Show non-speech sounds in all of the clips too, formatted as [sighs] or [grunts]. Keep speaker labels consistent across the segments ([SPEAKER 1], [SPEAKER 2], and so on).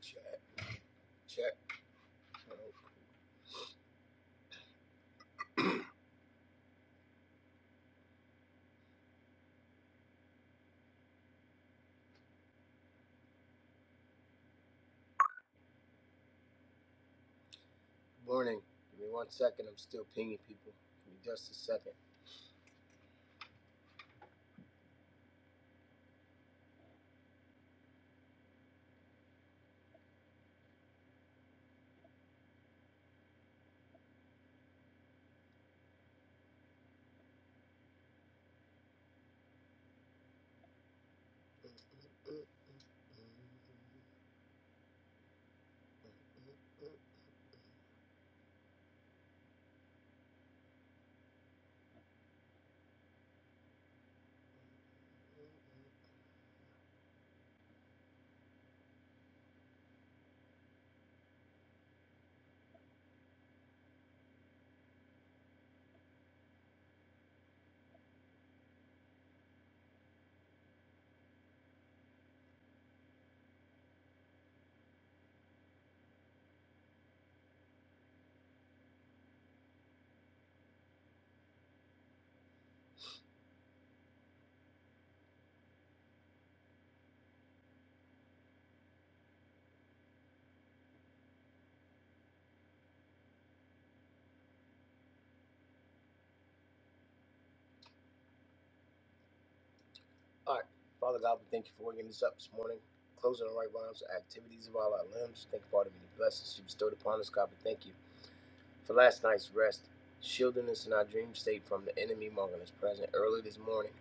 [SPEAKER 1] Check, check. Oh, good morning. Give me one second. I'm still pinging people. Give me just a second. All right. Father God, we thank you for waking us up this morning. Closing the right rhymes, the activities of all our limbs. Thank you for all the many blessings you bestowed upon us, God. We thank you for last night's rest, shielding us in our dream state from the enemy, marking us present early this morning.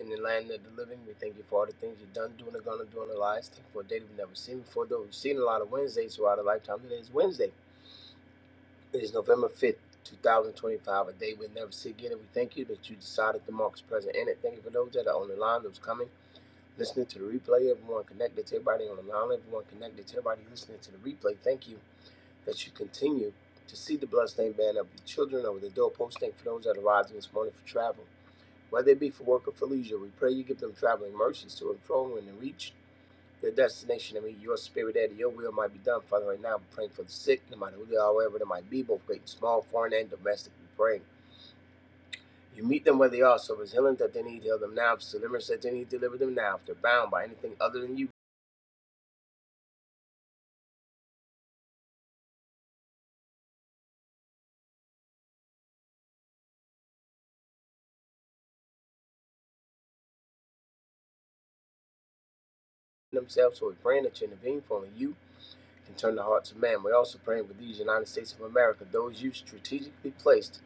[SPEAKER 1] In the land of the living, we thank you for all the things you've done, doing, and gonna do in our lives. Thank you for a day that we've never seen before, though we've seen a lot of Wednesdays throughout our lifetime. Today is Wednesday. It is November 5th, 2025, a day we'll never see again. And we thank you that you decided to mark us present in it. Thank you for those that are on the line, those coming, listening to the replay, everyone connected to everybody on the line, everyone connected to everybody listening to the replay. Thank you that you continue to see the bloodstained banner of your children over the doorpost. Thank you for those that are rising this morning for travel. Whether it be for work or for leisure, we pray you give them traveling mercies to and fro and to reach the destination. I mean, your spirit there, your will might be done. Father, right now, we're praying for the sick, no matter who they are, wherever they might be, both great, and small, foreign, and domestic. We pray. You meet them where they are. So if it's healing that they need, heal them now. If it's deliverance that they need, deliver them now. If they're bound by anything other than you themselves, so we're praying that you intervene for only you can turn the hearts of man. We're also praying for these United States of America, those you strategically placed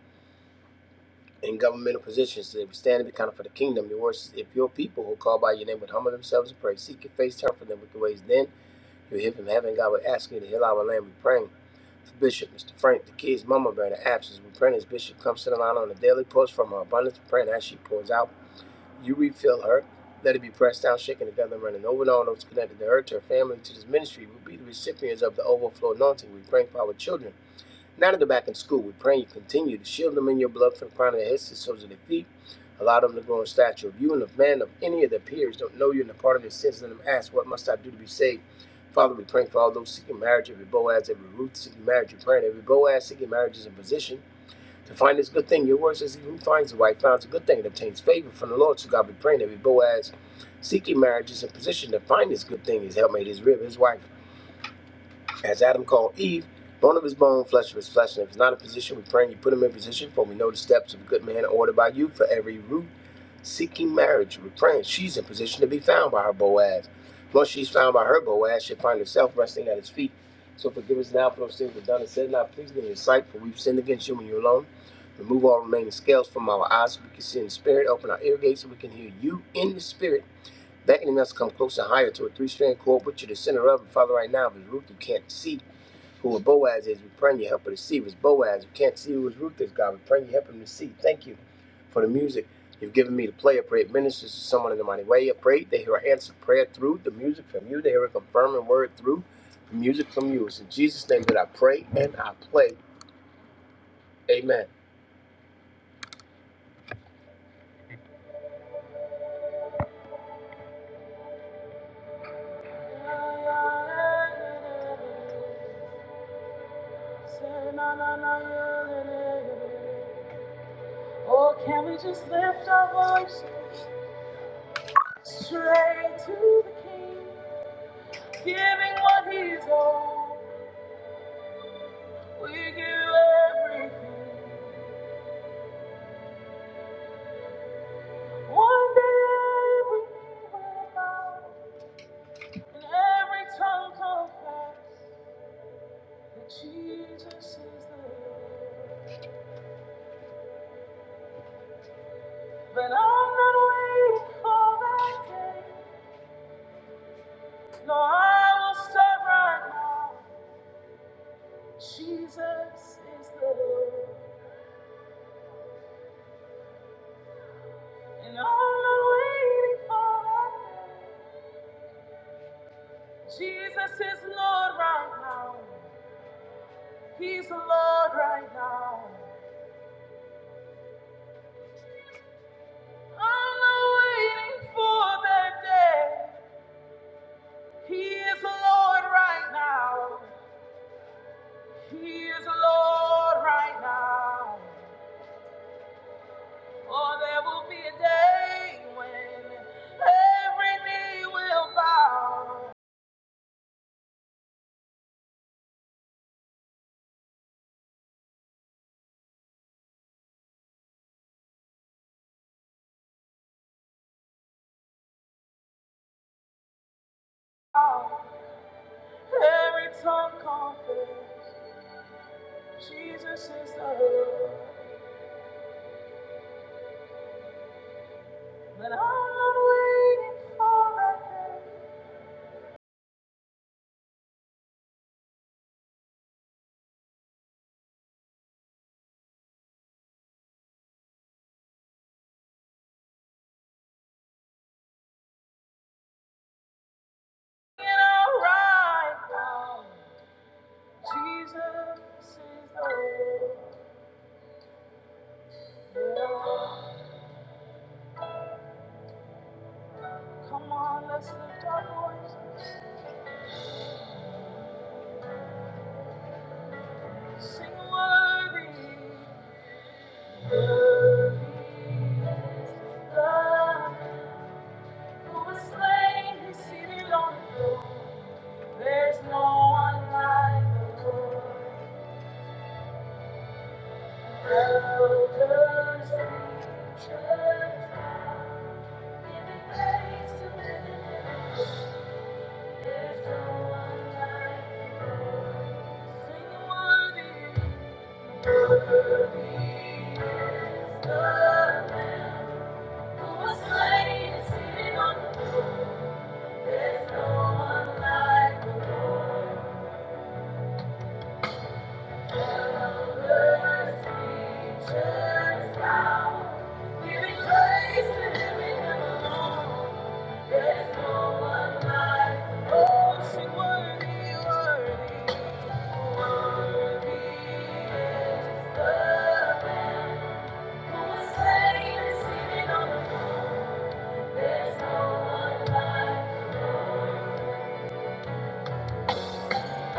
[SPEAKER 1] in governmental positions, that we stand and be counted for the kingdom. Your words, if your people who call by your name would humble themselves and pray, seek your face, turn from them with the ways, then. You hear from heaven, God, we ask you to heal our land. We praying for Bishop, Mr. Frank, the kids, Mama Bear, the absence. We praying as Bishop comes to the line on a daily post from her abundance. We praying as she pours out, you refill her. Let it be pressed down, shaken together, and running over and all those connected to her, to her family, to this ministry. will be the recipients of the overflow anointing. We pray for our children. Now that they're back in school, we pray you continue to shield them in your blood from the crown of their heads to the soles of their feet. Allow them to grow in stature of you and of man, of any of their peers. Don't know you and the part of their sins. Let them ask, What must I do to be saved? Father, we pray for all those seeking marriage, every Boaz, every Ruth seeking marriage. We pray that every Boaz seeking marriage is in position to find this good thing. Your word says, He who finds a wife finds a good thing and obtains favor from the Lord. So God, we pray that every Boaz seeking marriage is in position to find this good thing, his helpmate, his rib, his wife. As Adam called Eve, bone of his bone, flesh of his flesh. And if he's not in position, we pray and you put him in position, for we know the steps of a good man are ordered by you for every root seeking marriage. We're praying she's in position to be found by her Boaz. Once she's found by her Boaz, she'll find herself resting at his feet. So forgive us now for those things we've done and said, not pleasing in your sight, for we've sinned against you and you alone. Remove all remaining scales from our eyes so we can see in the spirit. Open our ear gates so we can hear you in the spirit, beckoning us to come closer and higher to a three strand cord, which you're the center of. And Father, right now, if it's Ruth, you can't see who a Boaz is. We praying you help her to see was Boaz. We can't see who his Ruth is, God. We praying you help him to see. Thank you for the music you've given me to play. I pray it ministers to someone in the mighty way. I pray they hear an answer prayer through the music from you. They hear a confirming word through the music from you. It's in Jesus' name that I pray and I play. Amen. Oh, can we just lift our voice straight to the King? Giving what he's owed, we give You everything. One day everything will bow, and every tongue confess that Jesus is the Lord. But I'm not waiting for that day. No, I will start right now. Jesus is the Lord. And I'm not waiting for that day. Jesus is Lord right now. Peace, Lord, right now. I'm not waiting for that day. He is the Lord right now. He is the Lord right now. Oh, there will be a day when every knee will bow. Every tongue confess Jesus is the Lord. But I'm not waiting for that day. It right now. Jesus is the Lord. Yeah. Come on, let's lift our voice. Sing worthy. Worthy is the Lamb who was slain, who's seated on the throne. There's no one like the Lord. Elders, creatures, giving praise to the Lamb. There's no one like the Lord. There's no one like the Lord. the We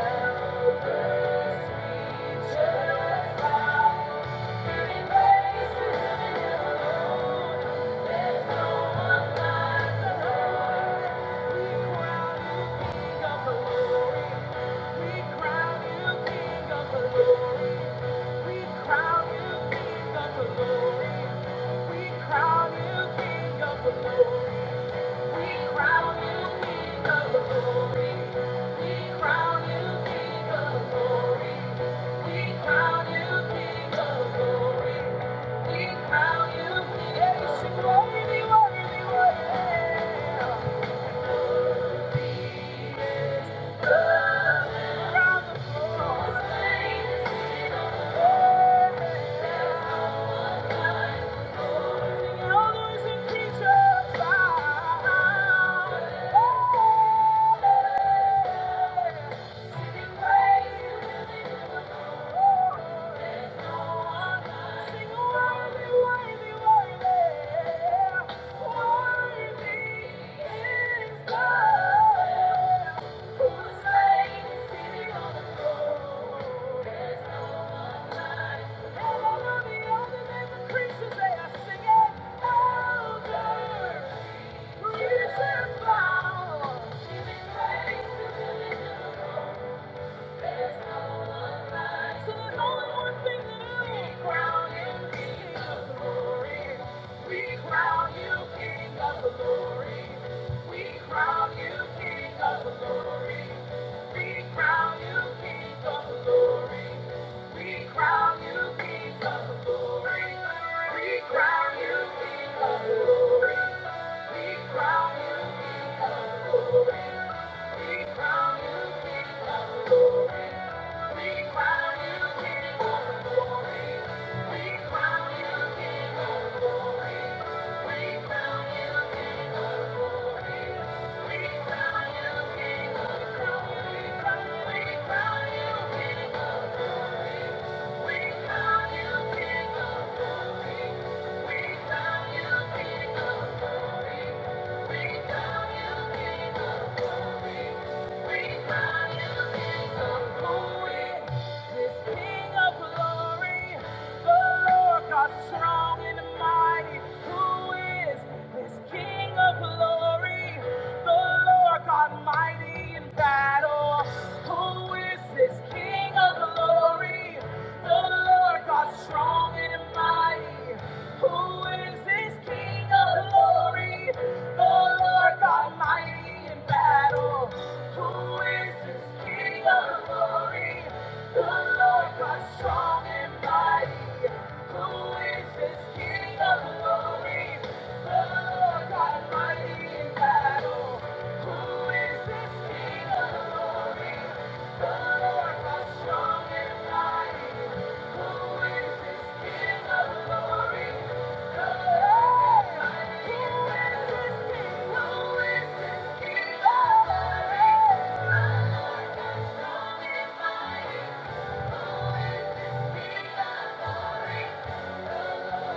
[SPEAKER 1] crown You King of Glory. Thank you. Thank you. Creatures they are singing, Elder. Jesus, Thank you. King of glory. We found you, people. Strong and mighty, who is this King of glory? The Lord God mighty in battle. Who is this King of glory? The Lord God strong and mighty. Who is this King of glory? The Lord God mighty in battle. Who is this King of glory? The Lord God strong and mighty. Who is this King Thank you. So every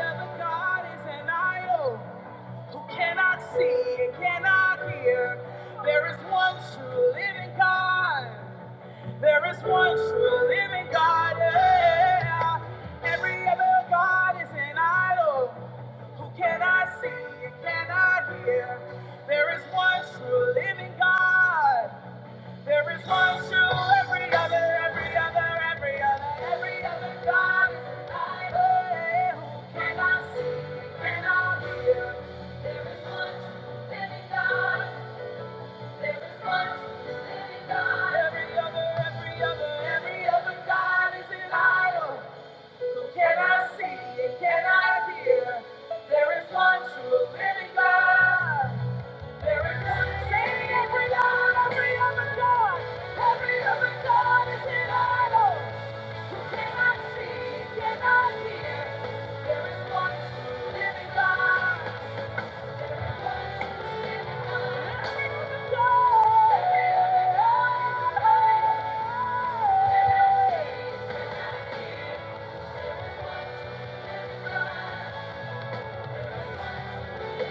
[SPEAKER 1] other god is an idol who cannot see and cannot hear. There is one true living God. There is one true living God. yeah. Every other God is an idol who cannot see and cannot hear. There is one true living God. There is one true every other, every other, every other, every other God is an idol yeah, who cannot see and cannot hear. There is one true living God. Every other, every other, every other God is idol. Who can I see can I hear? There is one true living God. There is one say every God, every other God, is idol. Who can I see, can I hear? There is one true living God. Thank you. Thank you.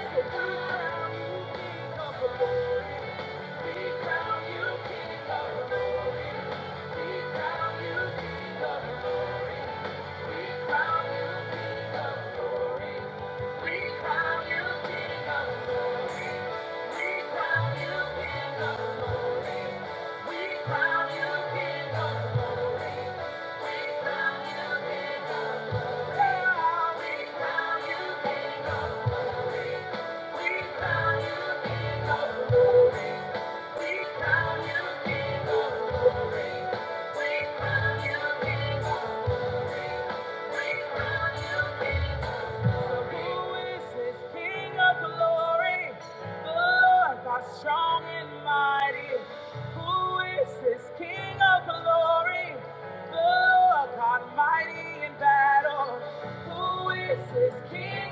[SPEAKER 1] We Thank you. glory. glory. We found you in the glory. Strong and mighty, who is this King of glory? The Lord God Almighty. Who is this King?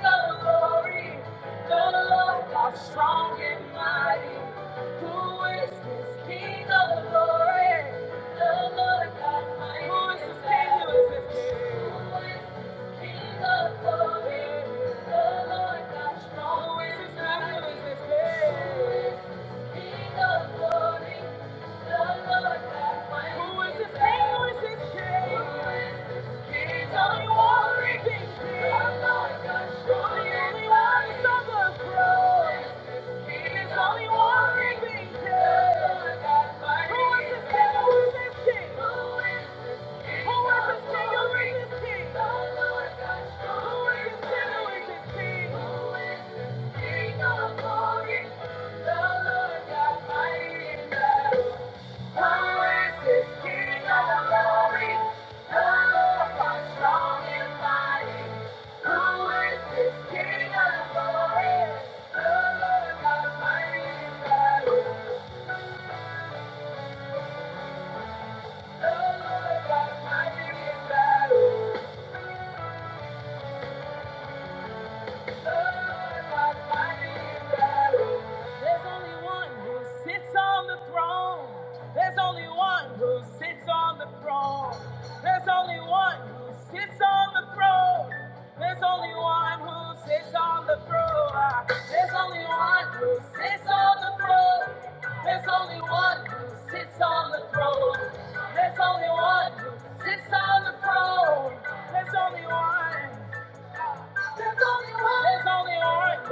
[SPEAKER 1] Who is this King? Who is this king? Who is this king? Who is this king? Who is this king? Who is this Who is this king? of glory, the Lord God mighty. Who is this king of glory? The Lord God strong Who is this king of glory? The Lord God mighty There's only one who sits on the throne. There's only one who sits on the throne. There's only one who sits on the throne. There's only one who sits on the throne. There's only one who sits on the throne. There's only one who sits on the throne. There's only one who sits on the throne. There's only one. There's only one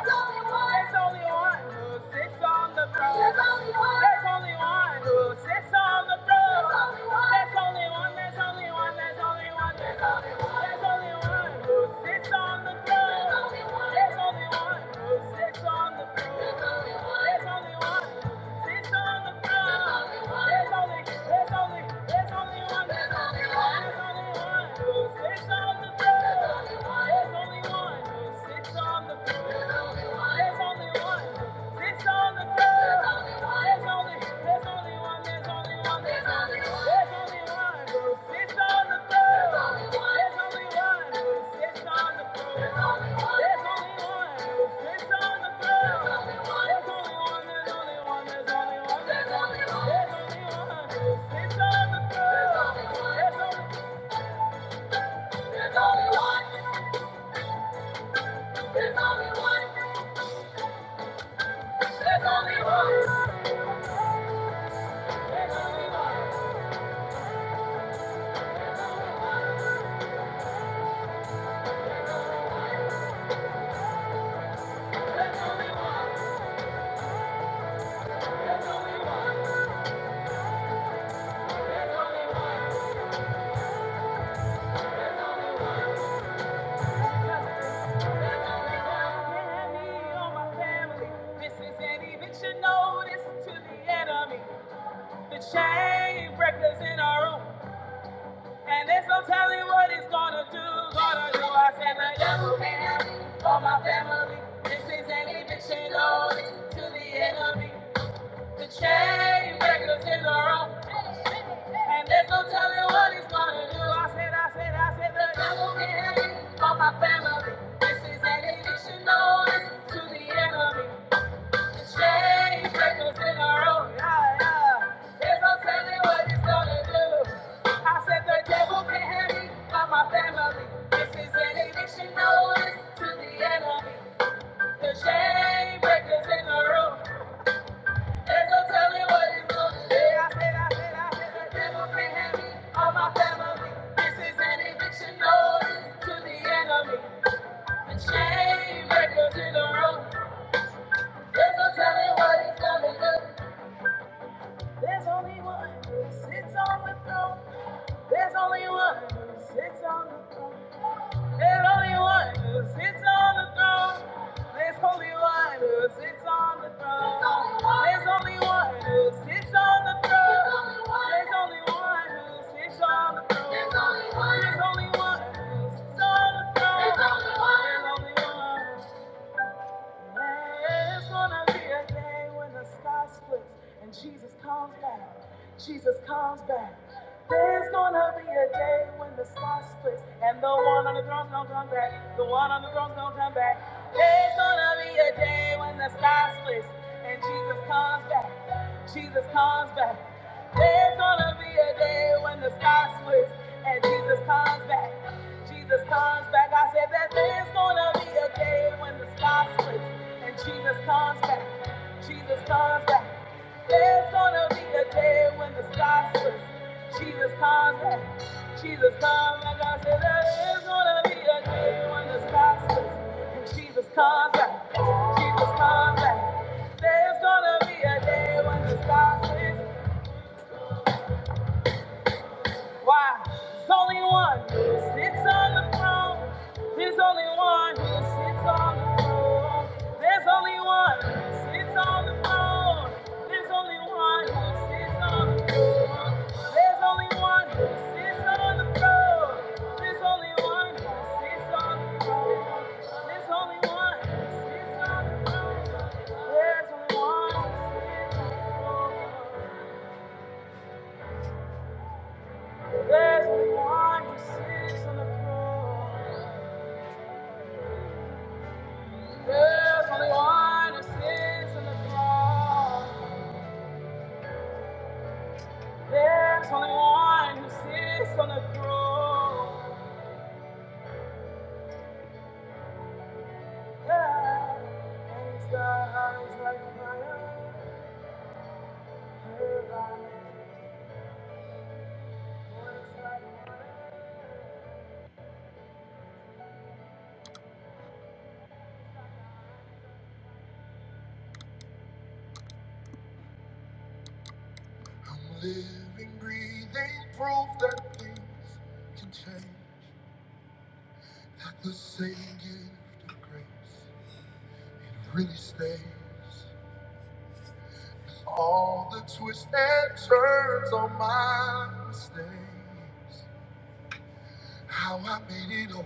[SPEAKER 1] There's only one who sits on the throne. There's only one There's only one who sits on the throne. There's only one, there's only one, there's only one, there's only one. There's only one who sits on the throne. There's only one who sits on the throne. There's only one. It's on the ground. There's only, there's only, there's only one. There's only one. There's on the throne. There's only one. There's on the throne. There's only one. There's only one who on the throne. There's only There's only one. There's only one. Chain breakers in our room, and there's no telling what it's gonna do. Gonna do, I said, the devil can't have my family. This is an eviction notice to the enemy. The chain breakers in our room, and there's no telling what he's gonna do. I said, I said, I said, the devil can have it for my family. This is an addiction notice to the enemy. Chain breakers in a row, yeah, yeah. There's no telling what he's gonna do. I said, the devil can have it for my family. This is an addiction notice to the enemy. The chain breakers in a row. There's only one who sits on the throne. There's only one who sits on the throne. And Holy One sits on the throne. There's Holy One who sits on the throne. There's only one who sits on the throne. There's only one who sits on the throne. There's only one who sits on the throne. There's only one. There's gonna be a day when the sky splits and Jesus comes back. Jesus comes back. There's gonna be a day when the sky splits and the one on the throne's gonna come back. The one on the throne's gonna come back. There's gonna be a day when the sky splits and Jesus comes back. Jesus comes back. There's gonna be a day when the sky splits and Jesus comes back. Jesus comes back. I said that there's gonna be a day when the sky splits and Jesus comes back. Jesus comes back. There's gonna be a day when the sky splits. Jesus comes back. Jesus comes back. I said that there's gonna be a day when the sky splits and Jesus comes back. Jesus comes back. There's gonna be a day when the sky splits. Why? There's only one who sits on the throne. There's only one who sits on the throne. There's only one who sits on the throne. There's only one who sits on the throne. There's only one who sits on the throne. There's only one who sits on the throne. There's only one who sits on the throne. There's only one who sits on the throne. There's the one who sits on the throne. There's only one who sits on the throne. There's only one who sits on the throne. Yeah. And his eyes like fire, her eyes, voice like water. I'm living, breathing proof that things can change. That the same gift of grace. Really stays all the twists and turns on my mistakes. How I made it over,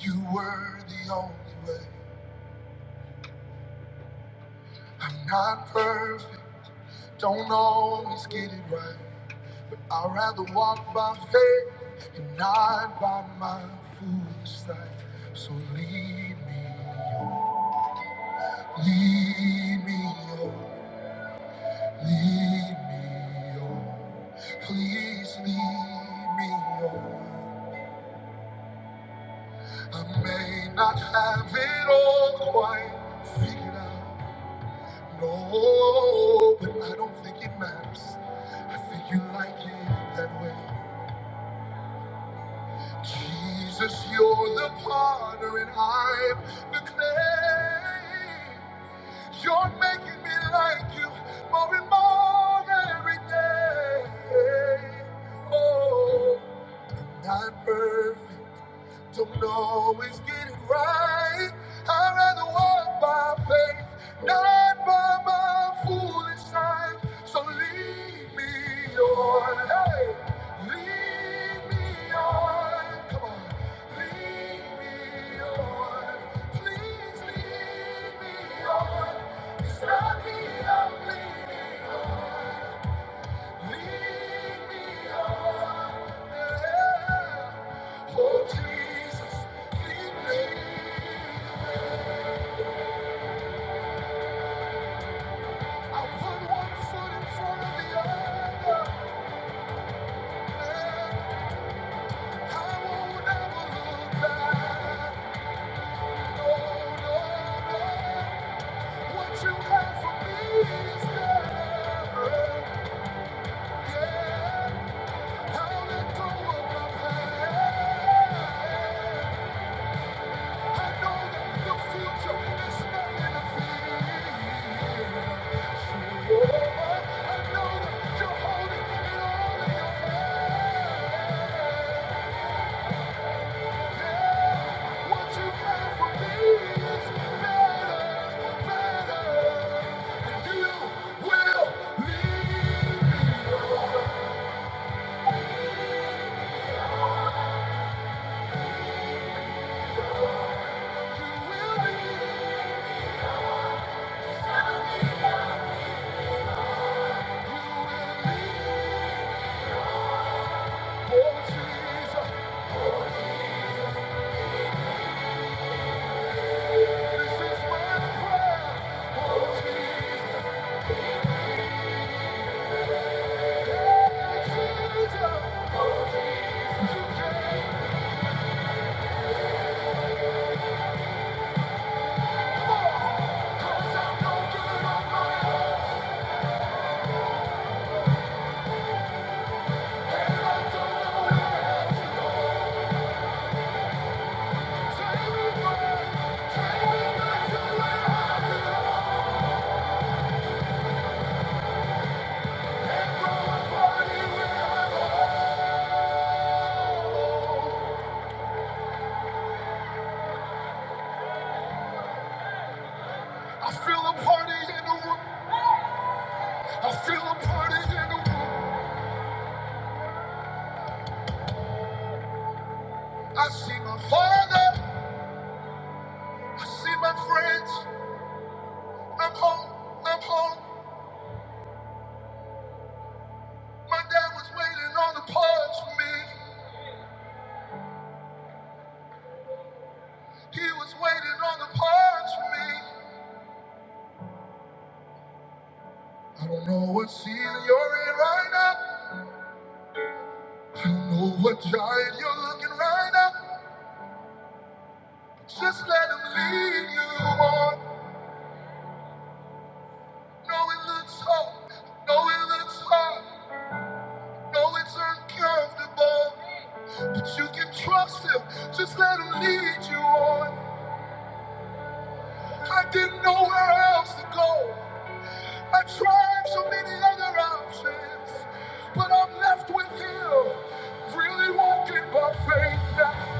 [SPEAKER 1] you were the only way. I'm not perfect, don't always get it right. I'd rather walk by faith and not by my foolish sight. So lead me, oh, lead me, oh. Lead me on, please lead me on. I may not have it all quite figured out, no, but I don't think it matters. I think you like it that way. Jesus, you're the potter and I'm the clay. You're making me like you more and more every day. Oh. Not perfect, don't always get it right. I'd rather walk by faith, not by my foolish sight. So lead me on, hey, lead me on. Come on, lead me on. Please lead me on. It's not me I'm leaning on. Lead me on, yeah. Oh, Jesus, lead me. I put one foot in front of the other, and I won't ever look back. No, no, no. What you have for me is never again. I'll let go of my past. Jesus, you can't cause I'm no good on my I feel a party in the room. I feel a party in the room. I see my father. I see my friends. I'm home. I'm home. My dad was waiting on the parts for me. He was waiting on the parts for me. I don't know what season you're in right now. I don't know what giant you're looking right now. Just let him lead you on. No, it looks hard. No, it looks hard. No, it's uncomfortable. But you can trust him. Just let him lead you on. I didn't know where else to go. I tried so many other options. But I'm left with him. Really walking by faith now.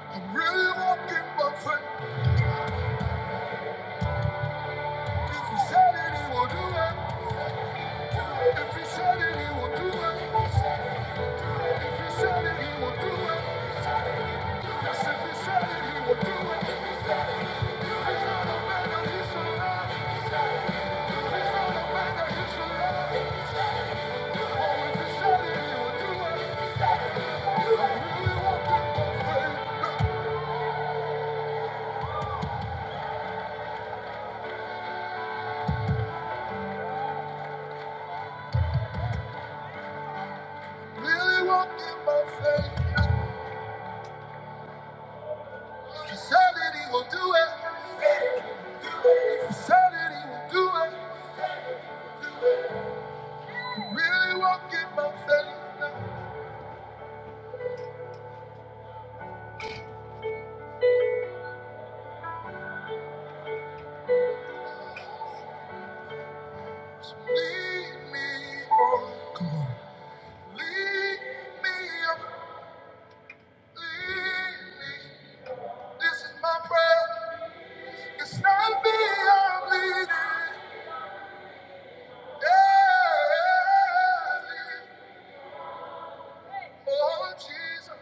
[SPEAKER 1] I'm really walking by faith. If he said it, he will do it. If he said it, he will do it. If he said it, he will do it. Yes, if he said it, he will do it. He's not that he shall lie. He's not a man that he shall lie. Oh, if he said it, he will do it. I'm really walking by faith. Really walking by faith. If said it, he will do it. If said it, he will do it. Really walking by faith. So lead me, lead me. up. This is my prayer. It's not me I'm leading. Yeah. Oh, Jesus.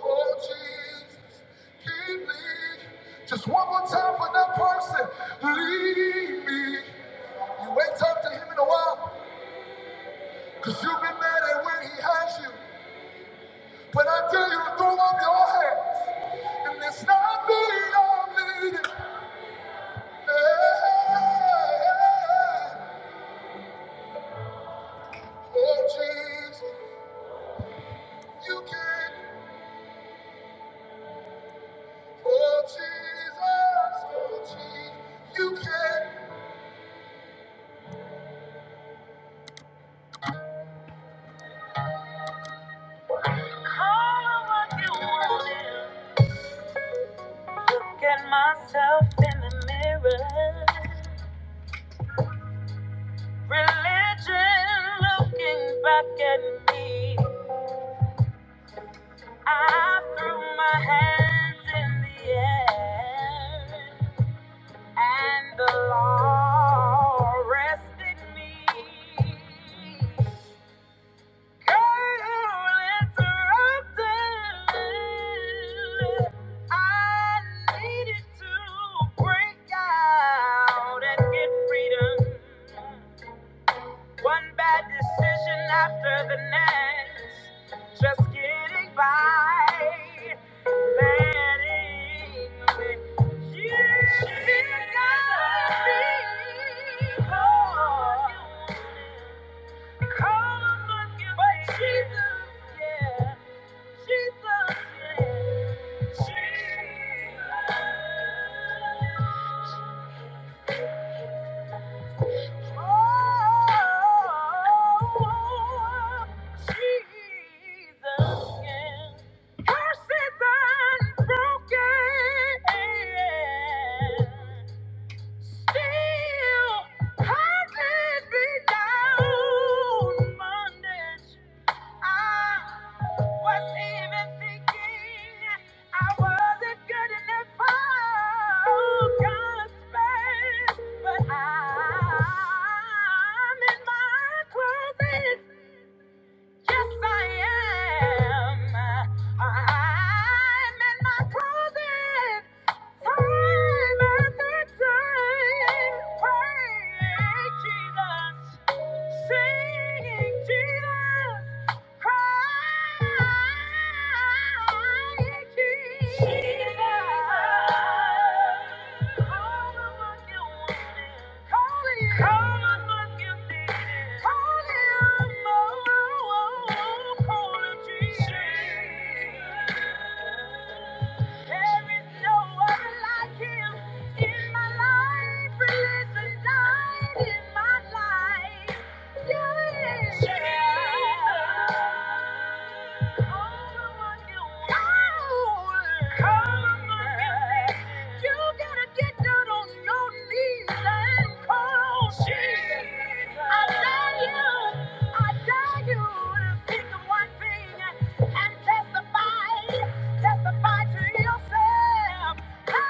[SPEAKER 1] Oh, Jesus. Keep me. Just one more time for that person. Lead me. You ain't talked to him in a while. Cause you've been mad at where he has you. But I tell you to throw up your hands. And it's not me I'm leading. Yeah. Oh Jesus, you can. Oh Jesus, oh Jesus, you can. All what you wanted. Get myself in the mirror. Religion looking back at me. I threw my hands in the air, and the law arrested me. One bad decision after the next, just getting by, letting me you gotta be God. But Jesus, yeah. Jesus, yeah. Jesus. Oh, Jesus, yeah. Curses unbroken. Still, I can't be down Monday. I was even thinking I wasn't good enough for God's best, but I'm in my closet. Yes, I am. I'm in my closet. Time after time, praying Jesus, singing Jesus. There is no other like him in my life, release and die. Testify, testify to yourself. Jesus,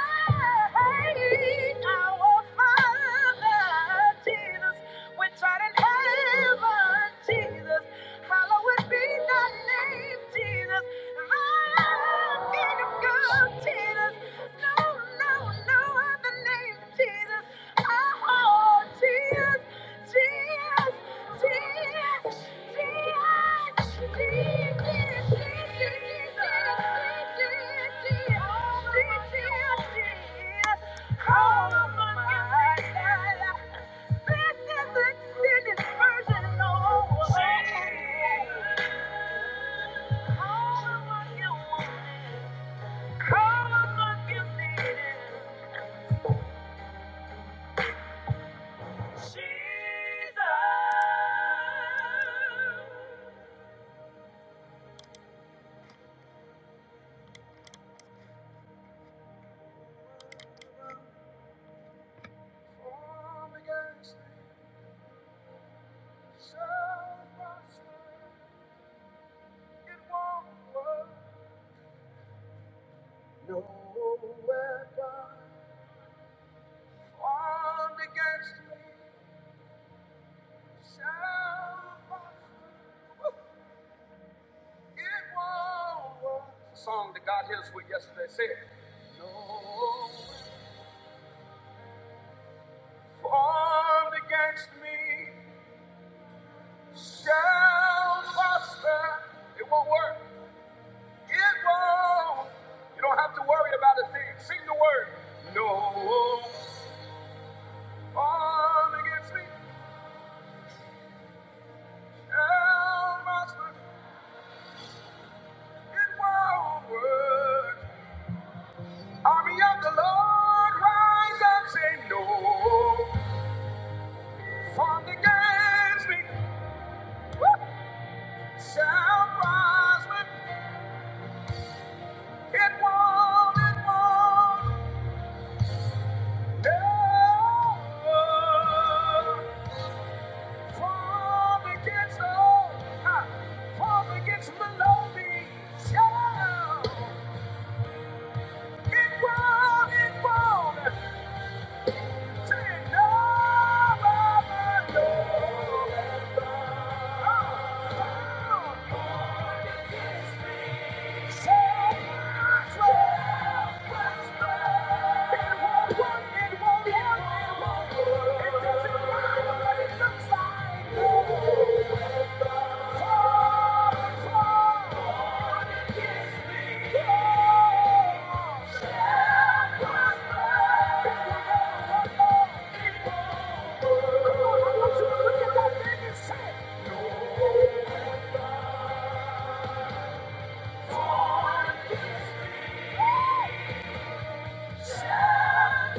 [SPEAKER 1] Jesus, Jesus. Jesus. It won't work. No weapon formed against me shall prosper. It won't work. The Song that God hears with yesterday said, No weapon formed against me shall prosper. It won't work. It won't. You don't have to worry about a thing. Sing the word. No weapon formed against me. Against the low shall it won't, it won't. It won't work, it won't work, it won't work. It doesn't matter. Thank me. Shall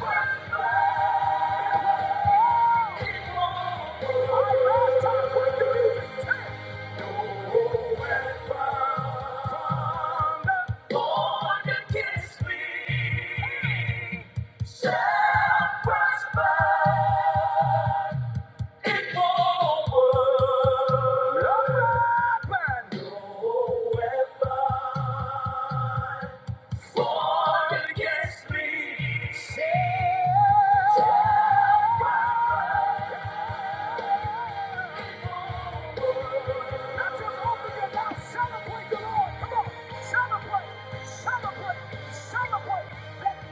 [SPEAKER 1] prosper. Celebrate that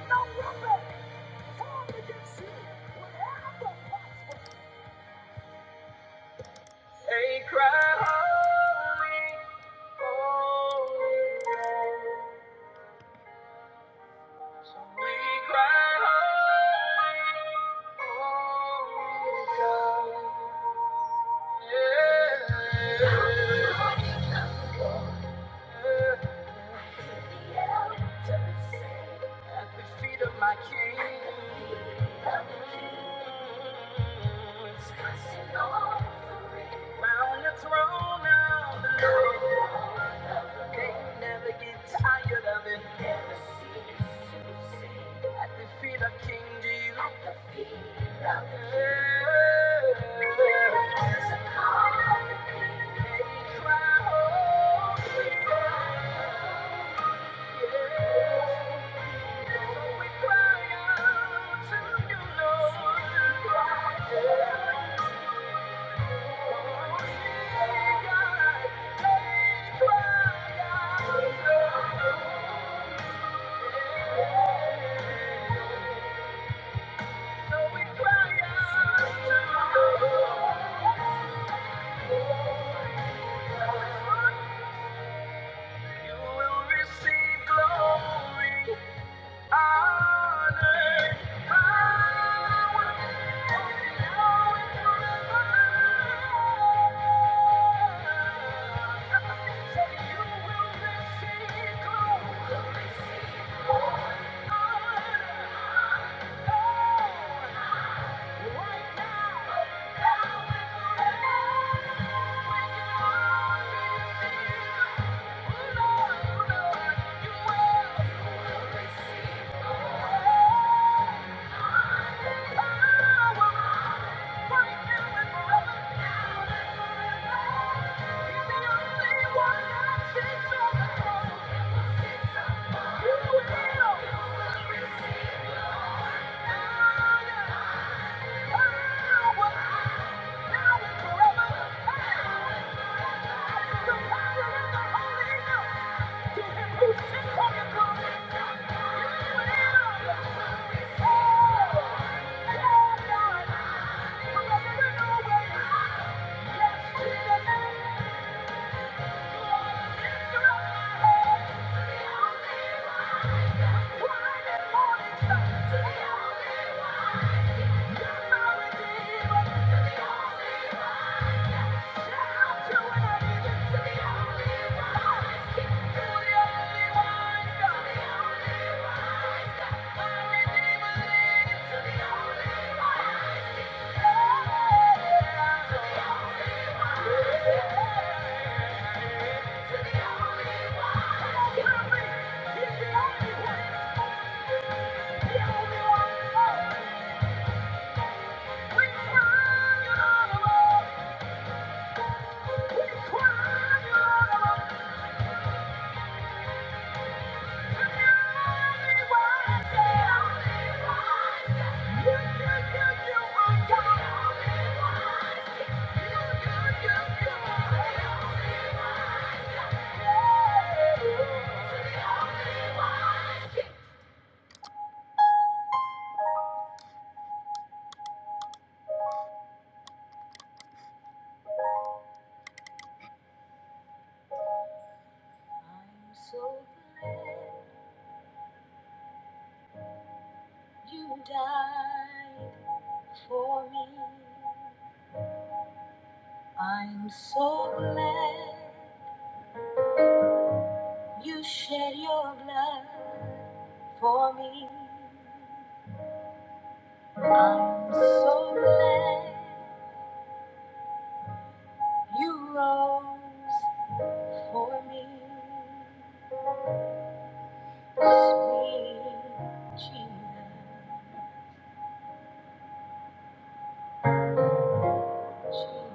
[SPEAKER 1] no weapon formed against you will ever prosper. They cry, holy, holy. God. So we cry, holy, holy God. Yeah. Yeah. At the feet of my King. Round the throne of the Lord. Can't never get tired of it. Never cease to sing. At the feet of King Jesus. There's a call of the cry, yeah. So we cry out to you, Lord. We cry out, Holy God. They cry out, Lord. You will receive glory will be Thank you. Yeah. Yes, in Thank you. Thank you. You're the Thank you. So you died for me. I'm so glad you shed your blood for me. I'm so glad you rose for me, sweet Jesus,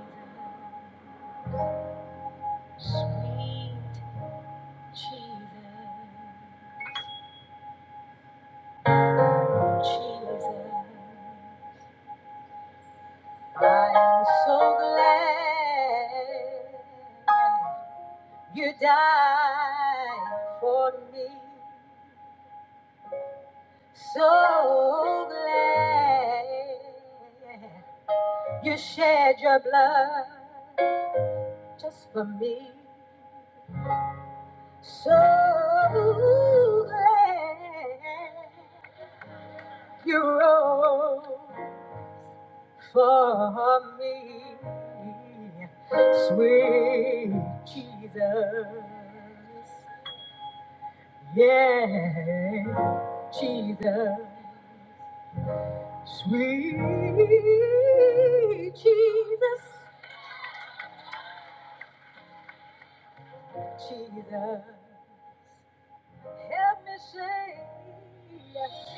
[SPEAKER 1] Jesus, sweet Jesus, Jesus. I'm so glad you died for me. So glad You shed your blood just for me. So glad you rose for me, sweet Jesus. Yeah, Jesus, sweet Jesus, Jesus. Help me sing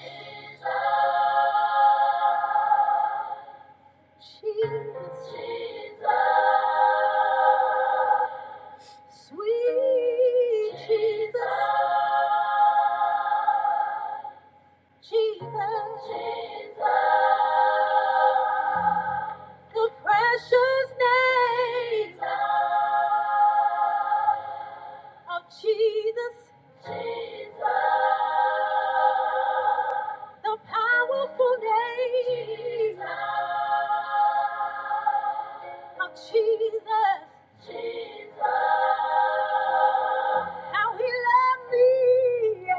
[SPEAKER 1] Jesus, sweet Jesus, Jesus, the precious name of Jesus, the powerful name of Jesus, how he loved me,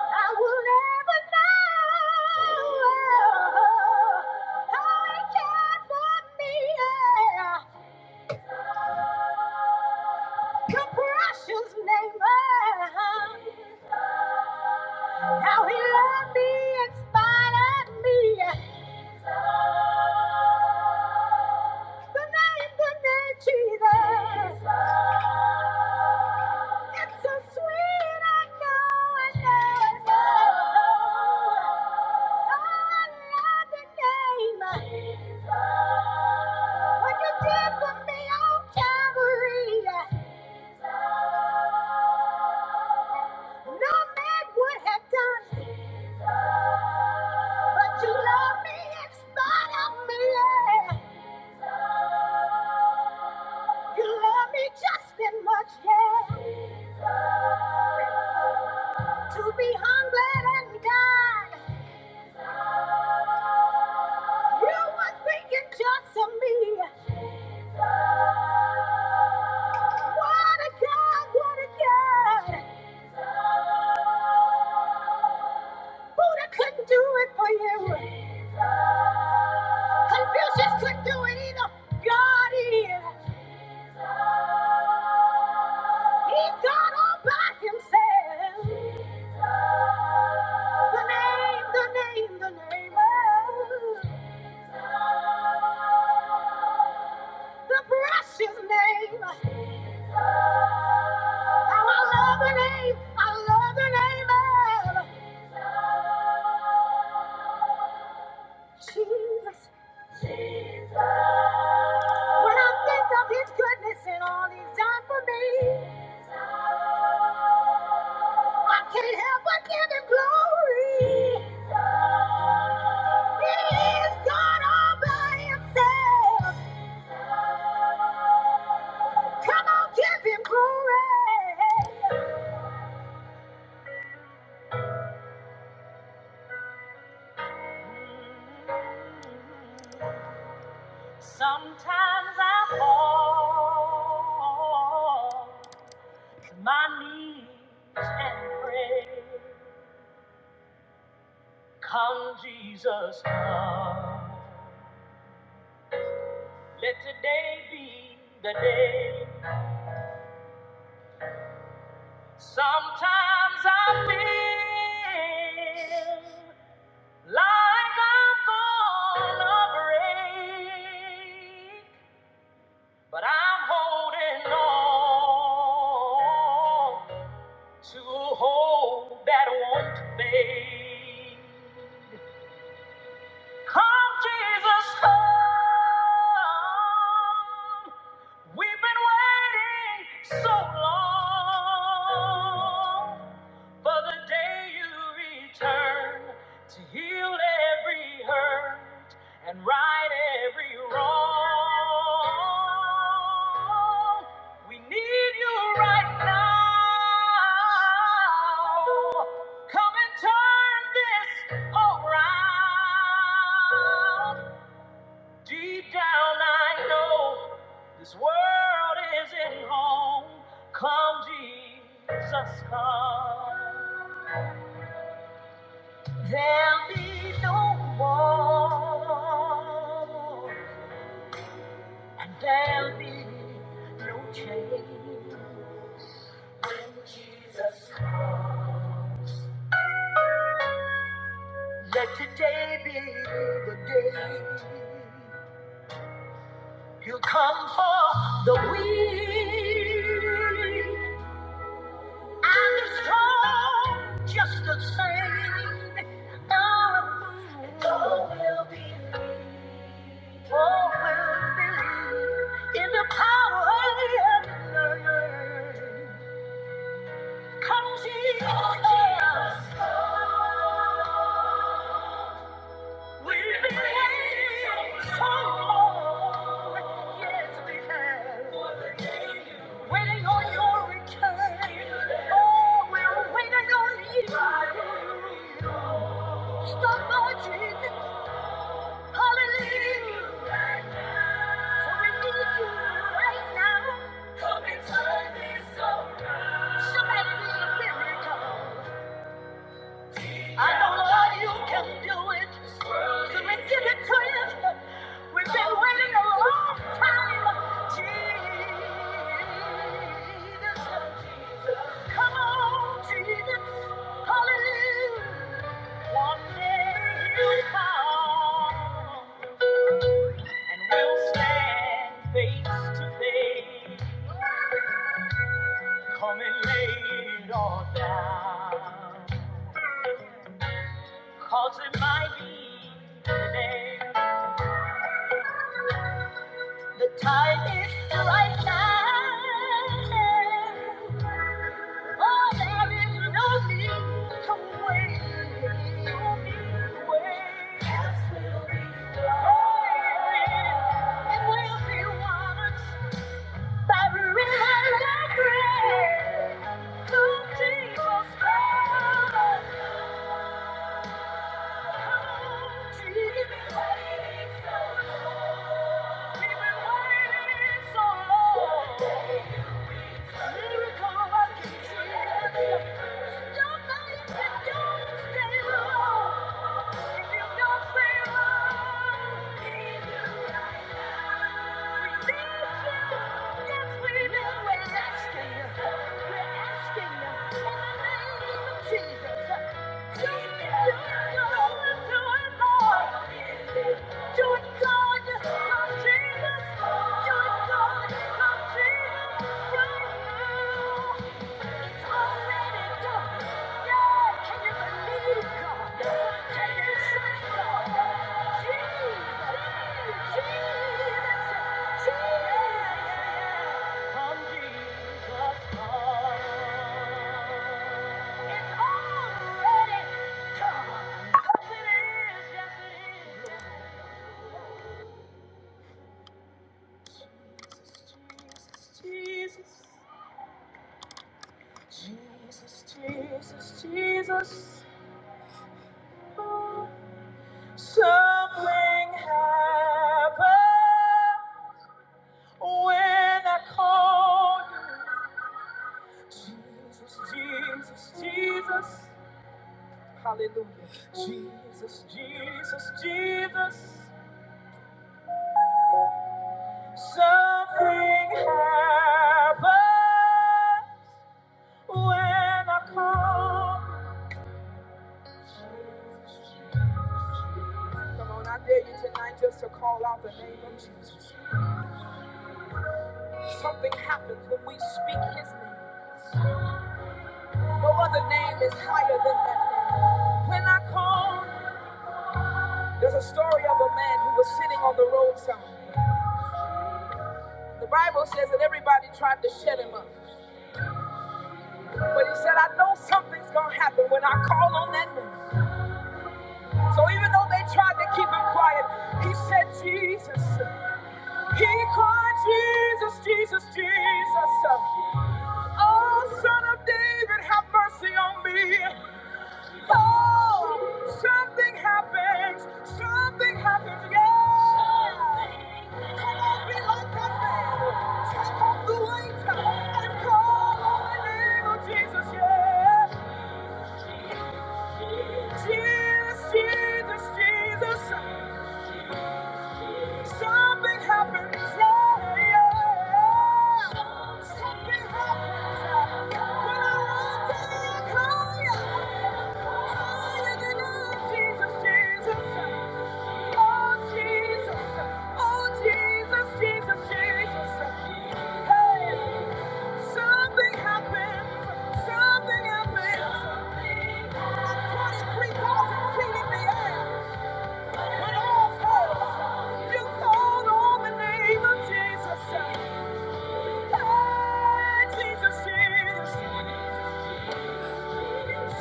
[SPEAKER 1] I will never know how he cared for me, the precious name. of How he loved me in spite of me. The name, the name Jesus. It's so sweet. I know, I know, I know. Oh, I love the name. What you did for me on Calvary. No man would have done. But you love me in spite of me. Yeah. You love me just as much, yeah. To be hungry and die. You were thinking just of me. What a God, what a God. Buddha couldn't do it for you. Confucius couldn't do it either. God is. He's God all by himself. The name, the name, the name. Oh, the precious name. How I love the name. I love the name of Jesus. When I think of his goodness and all he's done for me. I can't help but give him glory. He is God all by himself. Come on, give him glory. Sometimes I fall to my knees and pray. Come, Jesus, come. Let today be the day. Sometimes I feel like I'm gonna break, but I'm holding on to hope that won't fade. Come, Jesus, come. We've been waiting so long for the day you return to heal every hurt and right every wrong. We need you right now. Come and turn this around. Deep down, I know this world isn't home. Come, Jesus, come. There'll be no war, and there'll be no change. When Jesus, comes. let today be the day. You come for the weak and the strong, just the same. Oh, all will be, all will believe in the power of the name. Come, Jesus. Come, Lord. Yes, we have. Waiting on your return. Oh, we're waiting on you. Stop marching. Hallelujah. For we need you right now. Come and turn this around. Somebody need a miracle. I know, Lord, you can do it. So we give it to you. We've been waiting a long time. Jesus, come on, Jesus. Hallelujah. One day you'll come, and we'll stand face to face. Come and lay it all down, 'cause it might be today. Thank you. Jesus. Come, Jesus, Yes, yes, Jesus, Jesus, Jesus, Jesus. Something happened when I called you. Jesus, Jesus, Jesus. Hallelujah. Jesus, Jesus, Jesus. Something happened when I called. Come on, I dare you tonight just to call out the name of Jesus. Something happens when we speak his name. No other name is higher than that name. When I, there's a story of a man who was sitting on the roadside. The Bible says that everybody tried to shut him up. But he said, I know something's going to happen when I call on that name. So even though they tried to keep him quiet, he said, Jesus. King Heart, Jesus, Jesus, Jesus. Oh, Son of David, have mercy on me. Oh, something happens. Something happens. Yeah. Come on, be like that man. Take off the weight and call on the name of Jesus. Yeah. Jesus, Jesus, Jesus. Something happens. yeah, yeah. Something happens. yeah. When I run down you, higher, higher than I, Jesus, Jesus. Oh, Jesus. Oh, Jesus, Jesus, Jesus. Hey, something happens. Something happens. I'm 23,000 feet in the air. When all fails, you called on the name of Jesus. Hey, Jesus, Jesus.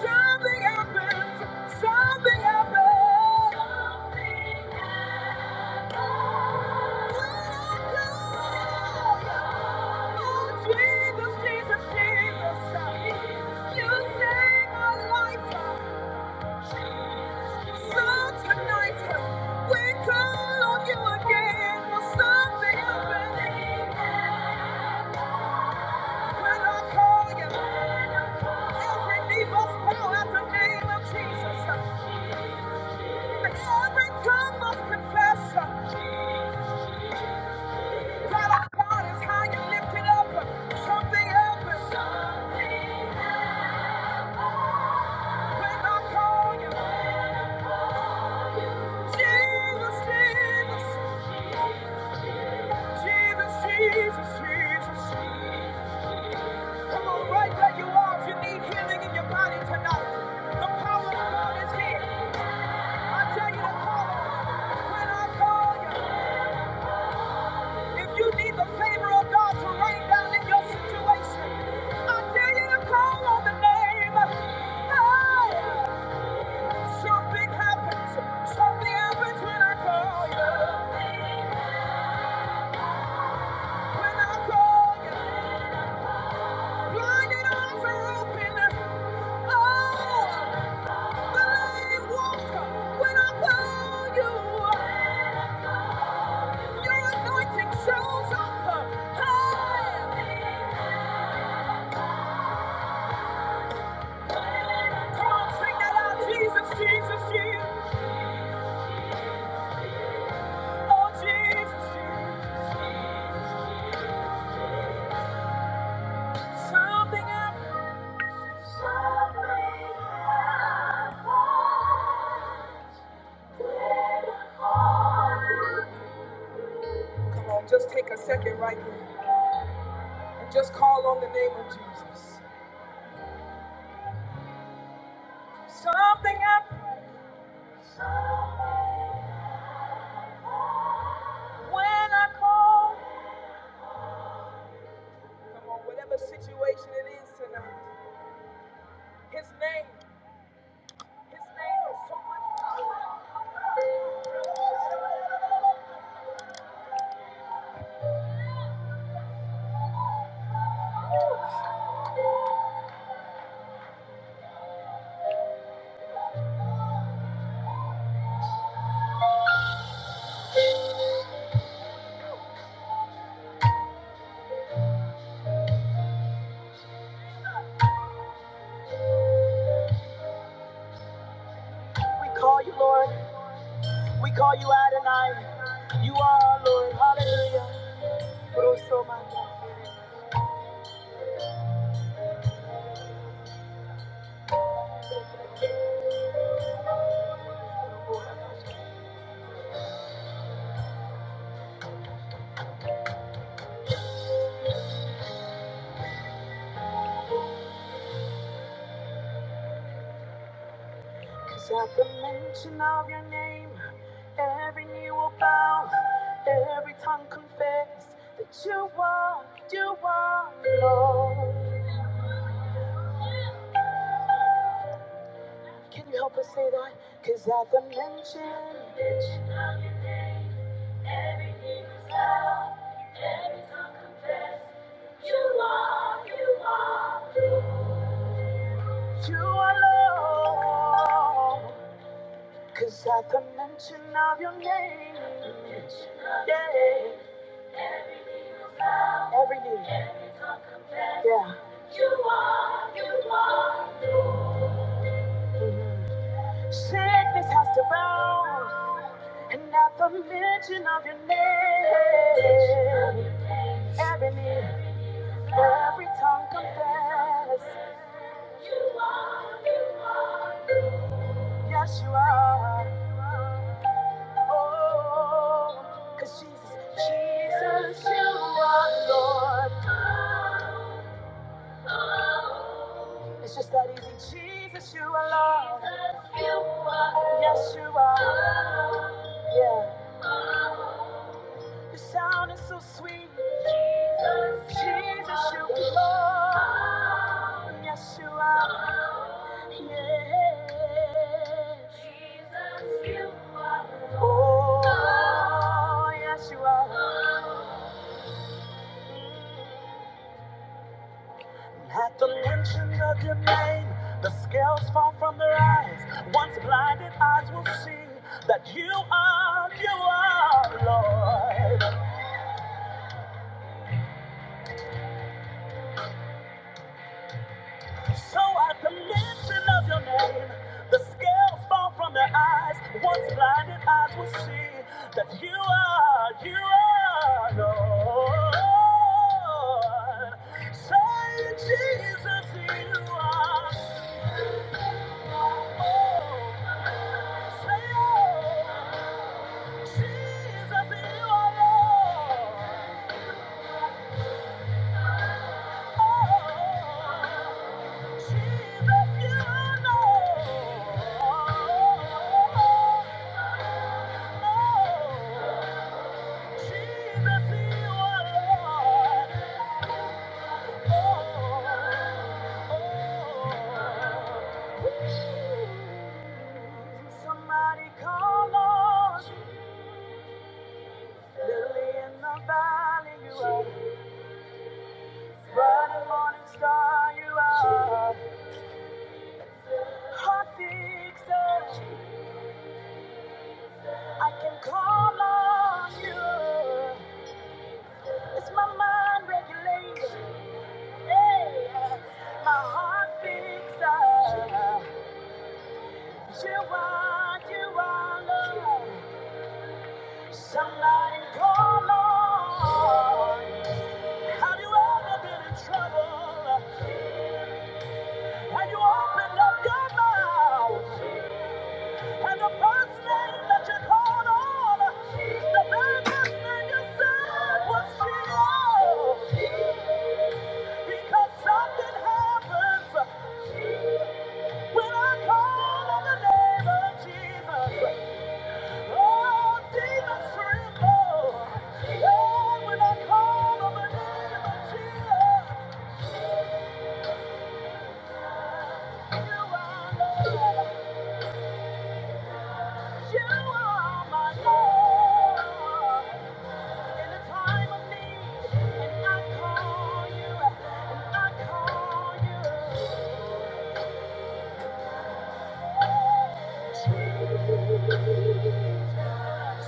[SPEAKER 1] Something happened. Something happened. Oh, Jesus, Jesus, Jesus. You saved my life. Jesus, Jesus, Jesus, Jesus. Come on, right where you are. If you need healing in your body tonight, the power of God is here. I tell you to call Him. When I call you, if you need the favor of God to rain down in your situation, I tell you to call on the name. Hey, something happens. Something happens when I call you. When I call you, blinded eyes are open. Oh. Come on, Oh, just take a second right there and just call on the name of Jesus. Something happened when I call. Come on, whatever situation it is tonight. His name, His name is so much. We call you, Lord. We call you Adonai. You are our Lord. Hallelujah. Every tongue confess that you are, you are Lord. Can you help us say that? Cause at the mention, everything is loud. every tongue confess, you are you are, you are Lord. Cause at the mention of your name, yeah, every knee, yeah. Sickness has to bow, and at the mention of your name, every knee, every tongue confess, yes you are. Oh, 'cause Jesus, Jesus, you are Lord. It's just that easy. Jesus, you are Lord. Yes, you are. Yeah. Your sound is so sweet. Jesus, Jesus, you are. Yes, you are. Jesus, you are. Oh, yes, you are. At the mention of your name, the scales fall from their eyes. Once blinded eyes will see that you are, you are, Lord. So at the mention of your name, the scales fall from their eyes. Once blinded eyes will see that you are, you are Lord. Say, Jesus, you are. Lord. Say, oh, Jesus, you are Lord. Oh, Somebody call on Lily in the valley, you are bright and morning star, you are hot fixer. I can call on you. It's my mind regulated. Hey, my heart picks up. You are, you are love. Somebody call on. Have you ever been in trouble? Have you opened up your mouth? And the first name that you called on, the very first name you said was Sheila. Because something happens when I call on the name of Jesus. Oh, demons tremble. Oh, when I call on the name of Jesus. You are Lord. You are my Lord. In the time of need, and I call you, and I call you. Jesus,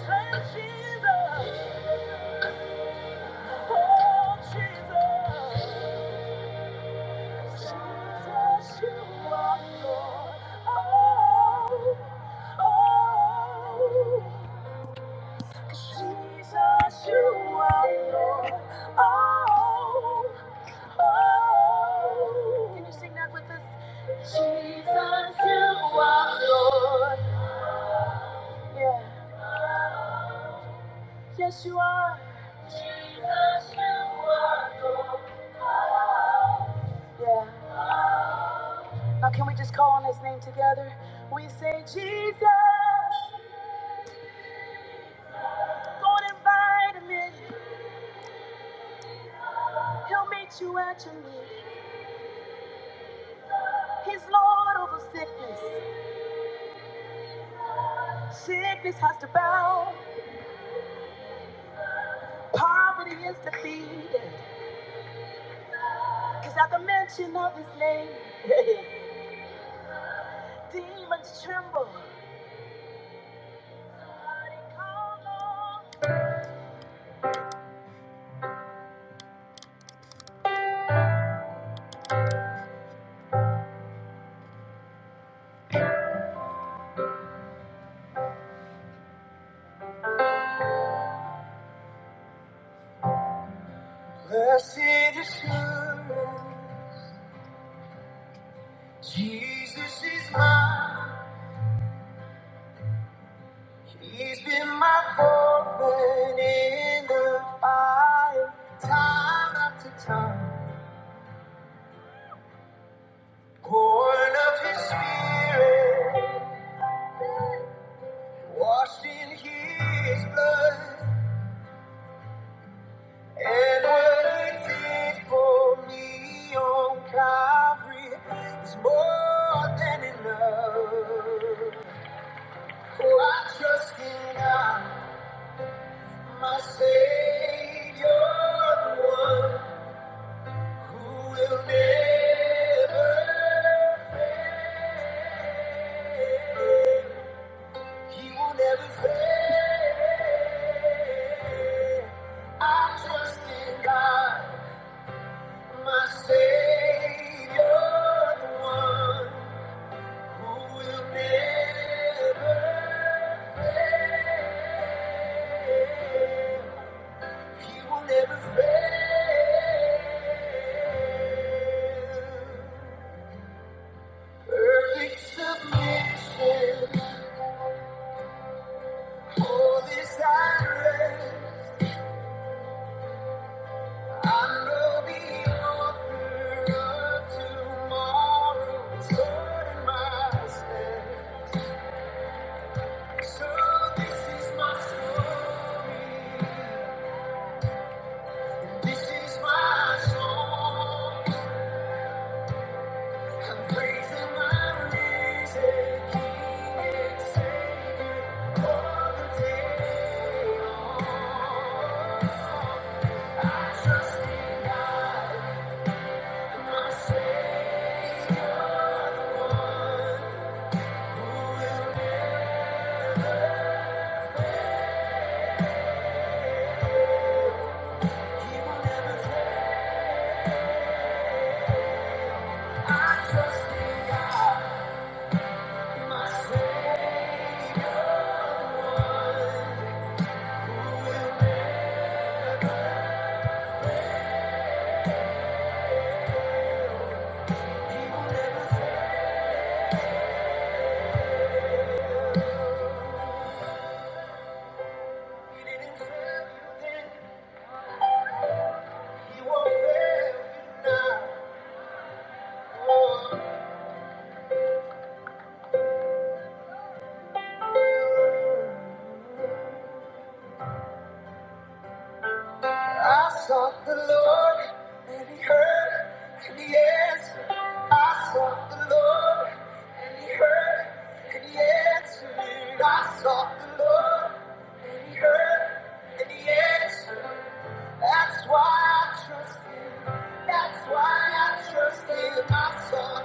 [SPEAKER 1] hey, Jesus, oh, Jesus. Jesus, you are Lord. Oh, oh. Jesus, you are Lord. Oh. Oh, Can you sing that with us? Jesus, you are Lord. Yeah. Yes, you are. Jesus, you are Lord. Yeah. Now, can we just call on his name together? We say, Jesus, go and invite him in. He'll meet you at your need. He's Lord over sickness. Sickness has to bow. Poverty is defeated. Cause at the mention of his name, [laughs] Demons tremble. Blessed assurance, Jesus is for me, your God, the one who will never, he will never fail. I trust in God, my Savior, the one who will never fail. He will never fail. Perfect submission. All this I read. I know the author of tomorrow is Lord in my stead. So this is my story. This is my song. I'm praising my risen King and Savior. Oh, He didn't fail you then, He won't fail you now. I sought the Lord, and He heard, and He answered. I sought the Lord, and He heard, and He answered. I sought the Lord, and He heard, and He answered. That's why I trust Him. That's why I trust Him.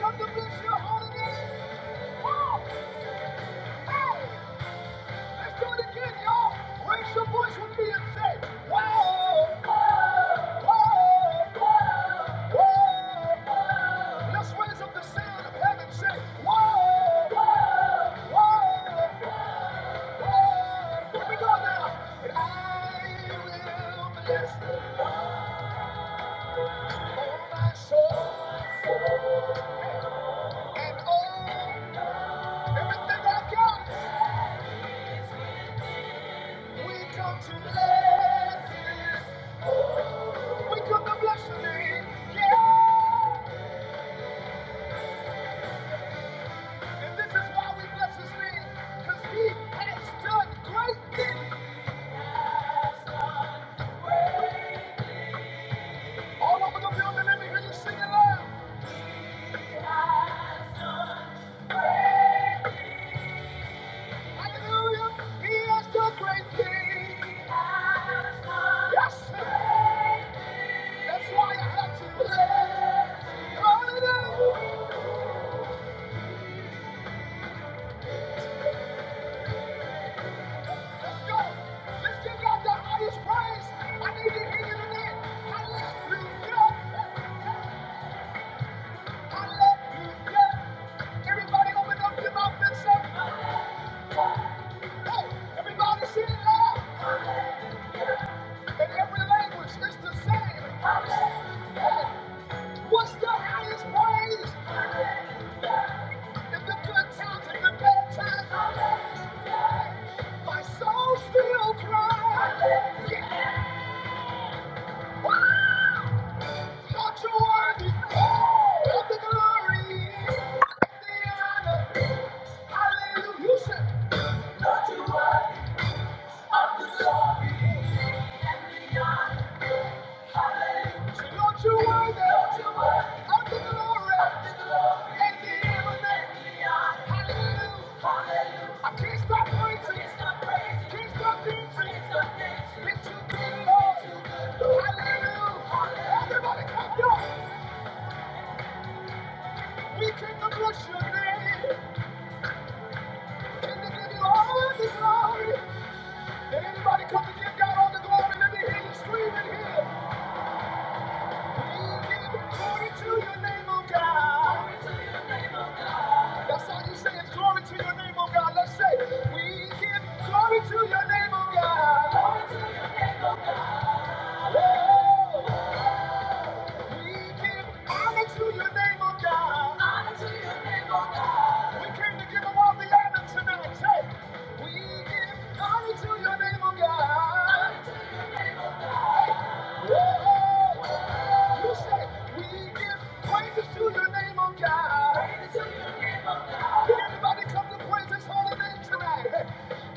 [SPEAKER 1] Come to bless your holy name. Oh, hey. Let's do it again, y'all. Raise your voice with me and say, whoa, whoa, whoa, whoa. whoa. Let's raise up the sound of heaven, and say, whoa, whoa, whoa. whoa. Here we go now. And I will bless the Lord, oh my soul, and all, everything I got. We come to bless His We come bless His name, yeah. And this is why we bless His name, 'cause He has done great things. All over the building, let me you sing it Hallelujah! He has done great things. Yes, sir. That's why I have to bless. Hallelujah! Let's go. Let's give the highest praise. I need to hear you today. Hallelujah! Hallelujah! Everybody, open up your mouth and say. Hey, everybody sing it in every language. It's the same. Hey, What's the highest praise in the good times and the bad times? My soul still cries. Yeah. Woo! you're worthy the glory and Hallelujah. You said, you're Anybody come to give God all the glory? Let me hear you screaming here. Glory to your name, oh God. That's all you say is glory to your name, oh God. Let's say, we give glory to your name, oh God. Oh, we give honor to your name, oh God. Honor to your name, oh God. We came to give him all the honor tonight. Say, we give honor to your name, oh God. You say we give praises to your name, oh God. Praises to your name, oh God. Can anybody come to praise His holy name tonight?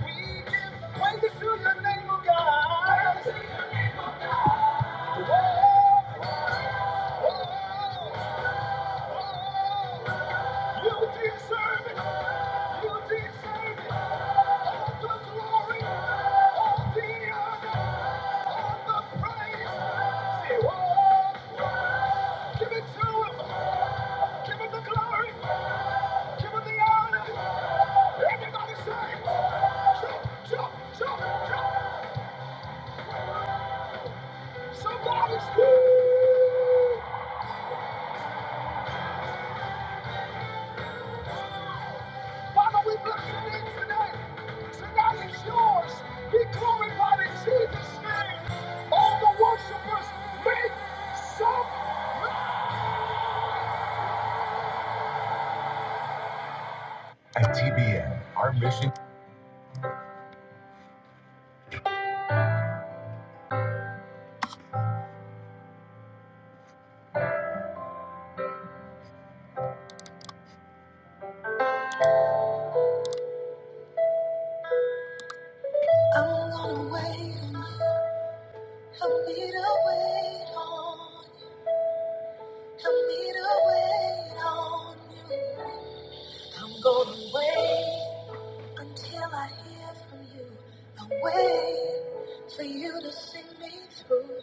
[SPEAKER 1] We give praises to your name, oh God. Praises to your name, oh God. Oh, oh, oh. You deserve it. You deserve it. All the glory, all the honor. I'm gonna wait on you. Help me to wait on Help me to wait on you. I'm gonna wait until I hear from you. I'll wait for you to sing me through.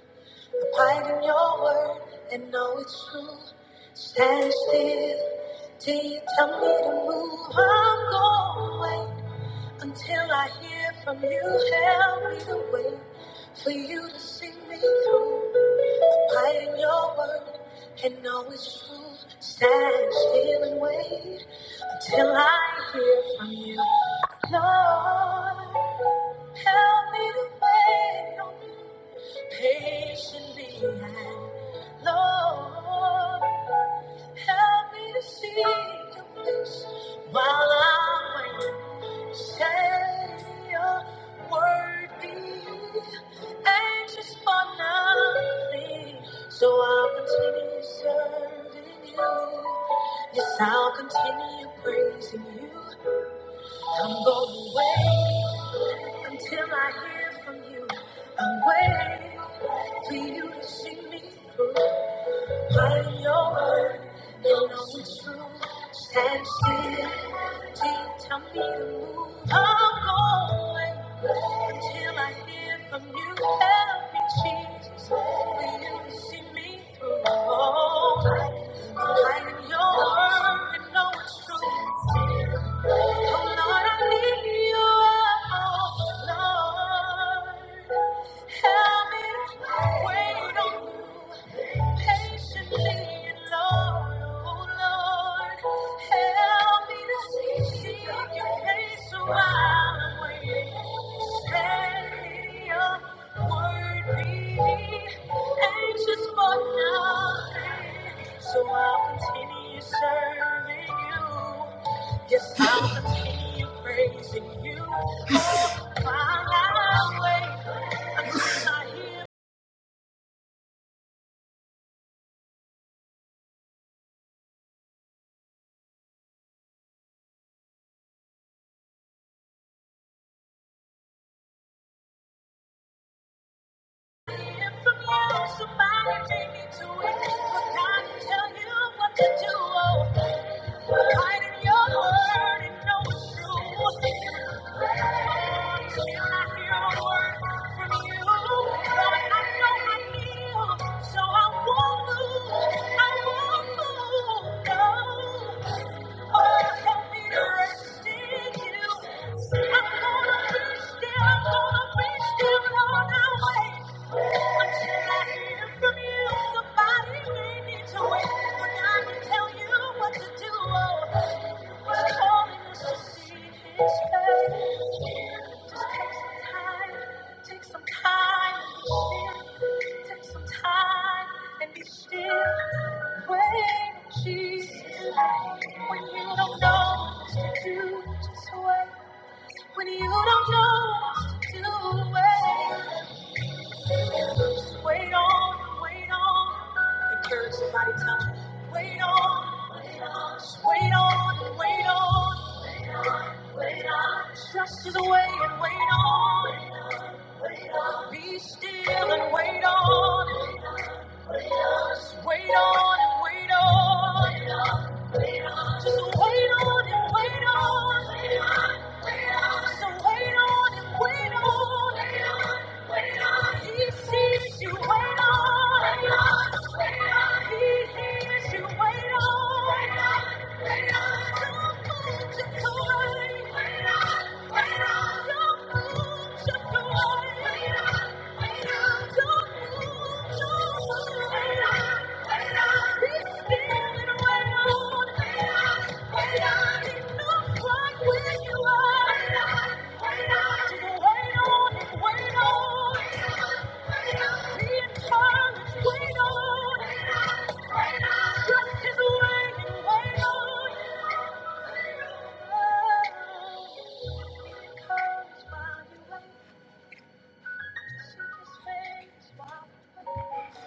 [SPEAKER 1] Abide in your word and know it's true. Stand still till you tell me to move. I'm gonna wait until I hear from you. Help me to wait for you to sing me through. Abide in your word and always true. Stand still and wait until I hear from you. Lord, help me to wait on you patiently. And Lord, help me to see your face while I'm waiting. Say your word be anxious for nothing. So I'll continue serving you. Yes, I'll continue praising you. I'm going to wait until I hear from you. I'm waiting for you to see me through. Light in your word, they know it's true. Stand still till you tell me to move. I'm going until I hear from you. Help me, Jesus. Will you see me through? Oh, light in your word, they know it's true. Oh Lord, I need you. So I'll continue serving you. Yes, I'll continue praising you. So I won't move, I won't move, no. Somebody may need to wait when I to tell you what to do. When you don't know what to do, wait. Just wait on, wait on. Encourage somebody, tell me, wait on, just wait on, wait on. Just as wait and wait on. it. Be still and wait on. it. Just wait on and wait on. it. Wait on, wait on. wait on, Don't move. Wait on.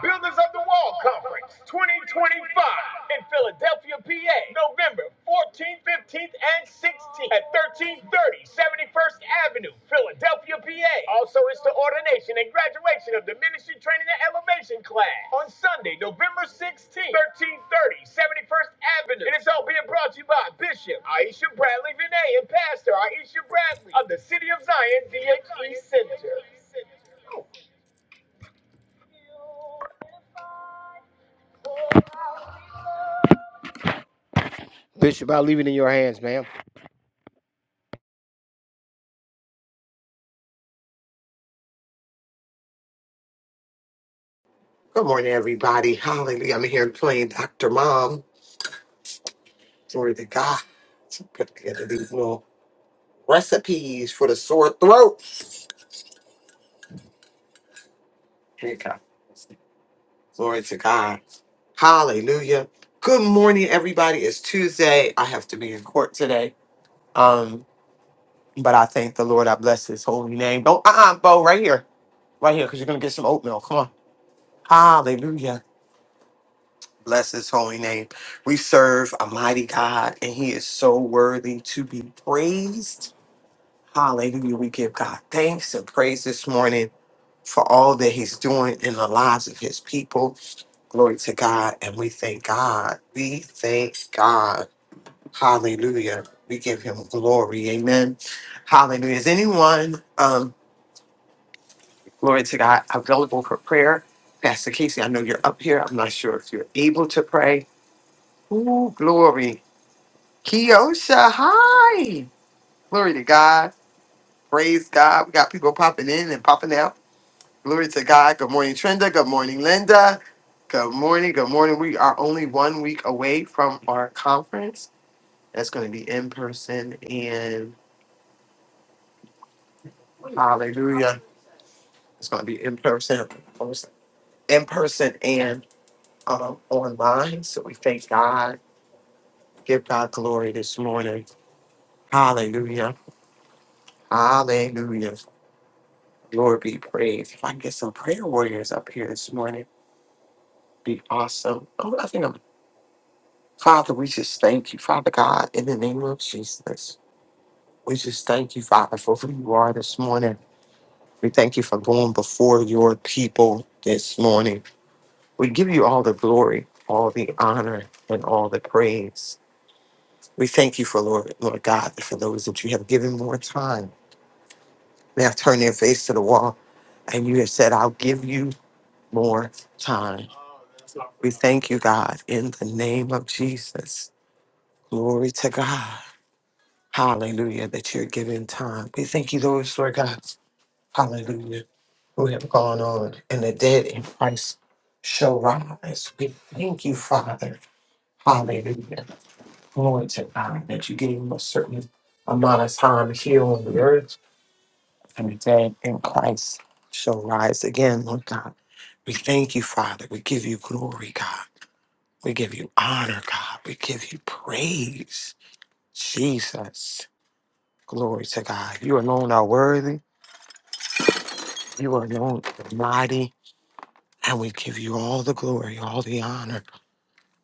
[SPEAKER 1] Builders of the Wall Conference 2025 in Philadelphia, PA, November 14th, 15th, and 16th at 1330 71st Avenue, Philadelphia, PA. Also, it's the ordination and graduation of the Ministry Training and Elevation class on Sunday, November 16th, 1330 71st Avenue. And it's all being brought to you by Bishop Aisha Bradley Vinay and Pastor Aisha Bradley of the City of Zion DHE Center. Bishop, I'll leave it in your hands, ma'am.
[SPEAKER 2] Good morning, everybody. Hallelujah. I'm here playing Dr. Mom. Glory to God. Put together these little recipes for the sore throat. Here you go. Glory to God. Hallelujah. Good morning, everybody. It's Tuesday. I have to be in court today. Um, but I thank the Lord. I bless his holy name. Don't uh-uh, Bo, right here. Right here, because you're gonna get some oatmeal. Come on. Hallelujah. Bless his holy name. We serve a mighty God, and he is so worthy to be praised. Hallelujah. We give God thanks and praise this morning for all that He's doing in the lives of His people. Glory to God. And we thank God. We thank God. Hallelujah. We give Him glory. Amen. Hallelujah. Is anyone, um, glory to God, available for prayer? Pastor Casey, I know you're up here. I'm not sure if you're able to pray. Ooh, glory. Kiosha, hi. Glory to God. Praise God. We got people popping in and popping out. Glory to God. Good morning, Trenda. Good morning, Linda. Good morning. Good morning. We are only one week away from our conference. That's going to be in person and hallelujah. It's going to be in person, in person and um, online. So we thank God. Give God glory this morning. Hallelujah. Hallelujah. Lord be praised. If I can get some prayer warriors up here this morning, be awesome. Oh, I think I'm Father, we just thank you, Father God, in the name of Jesus. We just thank you, Father, for who you are this morning. We thank you for going before your people this morning. We give you all the glory, all the honor, and all the praise. We thank you for Lord, Lord God, for those that you have given more time. They have turned their face to the wall, and you have said, I'll give you more time. Thank you, God, in the name of Jesus. Glory to God. Hallelujah, that you're giving time. We thank you, Lord, Lord God. Hallelujah. Who have gone on and the dead in Christ shall rise. We thank you, Father. Hallelujah. Glory to God that you gave us a certain amount of time here on the earth and the dead in Christ shall rise again, Lord God. We thank you, Father. We give you glory, God. We give you honor, God. We give you praise, Jesus. Glory to God. You alone are worthy. You alone are mighty. And we give you all the glory, all the honor,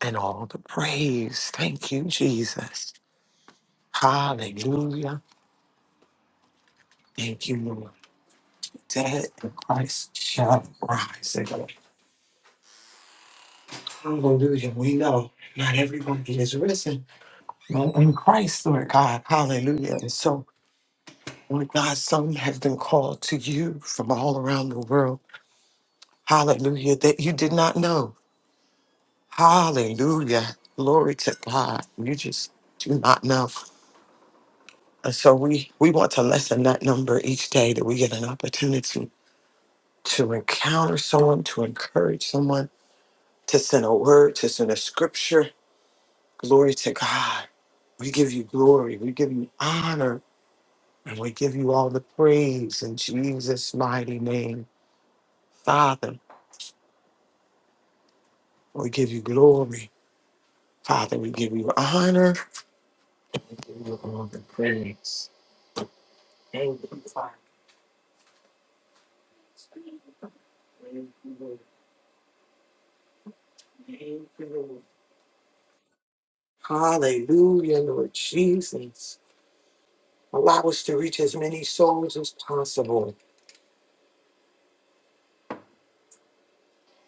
[SPEAKER 2] and all the praise. Thank you, Jesus. Hallelujah. Thank you, Lord. Dead in Christ shall rise again. Hallelujah. We know not everybody is risen, but in Christ, Lord God. Hallelujah. And so, Lord God, some have been called to you from all around the world. Hallelujah. That you did not know. Hallelujah. Glory to God. You just do not know. And so we, we want to lessen that number each day that we get an opportunity to encounter someone, to encourage someone, to send a word, to send a scripture. Glory to God. We give you glory. We give you honor. And we give you all the praise in Jesus' mighty name. Father, we give you glory. Father, we give you honor. Hallelujah, Lord Jesus. Allow us to reach as many souls as possible.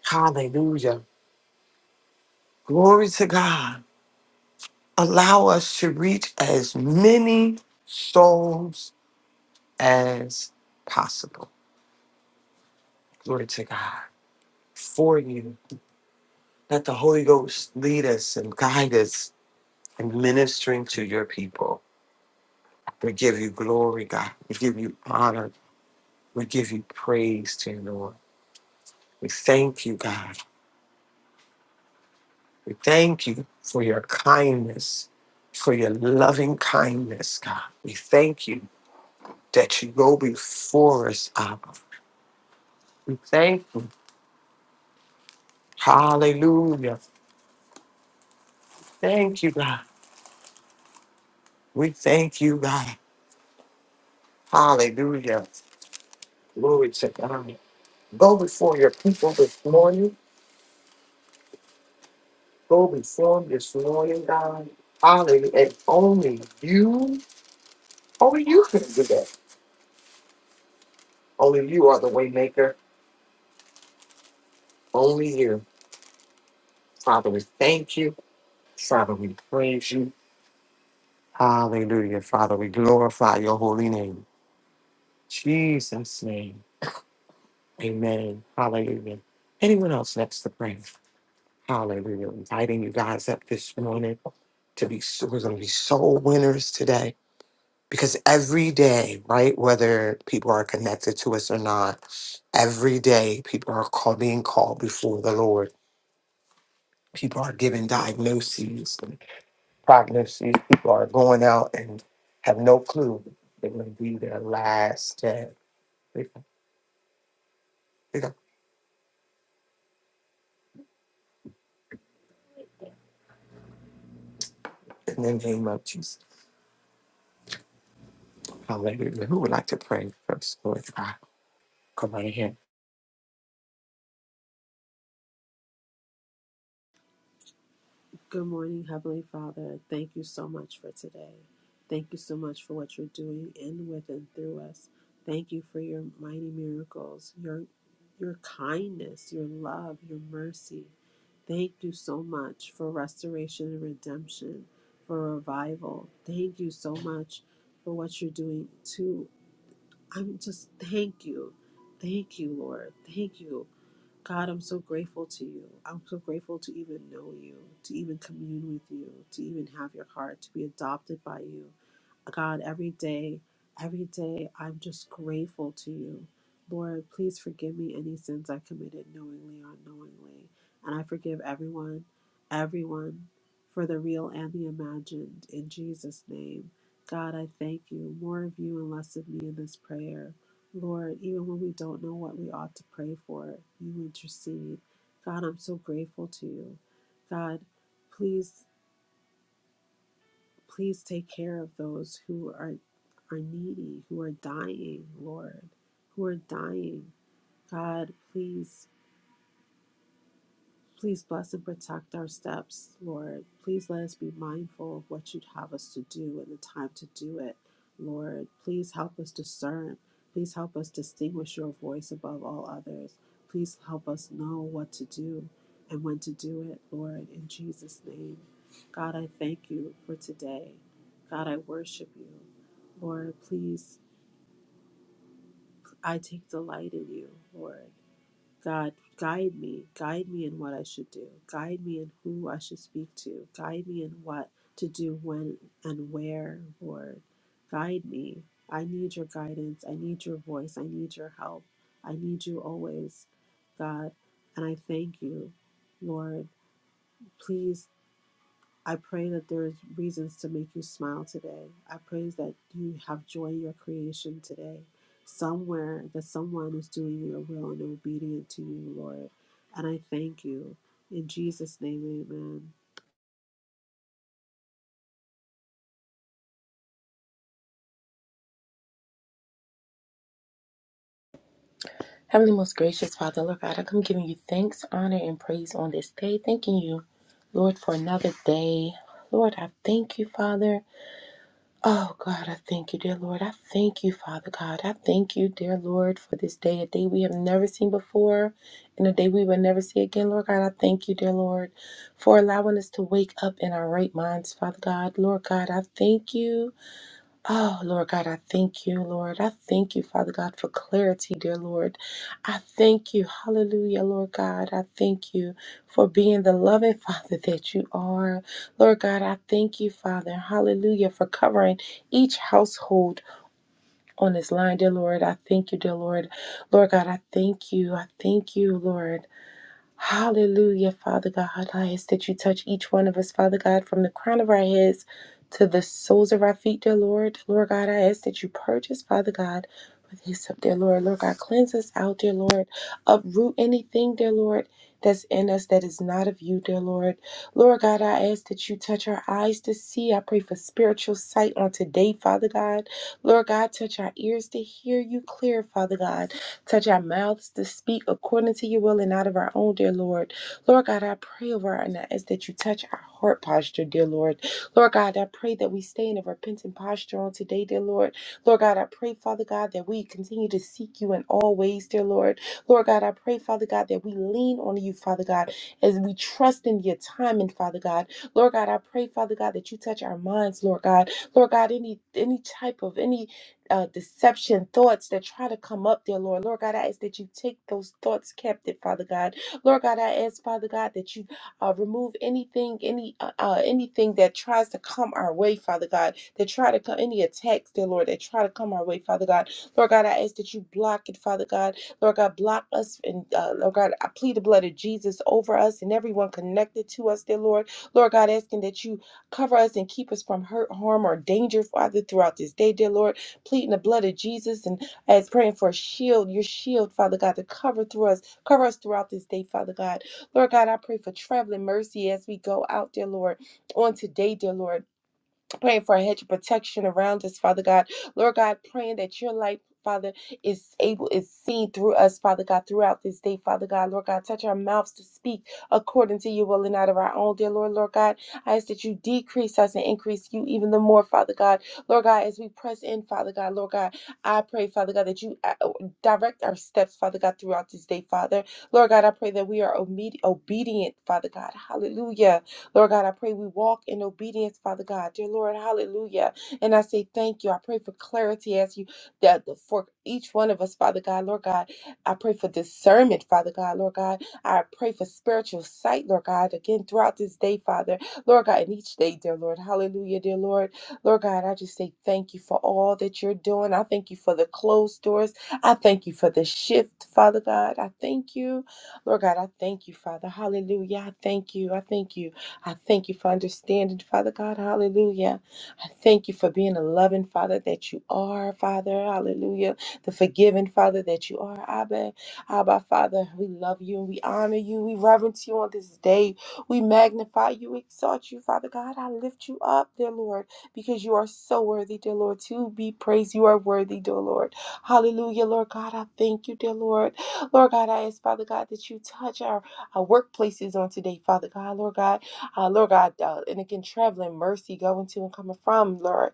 [SPEAKER 2] Hallelujah. Glory to God. Allow us to reach as many souls as possible. Glory to God. For you. Let the Holy Ghost lead us and guide us in ministering to your people. We give you glory, God. We give you honor. We give you praise, dear Lord. We thank you, God. We thank you for your kindness, for your loving kindness, God. We thank you that you go before us, Abba. We thank you. Hallelujah. Thank you, God. We thank you, God. Hallelujah. Glory to God. Go before your people this morning. Go before them this morning, God. Hallelujah. And only you, only you can do that. Only you are the way maker. Only you. Father, we thank you. Father, we praise you. Hallelujah. Father, we glorify your holy name. Jesus' name. Amen. Hallelujah. Anyone else next to pray? Hallelujah. Inviting you guys up this morning to be so, we're gonna be soul winners today. Because every day, right, whether people are connected to us or not, every day people are call, being called before the Lord. People are given diagnoses. prognosis. These people are going out and have no clue it may be their last day. They- they don't- In the name of Jesus, hallelujah. Who would like to pray first? Lord God, come on in here.
[SPEAKER 3] Good morning, Heavenly Father. Thank you so much for today. Thank you so much for what you're doing in, with, and through us. Thank you for your mighty miracles, your your kindness, your love, your mercy. Thank you so much for restoration and redemption, for revival. Thank you so much for what you're doing too. I'm just thank you. Thank you, Lord. Thank you. God, I'm so grateful to you. I'm so grateful to even know you, to even commune with you, to even have your heart, to be adopted by you. God, every day, every day, I'm just grateful to you. Lord, please forgive me any sins I committed knowingly or unknowingly. And I forgive everyone, everyone, for the real and the imagined. In Jesus' name, God, I thank you. More of you and less of me in this prayer. Lord, even when we don't know what we ought to pray for, you intercede. God, I'm so grateful to you. God, please. Please take care of those who are, are needy, who are dying, Lord, who are dying. God, please Please bless and protect our steps, Lord. Please let us be mindful of what you'd have us to do and the time to do it, Lord. Please help us discern. Please help us distinguish your voice above all others. Please help us know what to do and when to do it, Lord, in Jesus' name. God, I thank you for today. God, I worship you. Lord, please, I take delight in you, Lord. God, guide me. Guide me in what I should do. Guide me in who I should speak to. Guide me in what to do when and where, Lord. Guide me. I need your guidance. I need your voice. I need your help. I need you always, God. And I thank you, Lord. Please I pray that there's reasons to make you smile today. I pray that you have joy in your creation today. Somewhere that someone is doing your will and obedient to you, Lord. And I thank you. In Jesus' name, amen.
[SPEAKER 4] Heavenly, most gracious Father, Lord God, I come giving you thanks, honor, and praise on this day. Thanking you, Lord, for another day. Lord, I thank you, Father. Oh, God, I thank you, dear Lord. I thank you, Father God. I thank you, dear Lord, for this day, a day we have never seen before and a day we will never see again. Lord God, I thank you, dear Lord, for allowing us to wake up in our right minds, Father God. Lord God, I thank you. Oh, Lord God, I thank you, Lord. I thank you, Father God, for clarity, dear Lord. I thank you. Hallelujah, Lord God. I thank you for being the loving [laughs] Father that you are. Lord God, I thank you, Father. Hallelujah, for covering each household on this line, dear Lord. I thank you, dear Lord. Lord God, I thank you. I thank you, Lord. Hallelujah, Father God. I ask that you touch each one of us, Father God, from the crown of our heads to the soles of our feet, dear Lord. Lord God, I ask that you purge us, Father God, with his up, dear Lord. Lord God, cleanse us out, dear Lord. Uproot anything, dear Lord. That's in us that is not of you, dear Lord. Lord God, I ask that you touch our eyes to see. I pray for spiritual sight on today, Father God. Lord God, touch our ears to hear you clear, Father God. Touch our mouths to speak according to your will and out of our own, dear Lord. Lord God, I pray over and I ask that you touch our heart posture, dear Lord. Lord God, I pray that we stay in a repentant posture on today, dear Lord. Lord God, I pray, Father God, that we continue to seek you in all ways, dear Lord. Lord God, I pray, Father God, that we lean on you, Father God, as we trust in your timing, Father God. Lord God, I pray, Father God, that you touch our minds, Lord God. Lord God, any any type of any uh, deception thoughts that try to come up, dear Lord. Lord God, I ask that you take those thoughts captive, Father God. Lord God, I ask, Father God, that you uh, remove anything, any uh, uh, anything that tries to come our way, Father God, that try to come, any attacks, dear Lord, that try to come our way, Father God. Lord God, I ask that you block it, Father God. Lord God, block us, and uh, Lord God, I plead the blood of Jesus over us and everyone connected to us, dear Lord. Lord God, asking that you cover us and keep us from hurt, harm, or danger, Father, throughout this day, dear Lord pleading the blood of Jesus and as praying for a shield, your shield, Father God, to cover through us, cover us throughout this day, Father God. Lord God, I pray for traveling mercy as we go out, dear Lord, on today, dear Lord. Praying for a hedge of protection around us, Father God. Lord God, praying that your light, Father, is able, is seen through us, Father God, throughout this day, Father God. Lord God, touch our mouths to speak according to your will and out of our own, dear Lord, Lord God. I ask that you decrease us and increase you even the more, Father God. Lord God, as we press in, Father God, Lord God, I pray, Father God, that you uh, uh, direct our steps, Father God, throughout this day, Father. Lord God, I pray that we are obedi- obedient, Father God. Hallelujah Lord God, I pray we walk in obedience, Father God. Dear Lord, hallelujah. And I say thank you. I pray for clarity as you that for each one of us, Father God, Lord God. I pray for discernment, Father God, Lord God. I pray for spiritual sight, Lord God, again throughout this day, Father, Lord God, and each day, dear Lord. Hallelujah, dear Lord. Lord God, I just say thank you for all that you're doing. I thank you for the closed doors. I thank you for the shift, Father God. I thank you. Lord God, I thank you, Father. Hallelujah. I thank you. I thank you. I thank you for understanding, Father God. Hallelujah. I thank you for being a loving Father that you are, Father. Hallelujah. The forgiving Father that you are. Abba, Abba, Father, we love you and we honor you. We reverence you on this day. We magnify you, exalt you, Father God. I lift you up, dear Lord, because you are so worthy, dear Lord, to be praised. You are worthy, dear Lord. Hallelujah, Lord God. I thank you, dear Lord. Lord God, I ask, Father God, that you touch our, our workplaces on today, Father God. Lord God, uh, Lord God, uh, and again, traveling, mercy going to and coming from, Lord.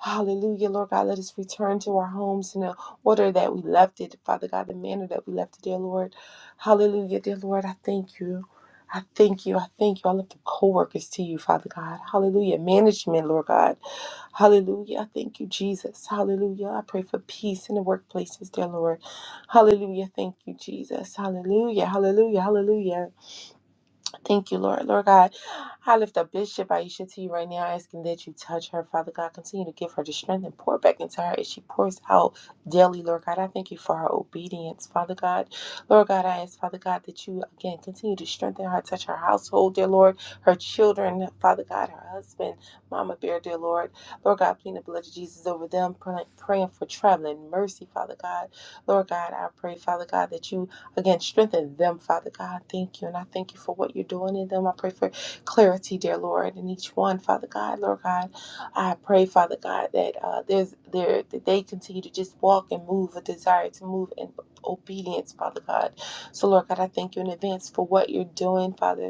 [SPEAKER 4] Hallelujah, Lord God, let us return to our homes in the order that we left it, Father God, the manner that we left it, dear Lord. Hallelujah, dear Lord, I thank you. I thank you. I thank you. I lift the co-workers to you, Father God. Hallelujah. Management, Lord God. Hallelujah. I thank you, Jesus. Hallelujah. I pray for peace in the workplaces, dear Lord. Hallelujah. Thank you, Jesus. Hallelujah. Hallelujah. Hallelujah. Thank you, Lord. Lord God, I lift up Bishop Aisha to you right now, asking that you touch her. Father God, continue to give her the strength and pour back into her as she pours out daily, Lord God. I thank you for her obedience, Father God. Lord God, I ask, Father God, that you again continue to strengthen her, touch her household, dear Lord, her children, Father God, her husband, Mama Bear, dear Lord. Lord God, plead the blood of Jesus over them, pray- praying for traveling mercy, Father God. Lord God, I pray, Father God, that you Again, strengthen them, Father God. Thank you. And I thank you for what you're doing in them. I pray for clarity, dear Lord, in each one, Father God. Lord God, I pray, Father God, that uh, there's there that they continue to just walk and move, a desire to move in obedience, Father God. So, Lord God, I thank you in advance for what you're doing, Father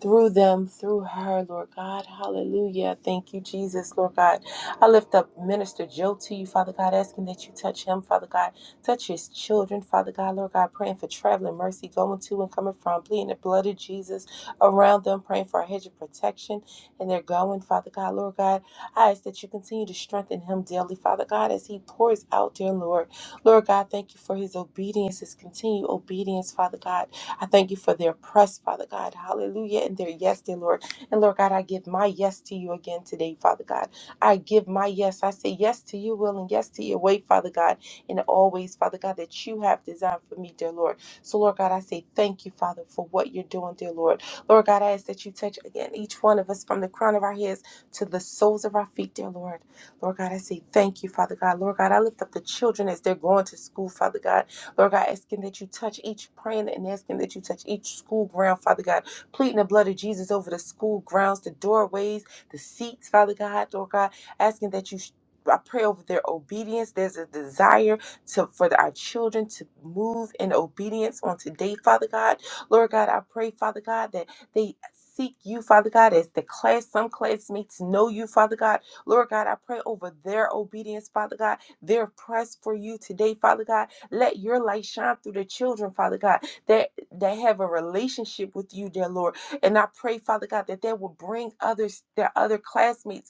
[SPEAKER 4] through them, through her, Lord God. Hallelujah. Thank you, Jesus, Lord God. I lift up Minister Joe to you, Father God, asking that you touch him, Father God. Touch his children, Father God, Lord God, praying for traveling mercy, going to and coming from, pleading the blood of Jesus around them, praying for a hedge of protection, and they're going, Father God, Lord God. I ask that you continue to strengthen him daily, Father God, as he pours out, dear Lord. Lord God, thank you for his obedience, his continued obedience, Father God. I thank you for their press, Father God. Hallelujah. And their yes, dear Lord. And Lord God, I give my yes to you again today, Father God. I give my yes. I say yes to your will and yes to your way, Father God. And always, Father God, that you have designed for me, dear Lord. So, Lord God, I say thank you, Father, for what you're doing, dear Lord. Lord God, I ask that you touch again each one of us from the crown of our heads to the soles of our feet, dear Lord. Lord God, I say thank you, Father God. Lord God, I lift up the children as they're going to school, Father God. Lord God, asking that you touch each praying and asking that you touch each school ground, Father God, pleading the blood of Jesus over the school grounds, the doorways, the seats, Father God, Lord God, asking that you. I pray over their obedience. There's a desire to for our children to move in obedience on today, Father God. Lord God, I pray, Father God, that they seek you, Father God, as the class, some classmates know you, Father God. Lord God, I pray over their obedience, Father God, their press for you today, Father God. Let your light shine through the children, Father God, that they have a relationship with you, dear Lord. And I pray, Father God, that they will bring others, their other classmates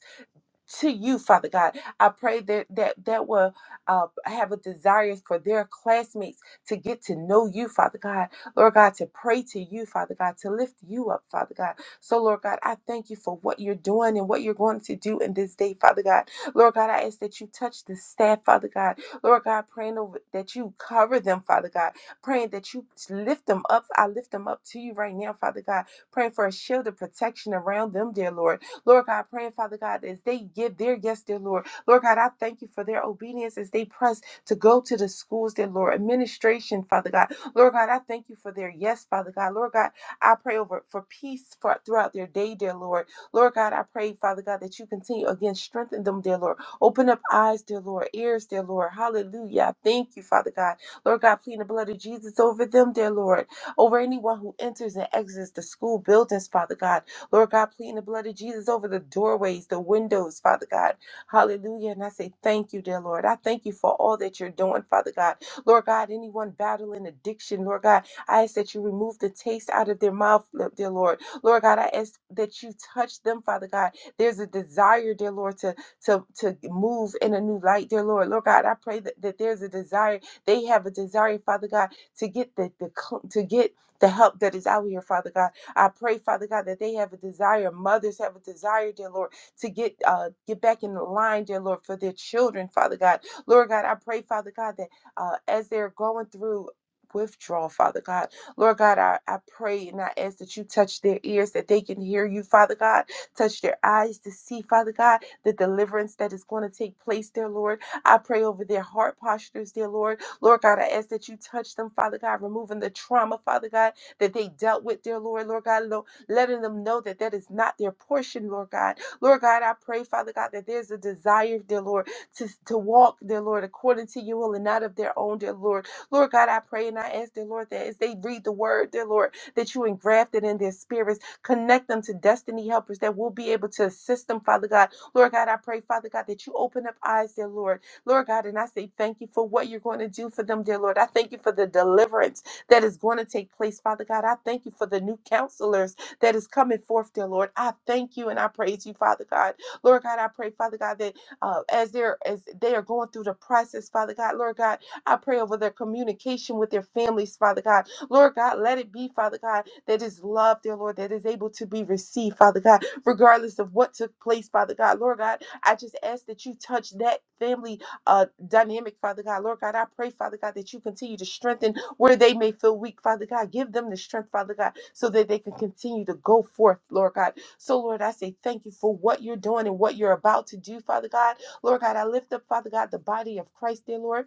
[SPEAKER 4] to you, Father God. I pray that that that will uh, have a desire for their classmates to get to know you, Father God. Lord God, to pray to you, Father God, to lift you up, Father God. So, Lord God, I thank you for what you're doing and what you're going to do in this day, Father God. Lord God, I ask that you touch the staff, Father God. Lord God, praying over, that you cover them, Father God. Praying that you lift them up. I lift them up to you right now, Father God. Praying for a shield of protection around them, dear Lord. Lord God, praying, Father God, as they give their yes, dear Lord. Lord God, I thank you for their obedience as they press to go to the schools, dear Lord. Administration, Father God. Lord God, I thank you for their yes, Father God. Lord God, I pray over for peace for, throughout their day, dear Lord. Lord God, I pray, Father God, that you continue again, strengthen them, dear Lord. Open up eyes, dear Lord, ears, dear Lord. Hallelujah. I Thank you, Father God. Lord God, plead the blood of Jesus over them, dear Lord. Over anyone who enters and exits the school buildings, Father God. Lord God, pleading the blood of Jesus over the doorways, the windows, Father God. Hallelujah. And I say thank you, dear Lord. I thank you for all that you're doing, Father God. Lord God, anyone battling addiction, Lord God, I ask that you remove the taste out of their mouth, dear Lord. Lord God, I ask that you touch them, Father God. There's a desire, dear Lord, to to to move in a new light, dear Lord. Lord God, I pray that, that there's a desire. They have a desire, Father God, to get the, the cl- to get the help that is out here, Father God. I pray, Father God, that they have a desire, mothers have a desire, dear Lord, to get uh, get back in the line, dear Lord, for their children, Father God. Lord God, I pray, Father God, that uh, as they're going through withdrawal, Father God, Lord God, I, I pray and I ask that you touch their ears, that they can hear you, Father God, touch their eyes to see, Father God, the deliverance that is going to take place, dear Lord. I pray over their heart postures, dear Lord. Lord God, I ask that you touch them, Father God, removing the trauma, Father God, that they dealt with, dear Lord, Lord God, letting them know that that is not their portion, Lord God. Lord God, I pray, Father God, that there's a desire, dear Lord, to, to walk, dear Lord, according to your will and not of their own, dear Lord. Lord God, I pray and I ask, dear Lord, that as they read the word, dear Lord, that you engraft it in their spirits, connect them to destiny helpers that will be able to assist them, Father God. Lord God, I pray, Father God, that you open up eyes, dear Lord. Lord God, and I say thank you for what you're going to do for them, dear Lord. I thank you for the deliverance that is going to take place, Father God. I thank you for the new counselors that is coming forth, dear Lord. I thank you and I praise you, Father God. Lord God, I pray, Father God, that uh, as they're as they are going through the process, Father God, Lord God, I pray over their communication with their families, Father God. Lord God, let it be, Father God, that is love, dear Lord, that is able to be received, Father God, regardless of what took place, Father God. Lord God, I just ask that you touch that family uh, dynamic, Father God. Lord God, I pray, Father God, that you continue to strengthen where they may feel weak, Father God. Give them the strength, Father God, so that they can continue to go forth, Lord God. So, Lord, I say thank you for what you're doing and what you're about to do, Father God. Lord God, I lift up, Father God, the body of Christ, dear Lord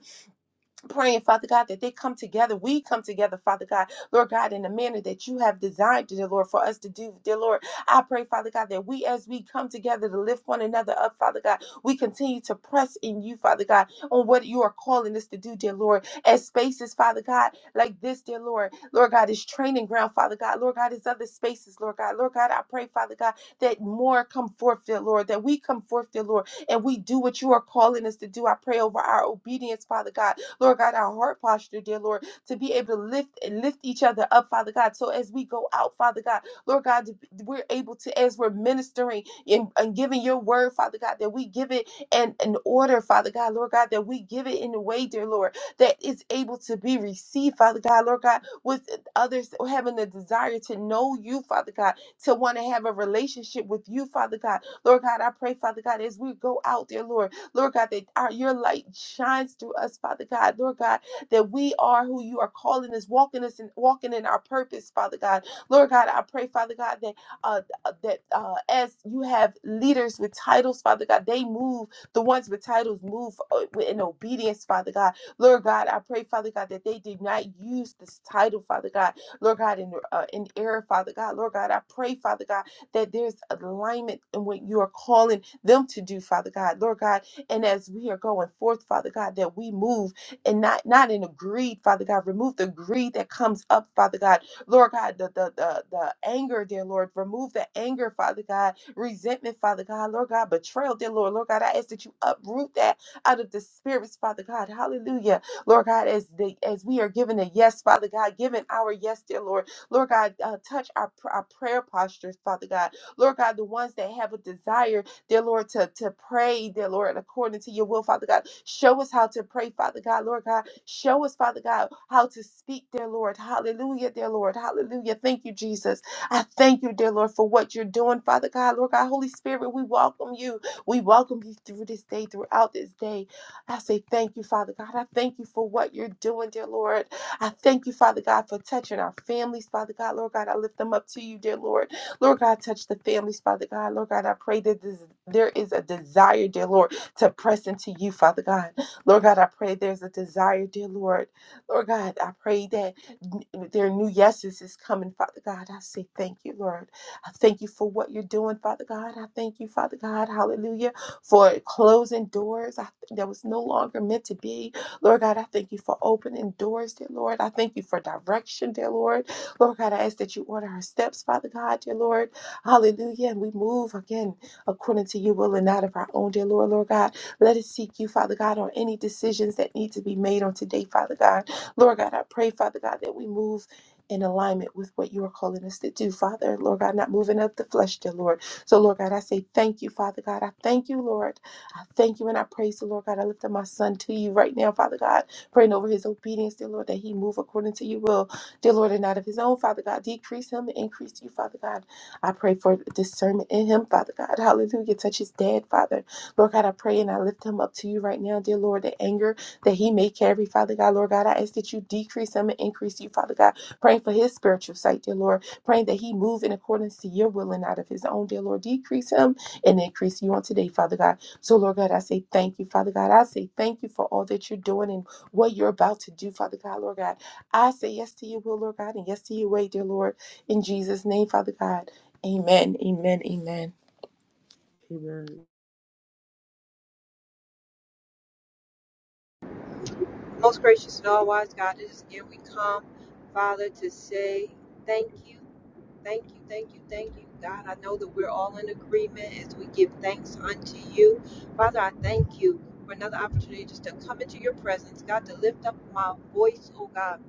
[SPEAKER 4] praying, Father God, that they come together. We come together, Father God, Lord God, in the manner that you have designed, dear Lord, for us to do, dear Lord. I pray, Father God, that we, as we come together to lift one another up, Father God, we continue to press in you, Father God, on what you are calling us to do, dear Lord. As spaces, Father God, like this, dear Lord, Lord God, is training ground, Father God, Lord God, is other spaces, Lord God, Lord God, I pray, Father God, that more come forth, dear Lord, that we come forth, dear Lord, and we do what you are calling us to do. I pray over our obedience, Father God. Lord God, our heart posture, dear Lord, to be able to lift and lift each other up, Father God. So as we go out, Father God, Lord God, to- we're able to, as we're ministering and, and giving your word, Father God, that we give it in an order, Father God, Lord God, that we give it in a way, dear Lord, that is able to be received, Father God, Lord God, with others having a desire to know you, Father God, to want to have a relationship with you, Father God. Lord God, I pray, Father God, as we go out, dear Lord. Lord God, that our, your light shines through us, Father God. Lord God, that we are who you are calling us, walking us and walking in our purpose, Father God. Lord God, I pray, Father God, that uh, that uh, as you have leaders with titles, Father God, they move. The ones with titles move uh, in obedience, Father God. Lord God, I pray, Father God, that they do not use this title, Father God. Lord God, in uh, in error, Father God. Lord God, I pray, Father God, that there's alignment in what you are calling them to do, Father God. Lord God, and as we are going forth, Father God, that we move and not not in a greed, Father God, remove the greed that comes up, Father God. Lord God, the the the, the anger, dear Lord, remove the anger, Father God, resentment, Father God, Lord God, betrayal, dear Lord, Lord God, I ask that you uproot that out of the spirits, Father God. Hallelujah. Lord God, as the as we are given a yes, Father God, given our yes, dear Lord, Lord God, uh, touch our, pr- our prayer postures, Father God. Lord God, the ones that have a desire dear Lord, to, to pray, dear Lord, according to your will, Father God. Show us how to pray, Father God, Lord God. Show us, Father God, how to speak, dear Lord. Hallelujah, dear Lord. Hallelujah. Thank you, Jesus. I thank you, dear Lord, for what you're doing, Father God, Lord God. Holy Spirit, we welcome you. We welcome you through this day, throughout this day. I say thank you, Father God. I thank you for what you're doing, dear Lord. I thank you, Father God, for touching our families, Father God, Lord God. I lift them up to you, dear Lord. Lord God, touch the families, Father God. Lord God, I pray that this, there is a desire, dear Lord, to press into you, Father God. Lord God, I pray there's a desire, dear Lord. Lord God, I pray that n- their new yeses is coming, Father God. I say thank you, Lord. I thank you for what you're doing, Father God. I thank you, Father God. Hallelujah. For closing doors I, that was no longer meant to be. Lord God, I thank you for opening doors, dear Lord. I thank you for direction, dear Lord. Lord God, I ask that you order our steps, Father God, dear Lord. Hallelujah. And we move again according to your will and not of our own, dear Lord, Lord God. Let us seek you, Father God, on any decisions that need to be made on today, Father God. Lord God, I pray, Father God, that we move in alignment with what you are calling us to do, Father. Lord God, not moving up the flesh, dear Lord. So, Lord God, I say thank you, Father God. I thank you, Lord. I thank you and I praise the Lord God. I lift up my son to you right now, Father God, praying over his obedience, dear Lord, that he move according to your will. Dear Lord, and not of his own, Father God, decrease him and increase you, Father God. I pray for discernment in him, Father God. Hallelujah. Touch his dad, Father. Lord God, I pray and I lift him up to you right now, dear Lord. The anger that he may carry, Father God, Lord God, I ask that you decrease him and increase you, Father God. Praying for his spiritual sight, dear Lord. Praying that he move in accordance to your will and out of his own, dear Lord. Decrease him and increase you on today, Father God. So, Lord God, I say thank you, Father God. I say thank you for all that you're doing and what you're about to do, Father God, Lord God. I say yes to you, will, Lord God, and yes to your way, dear Lord. In Jesus' name, Father God. Amen. Amen. Amen.
[SPEAKER 3] Amen.
[SPEAKER 5] Most gracious and all wise God, it is again we come, Father, to say thank you. Thank you, thank you, thank you, God. I know that we're all in agreement as we give thanks unto you. Father, I thank you for another opportunity just to come into your presence, God, to lift up my voice, oh God.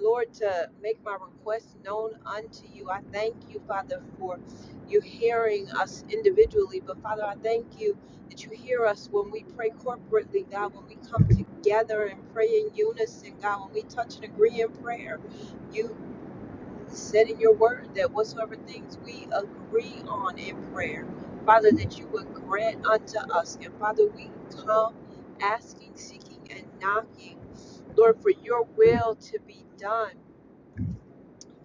[SPEAKER 5] Lord, to make my request known unto you. I thank you, Father, for you hearing us individually. But Father, I thank you that you hear us when we pray corporately, God, when we come together and pray in unison, God, when we touch and agree in prayer. you said in your word that whatsoever things we agree on in prayer, Father, that you would grant unto us. And Father, we come asking, seeking, and knocking, Lord, for your will to be done.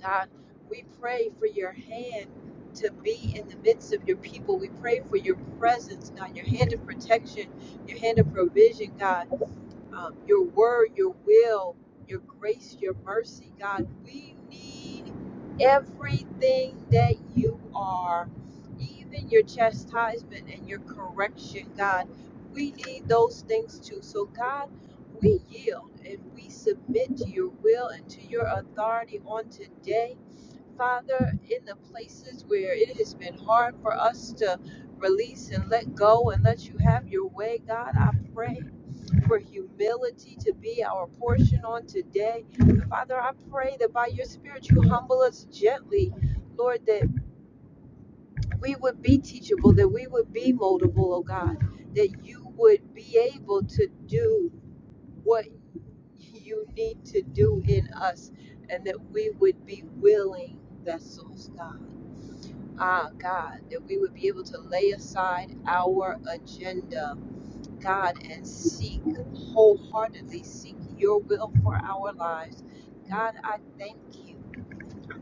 [SPEAKER 5] God, we pray for your hand to be in the midst of your people. We pray for your presence, God, your hand of protection, your hand of provision, God um, your word, your will, your grace, your mercy, God. We need everything that you are, even your chastisement and your correction, God. We need those things too. So, God, we yield and we submit to your will and to your authority on today. Father, in the places where it has been hard for us to release and let go and let you have your way, God, I pray for humility to be our portion on today. Father, I pray that by your Spirit you humble us gently, Lord, that we would be teachable, that we would be moldable, oh God, that you would be able to do what you need to do in us, and that we would be willing vessels, God. Ah, God, that we would be able to lay aside our agenda God and seek wholeheartedly seek your will for our lives. God, I thank you.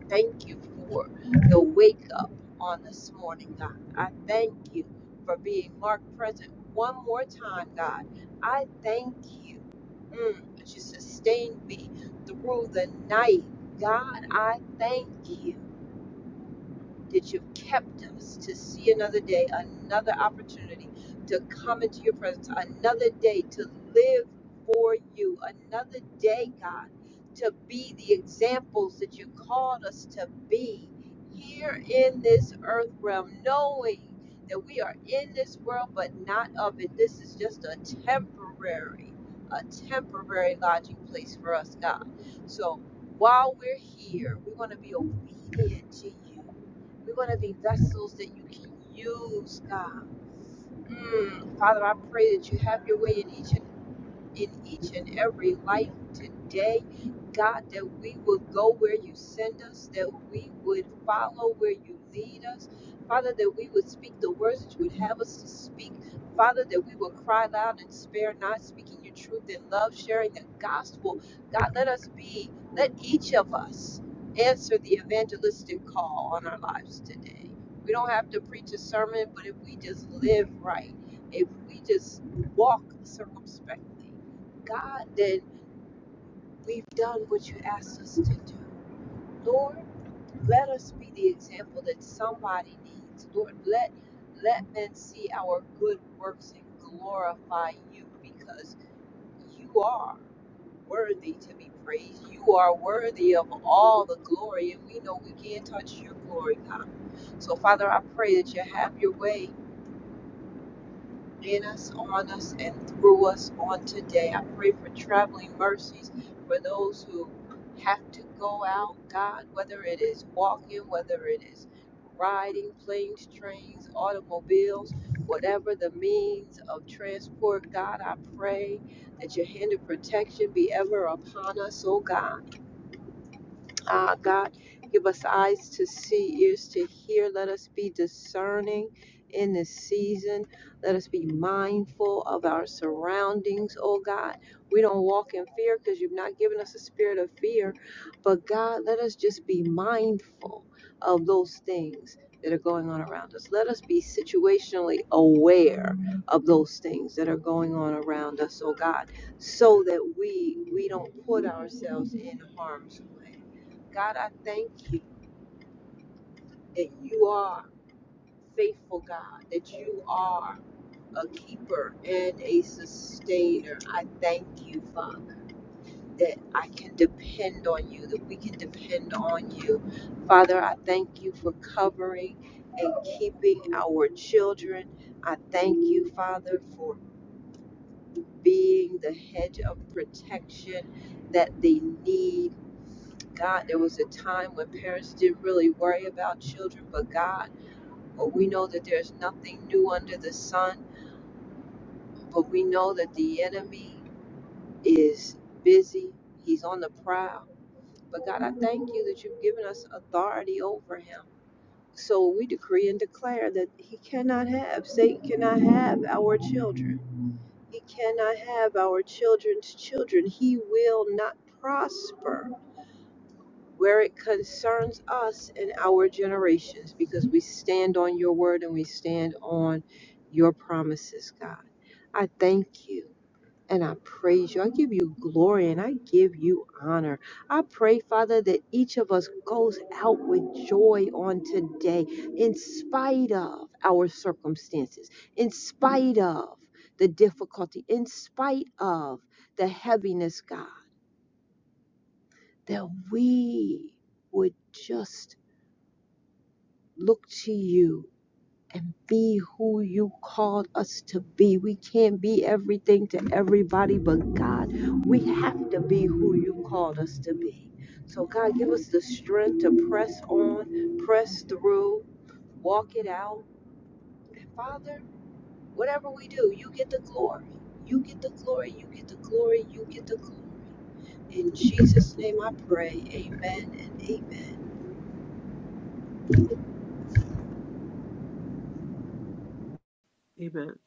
[SPEAKER 5] Thank you for the wake up on this morning, God. I thank you for being Mark present one more time, God. I thank you mm, that you sustained me through the night. God, I thank you that you've kept us to see another day, another opportunity to come into your presence, another day to live for you, another day, God, to be the examples that you called us to be here in this earth realm, knowing that we are in this world but not of it. This is just a temporary, a temporary lodging place for us, God. So while we're here, we want to be obedient to you we want to be vessels that you can use, God. Mm, Father, I pray that you have your way in each and in each and every life today. God, that we would go where you send us, that we would follow where you lead us. Father, that we would speak the words that you would have us to speak. Father, that we would cry loud and spare not, speaking your truth in love, sharing the gospel. God, let us be, let each of us answer the evangelistic call on our lives today. We don't have to preach a sermon, but if we just live right, if we just walk circumspectly, God, that we've done what you asked us to do. Lord, let us be the example that somebody needs. Lord, let let men see our good works and glorify you because you are worthy to be praised. You are worthy of all the glory, and we know we can't touch your glory, God. So, Father, I pray that you have your way in us, on us, and through us on today. I pray for traveling mercies for those who have to go out, God, whether it is walking, whether it is riding, planes, trains, automobiles, whatever the means of transport, God, I pray that your hand of protection be ever upon us, oh God. Ah, God, give us eyes to see, ears to hear. Let us be discerning in this season. Let us be mindful of our surroundings, oh God. We don't walk in fear because you've not given us a spirit of fear. But God, let us just be mindful of those things that are going on around us. Let us be situationally aware of those things that are going on around us, oh God, so that we we don't put ourselves in harm's way God, I thank you that you are faithful, God, that you are a keeper and a sustainer. I thank you, Father, that I can depend on you, that we can depend on you. Father, I thank you for covering and keeping our children. I thank you, Father, for being the hedge of protection that they need. God, there was a time when parents didn't really worry about children, but God, But we know that there's nothing new under the sun. But we know that the enemy is busy, he's on the prowl. But God, I thank you that you've given us authority over him. So we decree and declare that he cannot have, Satan cannot have our children. He cannot have our children's children. He will not prosper where it concerns us and our generations, because we stand on your word and we stand on your promises, God. I thank you and I praise you. I give you glory and I give you honor. I pray, Father, that each of us goes out with joy on today, in spite of our circumstances, in spite of the difficulty, in spite of the heaviness, God, that we would just look to you and be who you called us to be. We can't be everything to everybody but God. We have to be who you called us to be. So, God, give us the strength to press on, press through, walk it out. And, Father, whatever we do, you get the glory. You get the glory. You get the glory. You get the glory. In Jesus' name I pray. Amen and amen.
[SPEAKER 3] Amen.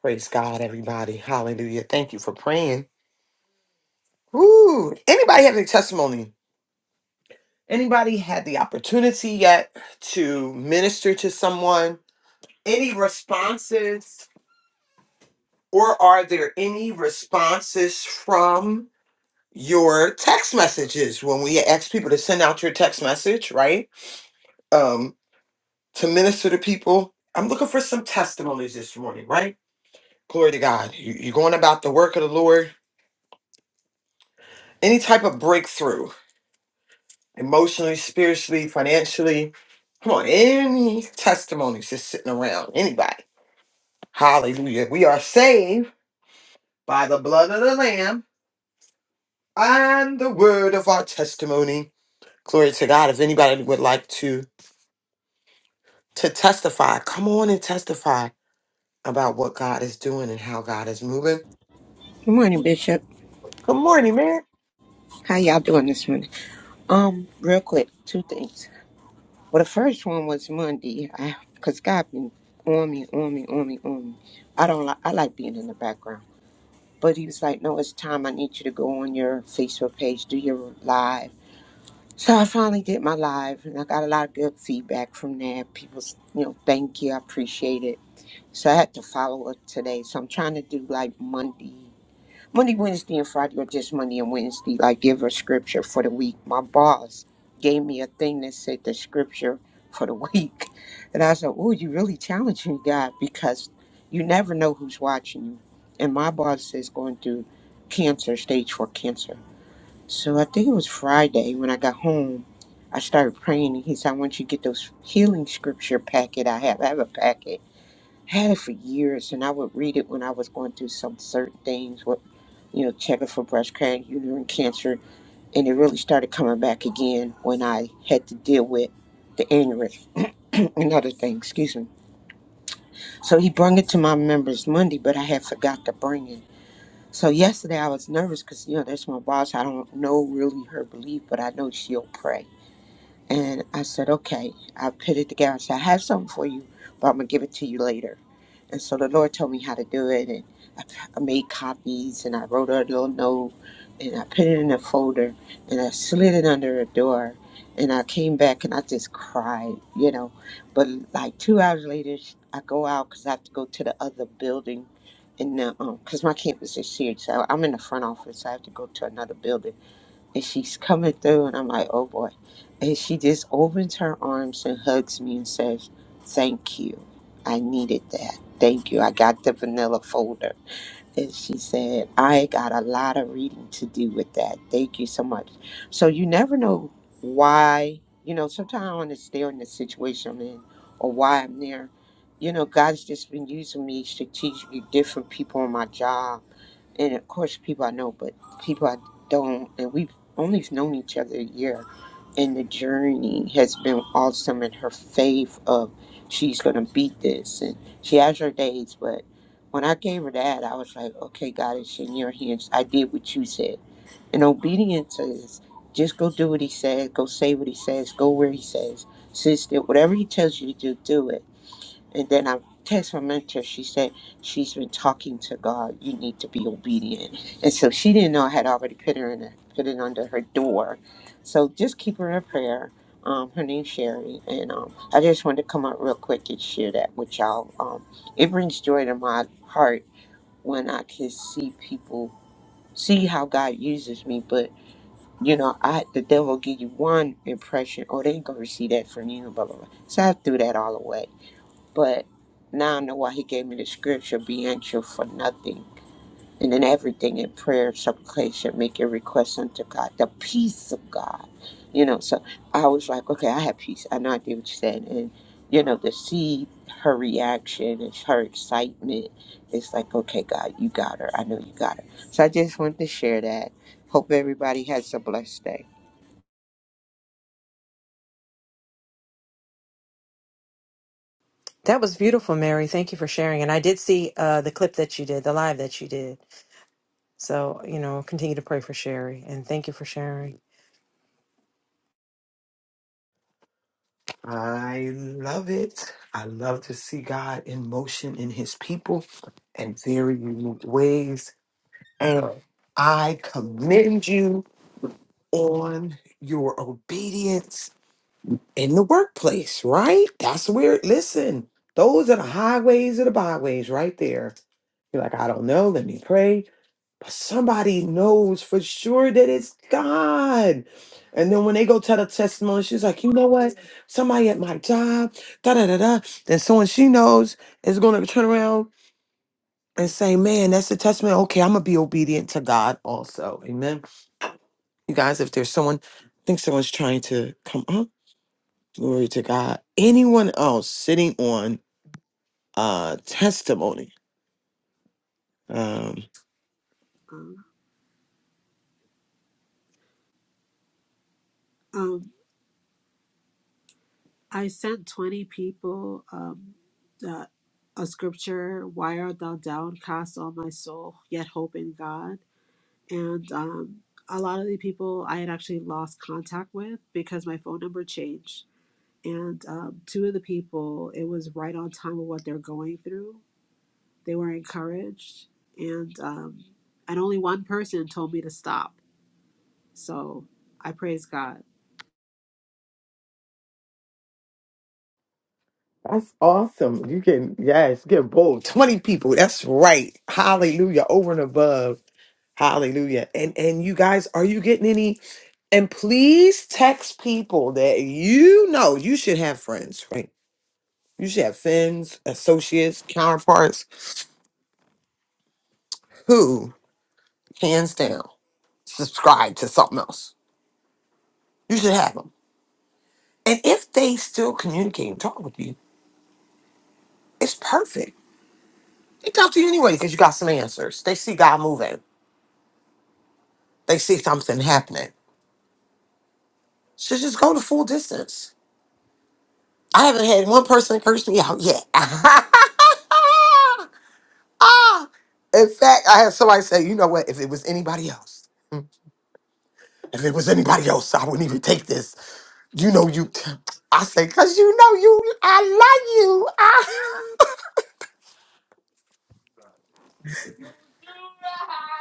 [SPEAKER 2] Praise God, everybody. Hallelujah. Thank you for praying. Woo! Anybody have any testimony? Anybody had the opportunity yet to minister to someone? Any responses? Or are there any responses from your text messages when we ask people to send out your text message, right? Um, to minister to people. I'm looking for some testimonies this morning, right? Glory to God. You- You're going about the work of the Lord. Any type of breakthrough, emotionally, spiritually, financially. Come on, any testimonies just sitting around, anybody. Hallelujah. We are saved by the blood of the Lamb and the word of our testimony. Glory to God. If anybody would like to to testify. Come on and testify about what God is doing and how God is moving.
[SPEAKER 6] Good morning, Bishop.
[SPEAKER 2] Good morning, man.
[SPEAKER 6] How y'all doing this morning? Um, real quick, two things. Well, the first one was Monday, I, cause God been on me, on me, on me, on me. I don't like, I like being in the background, but he was like, "No, it's time. I need you to go on your Facebook page, do your live." So I finally did my live, and I got a lot of good feedback from that. People, you know, thank you, I appreciate it. So I had to follow up today. So I'm trying to do like Monday. Monday, Wednesday, and Friday, or just Monday and Wednesday, like give a scripture for the week. My boss gave me a thing that said the scripture for the week. [laughs] And I said, Oh, you really challenging me, God, because you never know who's watching you. And my boss is going through cancer, stage four cancer. So I think it was Friday when I got home. I started praying, and he said, I want you to get those healing scripture packet I have. I have a packet. had it for years, and I would read it when I was going through some certain things you know, checking for breast cancer, uterine cancer, and it really started coming back again when I had to deal with the aneurysm [clears throat] and other things. Excuse me. So he brought it to my members Monday, but I had forgot to bring it. So yesterday I was nervous because you know that's my boss. I don't know really her belief, but I know she'll pray. And I said, okay. I put it together. I said, I have something for you, but I'm gonna give it to you later. And so the Lord told me how to do it, and I made copies and I wrote a little note and I put it in a folder and I slid it under a door and I came back and I just cried, you know. But like two hours later, sh- I go out because I have to go to the other building. And because my campus is huge, so I'm in the front office. I have to go to another building, and she's coming through, and I'm like, "Oh boy!" And she just opens her arms and hugs me and says, "Thank you. I needed that. Thank you. I got the vanilla folder." And she said, I got a lot of reading to do with that. Thank you so much. So you never know why, you know, sometimes I understand the situation I'm in or why I'm there. You know, God's just been using me strategically, different people on my job and of course people I know, but people I don't, and we've only known each other a year, and the journey has been awesome. And her faith of she's gonna beat this, and she has her days, but when I gave her that, I was like, okay, God, it's in your hands. I did what you said, and obedience is just go do what He says, go say what He says, go where He says, sister. Whatever He tells you to do, do it and then I text my mentor. She said she's been talking to God. You need to be obedient. And so she didn't know I had already put her in a, put it under her door. So just keep her in prayer. Um, her name's Sherry, and um, I just wanted to come up real quick and share that with y'all. Um, it brings joy to my heart when I can see people see how God uses me. But you know, I the devil give you one impression, oh, they ain't gonna receive that from you, blah blah blah. So I threw that all away but now I know why he gave me the scripture, be anxious for nothing. And then everything in prayer, supplication, make your requests unto God, the peace of God. You know, so I was like, okay, I have peace. I know I did what you said. And, you know, to see her reaction and her excitement, it's like, okay, God, you got her. I know you got her. So I just wanted to share that. Hope everybody has a blessed day.
[SPEAKER 7] That was beautiful, Mary. Thank you for sharing. And I did see uh, the clip that you did, the live that you did. So, you know, continue to pray for Sherry and thank you for sharing.
[SPEAKER 2] I love it. I love to see God in motion in his people in very unique ways. And I commend you on your obedience in the workplace, right? That's where, listen, those are the highways or the byways right there. You're like, I don't know. Let me pray. somebody knows for sure that it's God. And then when they go tell the testimony, she's like, you know what? Somebody at my job, da da da da. Then someone she knows is going to turn around and say, man, that's the testimony. Okay, I'm going to be obedient to God also. Amen. You guys, if there's someone, I think someone's trying to come up, glory to God. Anyone else sitting on a testimony? Um,
[SPEAKER 3] Um, um, I sent 20 people um, that a scripture, Why art thou downcast, O my soul, yet hope in God? and um, a lot of the people I had actually lost contact with because my phone number changed. And um, two of the people, it was right on time with what they're going through. They were encouraged, and um, and only one person told me to stop. So I praise God.
[SPEAKER 2] That's awesome. You can, yes, get bold. 20 people. That's right. Hallelujah. Over and above. Hallelujah. And and you guys, are you getting any? And please text people that you know you should have friends, right? You should have friends, associates, counterparts who, hands down, subscribe to something else. You should have them. And if they still communicate and talk with you, it's perfect. They talk to you anyway because you got some answers. They see God moving. They see something happening should just go the full distance. I haven't had one person curse me out yet. [laughs] ah. In fact, I had somebody say, you know what, if it was anybody else, if it was anybody else, I wouldn't even take this. You know you I say, cause you know you I love you. I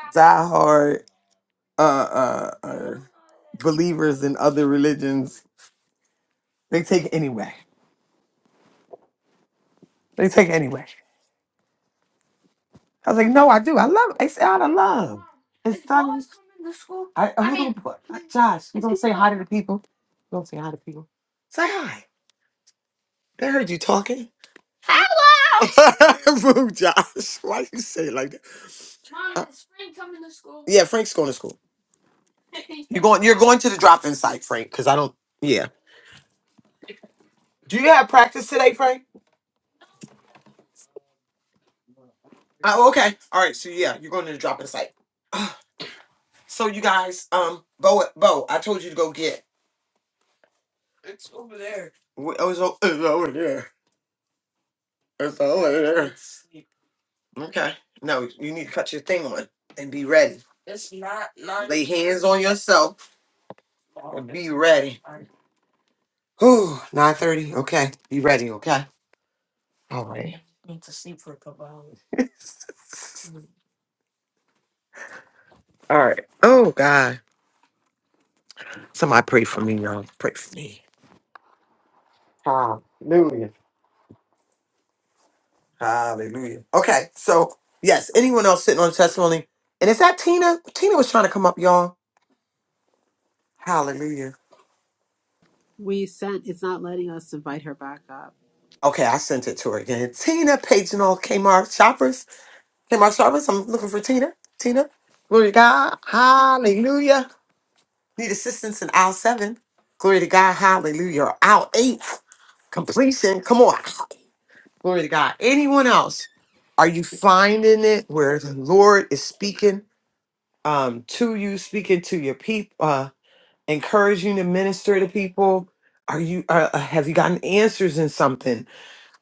[SPEAKER 2] [laughs] Die hard uh, uh uh believers in other religions. They take it anyway. They take it anyway. I was like, no, I do. I love it. It's out of love. It's done. I, I mean, Josh, you gonna say hi to the people? You gonna say hi to people? Say hi. They heard you talking. [laughs] Rude, Josh. Why you say it like that? Uh, yeah, Frank's going to school. You going? You're going to the drop-in site, Frank? Because I don't. Yeah. Do you have practice today, Frank? Oh, okay. All right. So yeah, you're going to the drop-in site. [sighs] Ah, So you guys, um, Bo, Bo, I told you to go get. It was over there. It's over there. Okay. No, you need to cut your thing on and be ready. Lay hands on yourself. ready. Whew, 9.30. Okay. Be ready, okay? All right. [laughs] All right. Oh, God. Somebody pray for me, y'all. Pray for me. Hallelujah. Hallelujah. Okay. So, yes, anyone else sitting on the testimony? And is that Tina? Tina was trying to come up, y'all. Hallelujah.
[SPEAKER 3] We sent. It's not letting us invite her back up.
[SPEAKER 2] Okay, I sent it to her again. Tina, Page and all Kmart shoppers. Hey, my Jarvis, I'm looking for Tina. Tina, glory to God, hallelujah. Need assistance in aisle seven. Glory to God, hallelujah. Or Aisle eight, completion. Come on, glory to God. Anyone else? Are you finding it where the Lord is speaking um, to you, speaking to your people, uh, encouraging to minister to people? Are you? Uh, uh, have you gotten answers in something?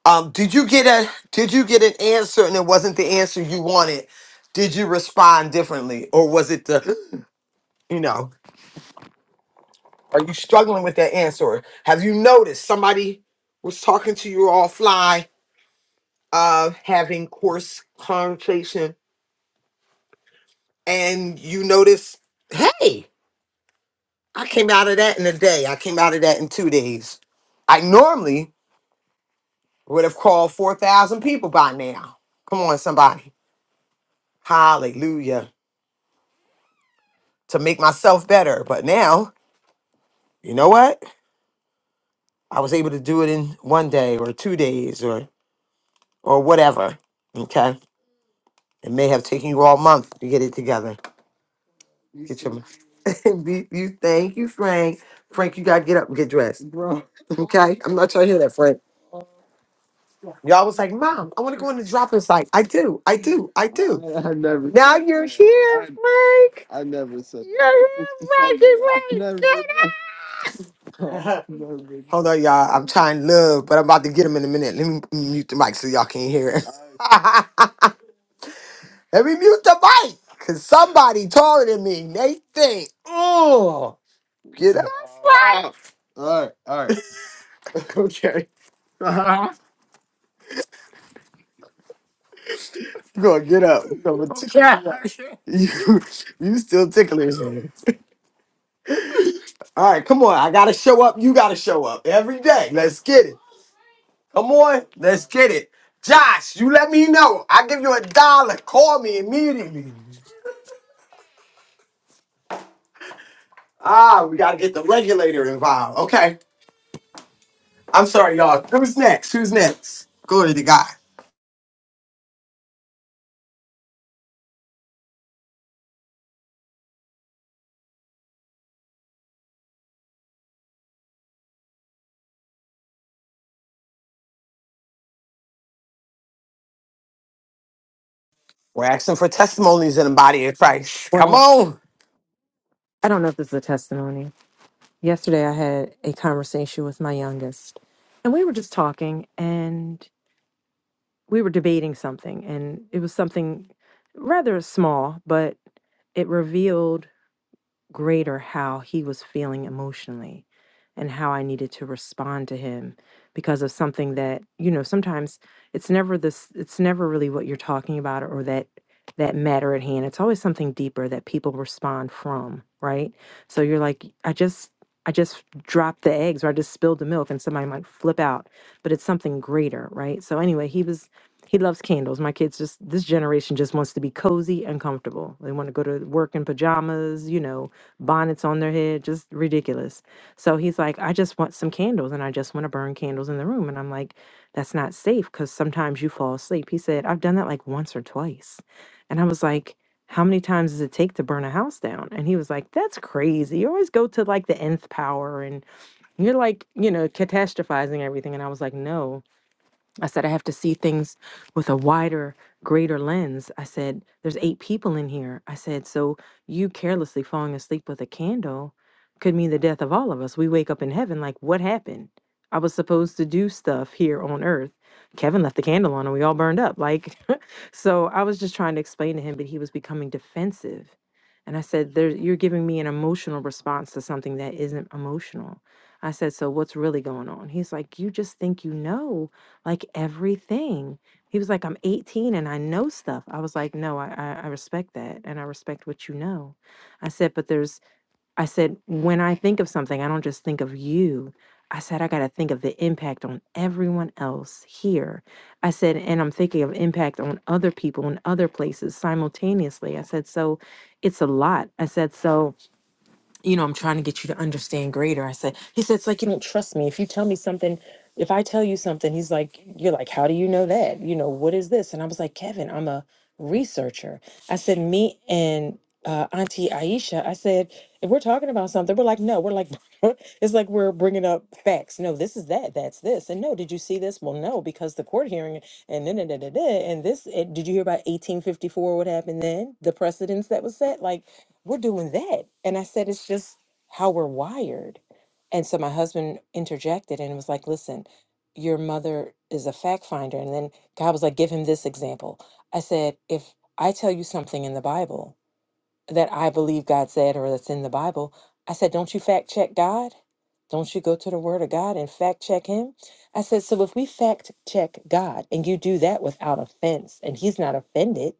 [SPEAKER 2] Um, did you get a did you get an answer and it wasn't the answer you wanted? Did you respond differently? Or was it the [gasps] you know, are you struggling with that answer? Or Have you noticed somebody was talking to you all fly, uh, having course conversation, and you notice, hey, I came out of that in a day, I came out of that in two days. I normally would have called four thousand people by now. Come on, somebody. Hallelujah. to make myself better. But now, you know what? I was able to do it in one day or two days or or whatever. Okay. It may have taken you all month to get it together. You Get your [laughs] you, you- thank you, Frank. Frank, you gotta get up and get dressed. Bro. Okay. I'm not trying to hear that, Frank. Y'all was like, Mom, I want to go in the drop in site. I do, I do, I do. [laughs] I, I never now you're here, I- Frank. I never said You're here, Frank. [laughs] I Frank. never- [laughs] Hold on, y'all. I'm trying to love, but I'm about to get him in a minute. Let me mute the mic so y'all can hear it. [laughs] Let me mute the mic, cause somebody taller than me. They think, oh, get up. all right, all right. [laughs] okay, go on, get up. Come on. [laughs] You, you still ticklish. All right, come on. I gotta show up. You gotta show up every day. Let's get it. Come on, let's get it. Josh, you let me know. I give you a dollar. Call me immediately. Ah, we got to get the regulator involved. Okay. I'm sorry, y'all. Who's next? Who's next? Glory to God. We're asking for testimonies in the body of Christ. Come
[SPEAKER 7] Well,
[SPEAKER 2] on.
[SPEAKER 7] I don't know if this is a testimony. Yesterday, I had a conversation with my youngest, and we were just talking and we were debating something. And it was something rather small, but it revealed greater how he was feeling emotionally and how I needed to respond to him because of something that, you know, sometimes it's never this it's never really what you're talking about or that that matter at hand. It's always something deeper that people respond from, right? So you're like, I just I just dropped the eggs or I just spilled the milk and somebody might flip out, but it's something greater, right? So anyway, he was he loves candles. My kids just this generation just wants to be cozy and comfortable. They want to go to work in pajamas, you know, bonnets on their head, just ridiculous. So he's like, I just want some candles and I just want to burn candles in the room. And I'm like, that's not safe because sometimes you fall asleep. He said, I've done that like once or twice. And I was like, how many times does it take to burn a house down? And he was like, that's crazy. You always go to like the nth power and you're like, you know, catastrophizing everything. And I was like, no. I said, I have to see things with a wider, greater lens. I said, there's eight people in here. I said, so you carelessly falling asleep with a candle could mean the death of all of us. We wake up in heaven, like, what happened? I was supposed to do stuff here on earth. Kevin left the candle on and we all burned up. Like, [laughs] so I was just trying to explain to him, but he was becoming defensive. And I said, there, You're giving me an emotional response to something that isn't emotional. I said, So what's really going on? He's like, You just think you know like everything. He was like, I'm 18 and I know stuff. I was like, no, I, I, I respect that. And I respect what you know. I said, but there's, I said, when I think of something, I don't just think of you. I said, I got to think of the impact on everyone else here. I said, and I'm thinking of impact on other people in other places simultaneously. I said, so it's a lot. I said, so you know, I'm trying to get you to understand greater. I said, he said, it's like you don't trust me. If you tell me something, if I tell you something, he's like, you're like, how do you know that? You know, what is this? And I was like, Kevin, I'm a researcher. I said, me and uh, Auntie Aisha, I said, if we're talking about something, we're like, no, we're like, [laughs] it's like we're bringing up facts. No, this is that, that's this. And no, did you see this? Well, no, because the court hearing and then, and this, eh, did you hear about 1854, what happened then? The precedents that was set? Like, we're doing that. And I said, it's just how we're wired. And so my husband interjected and was like, listen, your mother is a fact finder. And then God was like, give him this example. I said, if I tell you something in the Bible that I believe God said or that's in the Bible, I said, don't you fact check God? Don't you go to the word of God and fact check him? I said, so if we fact check God and you do that without offense and he's not offended,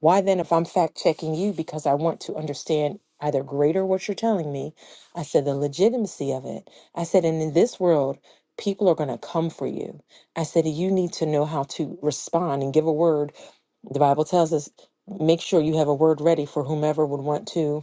[SPEAKER 7] why then, if I'm fact checking you because I want to understand either greater what you're telling me, I said the legitimacy of it. I said, and in this world, people are going to come for you. I said, you need to know how to respond and give a word. The Bible tells us make sure you have a word ready for whomever would want to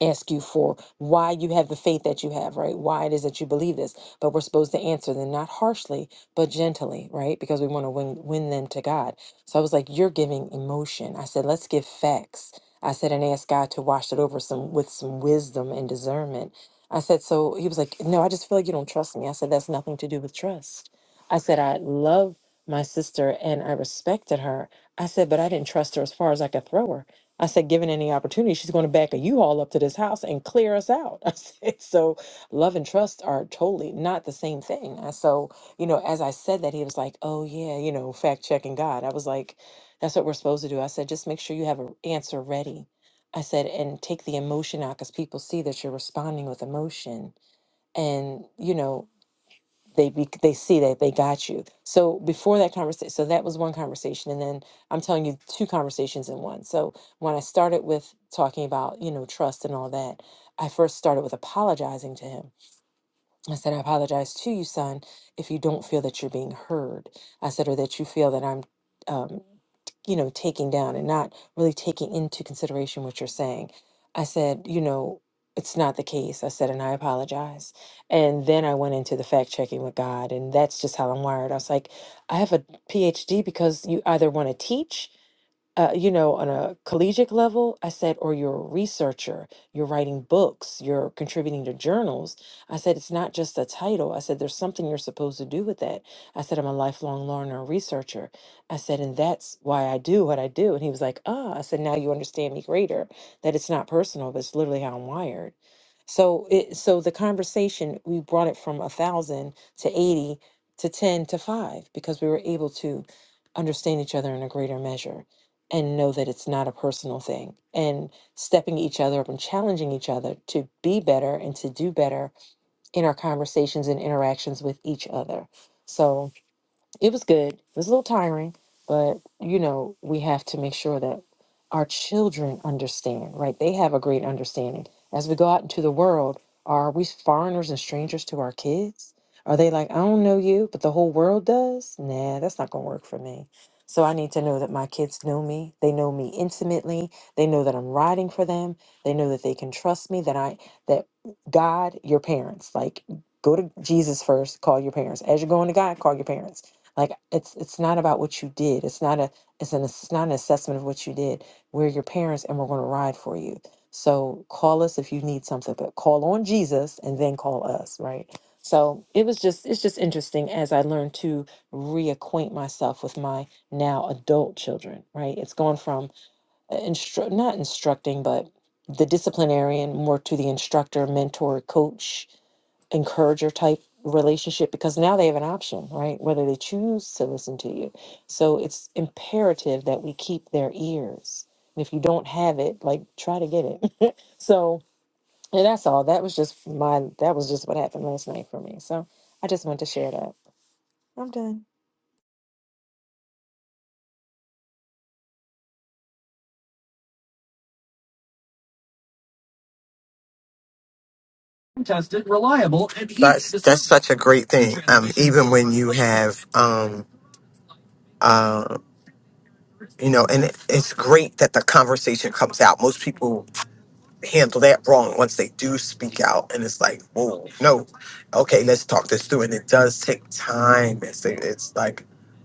[SPEAKER 7] ask you for why you have the faith that you have, right? Why it is that you believe this. But we're supposed to answer them not harshly, but gently, right? Because we want to win win them to God. So I was like, you're giving emotion. I said, let's give facts. I said, and ask God to wash it over some with some wisdom and discernment. I said, so he was like, no, I just feel like you don't trust me. I said, that's nothing to do with trust. I said, I love my sister and I respected her. I said, but I didn't trust her as far as I could throw her. I said, given any opportunity, she's going to back a U-Haul up to this house and clear us out. [laughs] I said, so love and trust are totally not the same thing. And so, you know, as I said that, he was like, oh yeah, you know, fact checking God. I was like, that's what we're supposed to do. I said, just make sure you have an answer ready. I said, and take the emotion out because people see that you're responding with emotion. And, you know, they be, they see that they got you. So before that conversation, so that was one conversation, and then I'm telling you two conversations in one. So when I started with talking about you know trust and all that, I first started with apologizing to him I said, I apologize to you, son, if you don't feel that you're being heard. I said, or that you feel that I'm, um, you know, taking down and not really taking into consideration what you're saying. I said, you know, it's not the case. I said, and I apologize. And then I went into the fact checking with God, and that's just how I'm wired. I was like, I have a PhD because you either want to teach uh, you know, on a collegiate level, I said, or you're a researcher, you're writing books, you're contributing to journals. I said, it's not just a title. I said, there's something you're supposed to do with that. I said, I'm a lifelong learner, and researcher. I said, and that's why I do what I do. And he was like, ah, I said, now you understand me greater, that it's not personal, but it's literally how I'm wired. So it, so the conversation, we brought it from a thousand to 80 to 10 to five, because we were able to understand each other in a greater measure and know that it's not a personal thing and stepping each other up and challenging each other to be better and to do better in our conversations and interactions with each other. So, it was good. It was a little tiring, but you know, we have to make sure that our children understand, right? They have a great understanding. As we go out into the world, are we foreigners and strangers to our kids? Are they like, I don't know you, but the whole world does? Nah, that's not gonna work for me. So I need to know that my kids know me. They know me intimately. They know that I'm riding for them. They know that they can trust me, that I that God, your parents, like go to Jesus first, call your parents. As you're going to God, call your parents like it's it's not about what you did. It's not a it's an it's not an assessment of what you did. We're your parents and we're going to ride for you. So call us if you need something, but call on Jesus and then call us, right? So it was just it's just interesting as I learned to reacquaint myself with my now adult children, right? It's gone from uh, instru- not instructing, but the disciplinarian more to the instructor, mentor, coach, encourager type relationship because now they have an option, right? Whether they choose to listen to you. So it's imperative that we keep their ears. And if you don't have it, like try to get it. [laughs] so and that's all. That was just my that was just what happened last night for me. So I just wanted to share that. I'm done.
[SPEAKER 2] Tested, reliable, and easy that's, to that's such a great thing. Um, even when you have, um, uh, you know, and it, it's great that the conversation comes out. Most people handle that wrong once they do speak out and it's like whoa no okay let's talk this through and it does take time it's, it's like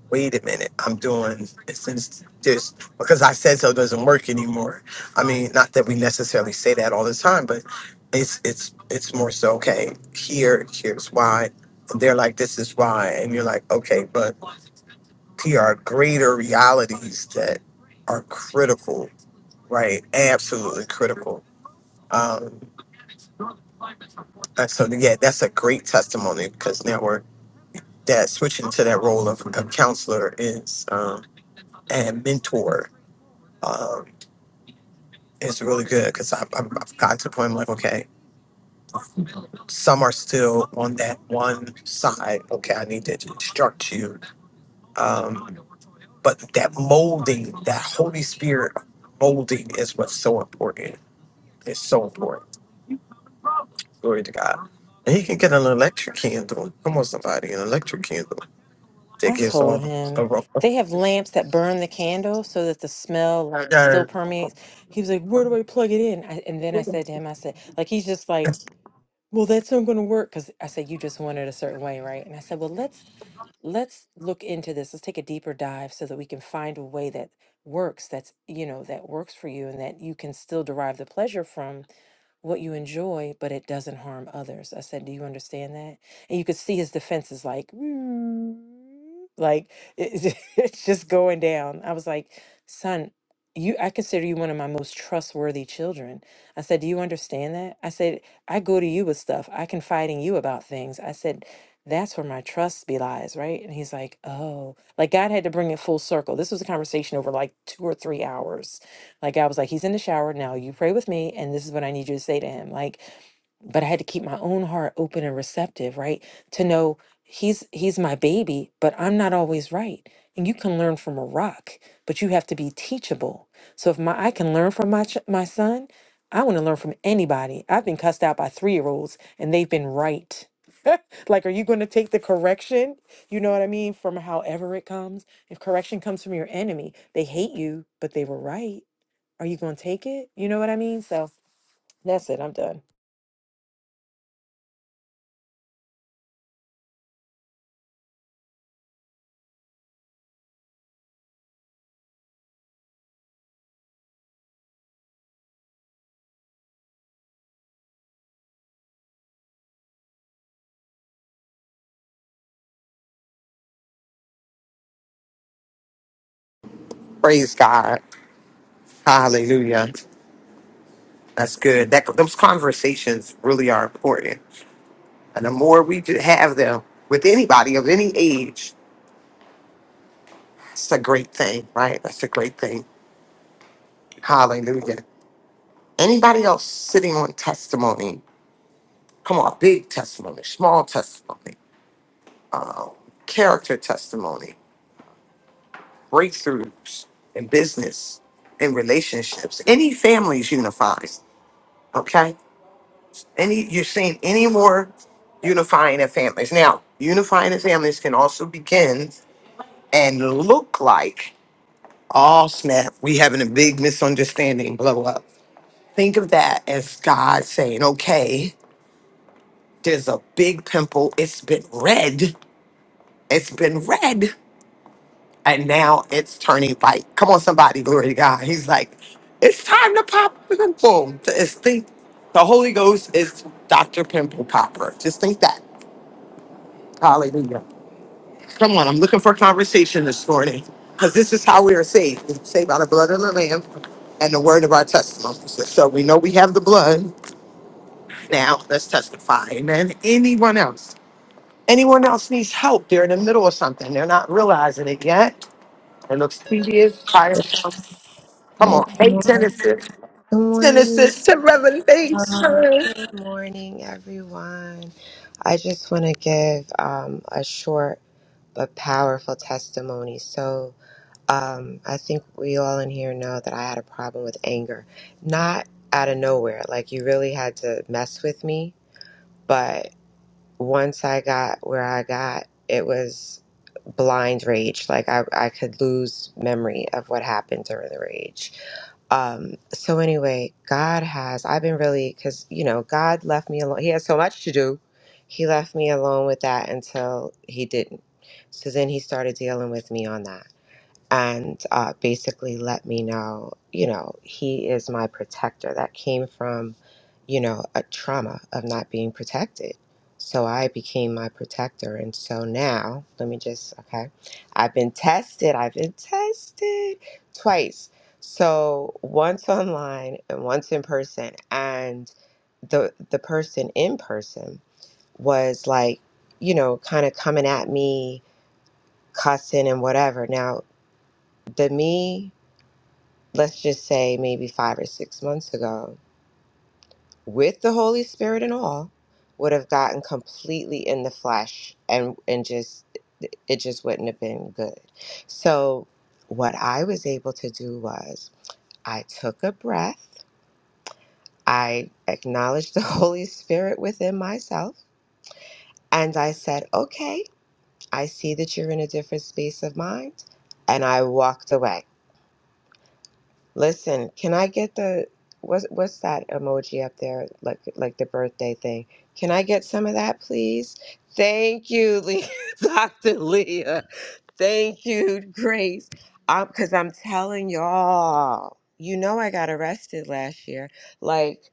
[SPEAKER 2] wait a minute i'm doing since this because i said so doesn't work anymore i mean not that we necessarily say that all the time but it's it's it's more so okay here here's why and they're like this is why and you're like okay but here are greater realities that are critical right absolutely critical Um, Uh, so yeah, that's a great testimony because now we're that switching to that role of, of counselor is um, and mentor um, is really good because I've, I've I've gotten to the point I'm like, okay, some are still on that one side. Okay, I need to instruct you, um, but that molding, that Holy Spirit molding, is what's so important. It's so important. Glory to God. And he can get an electric candle. Come on, somebody, an electric candle that
[SPEAKER 7] I
[SPEAKER 2] gives
[SPEAKER 7] told
[SPEAKER 2] off a
[SPEAKER 7] him they
[SPEAKER 2] aroma.
[SPEAKER 7] have lamps that burn the candle so that the smell like still permeates. He was like, "Where do I plug it in?" I, and then I said to him, "I said, like he's just like." well that's not going to work because i said you just want it a certain way right and i said well let's let's look into this let's take a deeper dive so that we can find a way that works that's you know that works for you and that you can still derive the pleasure from what you enjoy, but it doesn't harm others. I said, Do you understand that? And you could see his defenses like, [grunts] like it- [laughs] it's just going down. I was like, Son, you, I consider you one of my most trustworthy children. I said, Do you understand that? I said, I go to you with stuff. I confide in you about things. I said, That's where my trust belies, right? And he's like, Oh, like God had to bring it full circle. This was a conversation over like two or three hours like I was like, he's in the shower now. You pray with me, and this is what I need you to say to him. Like, but I had to keep my own heart open and receptive, right? To know he's he's my baby, but I'm not always right. And you can learn from a rock, but you have to be teachable. So if my I can learn from my ch- my son, I want to learn from anybody. I've been cussed out by three year olds, and they've been right. [laughs] Like, are you going to take the correction? You know what I mean? From however it comes. If correction comes from your enemy, they hate you, but they were right are you going to take it? You know what I mean? So that's it. I'm done.
[SPEAKER 2] Praise God. Hallelujah. That's good. That those conversations really are important. And the more we do have them with anybody of any age, that's a great thing, right? That's a great thing. Hallelujah. Anybody else sitting on testimony? Come on, big testimony, small testimony, um, character testimony, breakthroughs in business, in relationships, any families unified. Okay. Any you're saying any more unifying of families. Now, unifying of families can also begin and look like oh snap, we having a big misunderstanding, blow up. Think of that as God saying, Okay, there's a big pimple, it's been red, it's been red, and now it's turning white. Come on, somebody, glory to God. He's like, It's time to pop the pimple. It's think the Holy Ghost is Dr. Pimple Popper. Just think that. Hallelujah. Come on, I'm looking for conversation this morning because this is how we are saved. We're saved by the blood of the Lamb and the word of our testimony. So so we know we have the blood. Now let's testify. Amen. Anyone else? Anyone else needs help? They're in the middle of something. They're not realizing it yet. It looks tedious, tiresome. Come on.
[SPEAKER 8] Good
[SPEAKER 2] Hey,
[SPEAKER 8] morning.
[SPEAKER 2] Genesis.
[SPEAKER 8] Good
[SPEAKER 2] Genesis to
[SPEAKER 8] morning. y'all.
[SPEAKER 2] Revelation.
[SPEAKER 8] Good morning, everyone. I just want to give um, a short but powerful testimony. So, um, I think we all in here know that I had a problem with anger, not out of nowhere. Like, you really had to mess with me. But once I got where I got, it was blind rage. Like, I, I could lose memory of what happened during the rage. Um, so anyway, God has, I've been really, cause you know, God left me alone. He had so much to do. He left me alone with that until he didn't. So then he started dealing with me on that and uh, basically let me know, you know, he is my protector. That came from, you know, a trauma of not being protected. So I became my protector. And so now, let me just, okay, I've been tested. I've been tested twice. So once online and once in person. And the, the person in person was like, you know, kind of coming at me, cussing and whatever. Now, the me let's just say maybe five or six months ago, with the Holy Spirit and all, would have gotten completely in the flesh and and just it just wouldn't have been good. So what I was able to do was I took a breath, I acknowledged the [laughs] Holy Spirit within myself, and I said, Okay, I see that you're in a different space of mind. And I walked away. Listen, can I get the what's what's that emoji up there? Like like the birthday thing. Can I get some of that, please? Thank you, Le- [laughs] Dr. Leah. Thank you, Grace. Um, because I'm telling y'all, you know I got arrested last year. Like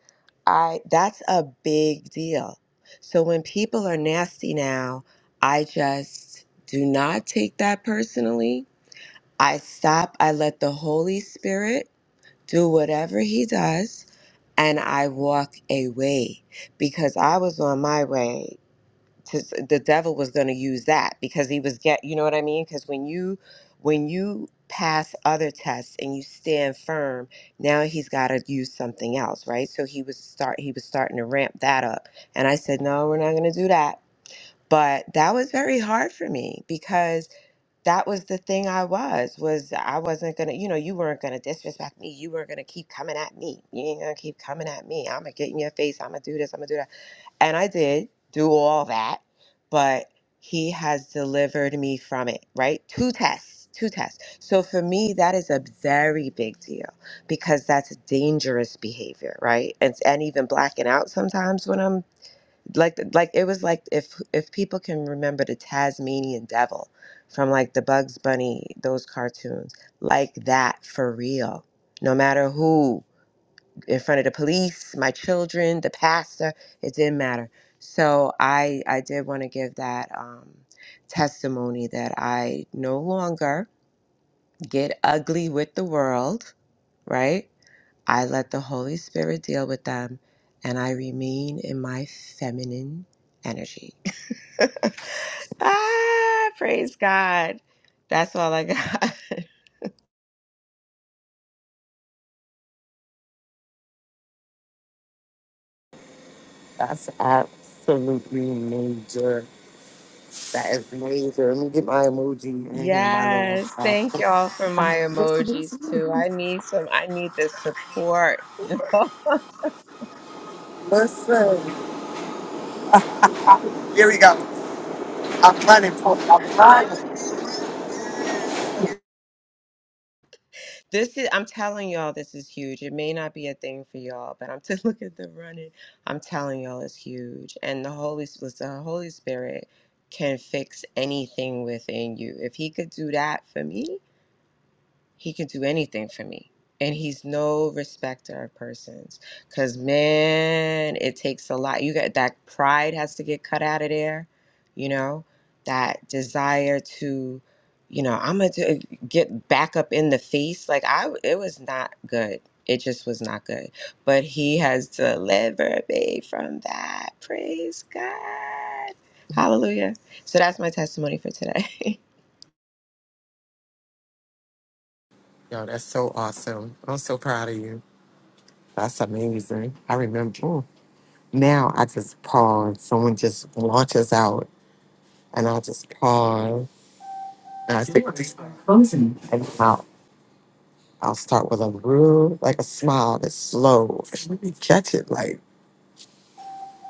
[SPEAKER 8] I that's a big deal. So when people are nasty now, I just do not take that personally. I stop, I let the Holy Spirit do whatever he does and I walk away because I was on my way to the devil was going to use that because he was get you know what I mean because when you when you pass other tests and you stand firm now he's got to use something else right so he was start he was starting to ramp that up and I said no we're not going to do that but that was very hard for me because that was the thing I was was I wasn't gonna you know you weren't gonna disrespect me you weren't gonna keep coming at me you ain't gonna keep coming at me I'm gonna get in your face I'm gonna do this I'm gonna do that and I did do all that but he has delivered me from it right two tests two tests so for me that is a very big deal because that's dangerous behavior right and and even blacking out sometimes when I'm like like it was like if if people can remember the Tasmanian devil from like the Bugs Bunny those cartoons like that for real no matter who in front of the police my children the pastor it didn't matter so I I did want to give that um testimony that I no longer get ugly with the world right I let the Holy Spirit deal with them and I remain in my feminine energy Ah, praise God. That's all I got. [laughs]
[SPEAKER 2] That's absolutely major. That is major. Let me get my emoji in here, my little.
[SPEAKER 8] Yes, thank y'all for my emojis too. I need some, I need the support. [laughs] you know.
[SPEAKER 2] Listen, here we go. I'm running for I'm running.
[SPEAKER 8] This is, I'm telling y'all, this is huge. It may not be a thing for y'all, but I'm to [laughs] look at the running. I'm telling y'all, it's huge. And the Holy, S- listen, the Holy Spirit can fix anything within you. If He could do that for me, He could do anything for me. And he's no respecter of persons. Cause man, it takes a lot. You got that pride has to get cut out of there, you know, that desire to, you know, I'm gonna get back up in the feast. Like I, it was not good. It just was not good. But he has delivered me from that. Praise God. Hallelujah. So that's my testimony for today. [laughs]
[SPEAKER 2] Yo, that's so awesome. I'm so proud of you. That's amazing. I remember ooh, now I just pause. Someone just launches out and I'll just pause. And I think and I'll, I'll start with a real like a smile that's slow. Let me catch it like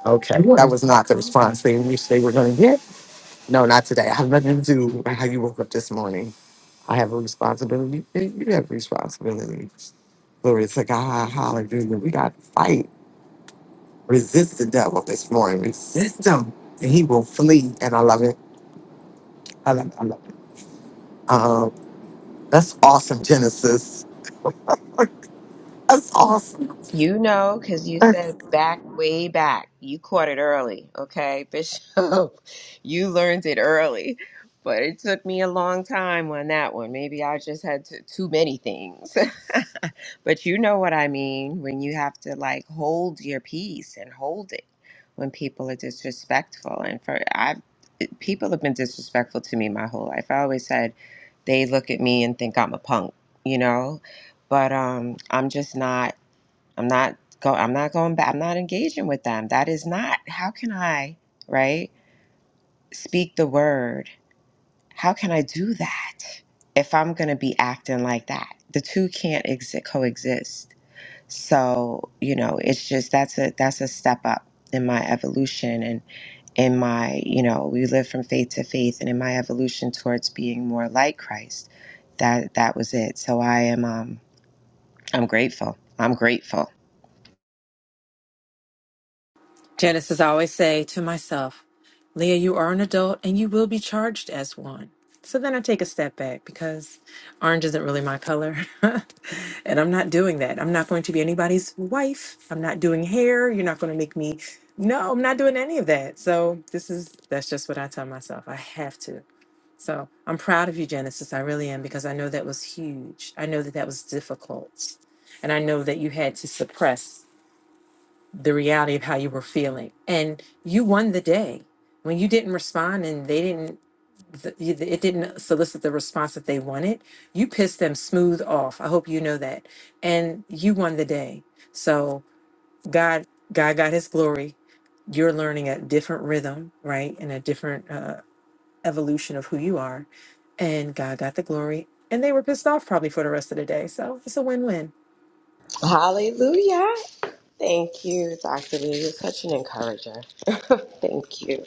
[SPEAKER 2] okay. That was not response they wish they were gonna get. No, not today. I have nothing to do with how you woke up this morning. I have a responsibility. and You have responsibilities. Glory to God. Hallelujah. We got to fight. Resist the devil this morning. Resist him, and he will flee. And I love it. I love it. I love it. Um, that's awesome, Genesis. [laughs] That's awesome.
[SPEAKER 8] You know, because you
[SPEAKER 2] You
[SPEAKER 8] said back way back. You caught it early, okay, Bishop? [laughs] You learned it early. But it took me a long time on that one. Maybe I just had to, too many things. [laughs] but you know what I mean when you have to like hold your peace and hold it when people are disrespectful. And for I've it- people have been disrespectful to me my whole life. I always said they look at me and think I'm a punk, you know. But um, I'm just not. I'm not go I'm not going back. I'm not engaging with them. That is not how can I, right? Speak the word. How can I do that if I'm going to be acting like that? The two can't exi- coexist. So, you know, it's just that's a that's a step up in my evolution and in my, you know, we live from faith to faith and in my evolution towards being more like Christ. That that was it. So I am um I'm grateful. I'm grateful.
[SPEAKER 7] Janice, as I always say to myself, Leah, you are an adult and you will be charged as one. So then I take a step back because orange isn't really my color. [laughs] and I'm not doing that. I'm not going to be anybody's wife. I'm not doing hair. You're not going to make me. No, I'm not doing any of that. So this is, that's just what I tell myself. I have to. So I'm proud of you, Genesis. I really am because I know that was huge. I know that that was difficult. And I know that you had to suppress the reality of how you were feeling. And you won the day when you didn't respond and they didn't, th- you- it didn't solicit the response that they wanted. You pissed them smooth off. I hope you know that. And you won the day. So God, God got his glory. You're learning a different rhythm, right? And a different, uh, evolution of who you are. And God got the glory. And they were pissed off probably for the rest of the day. So it's a win win.
[SPEAKER 8] Hallelujah. Thank you, Dr. Lee. You're such an encourager. [laughs] Thank you.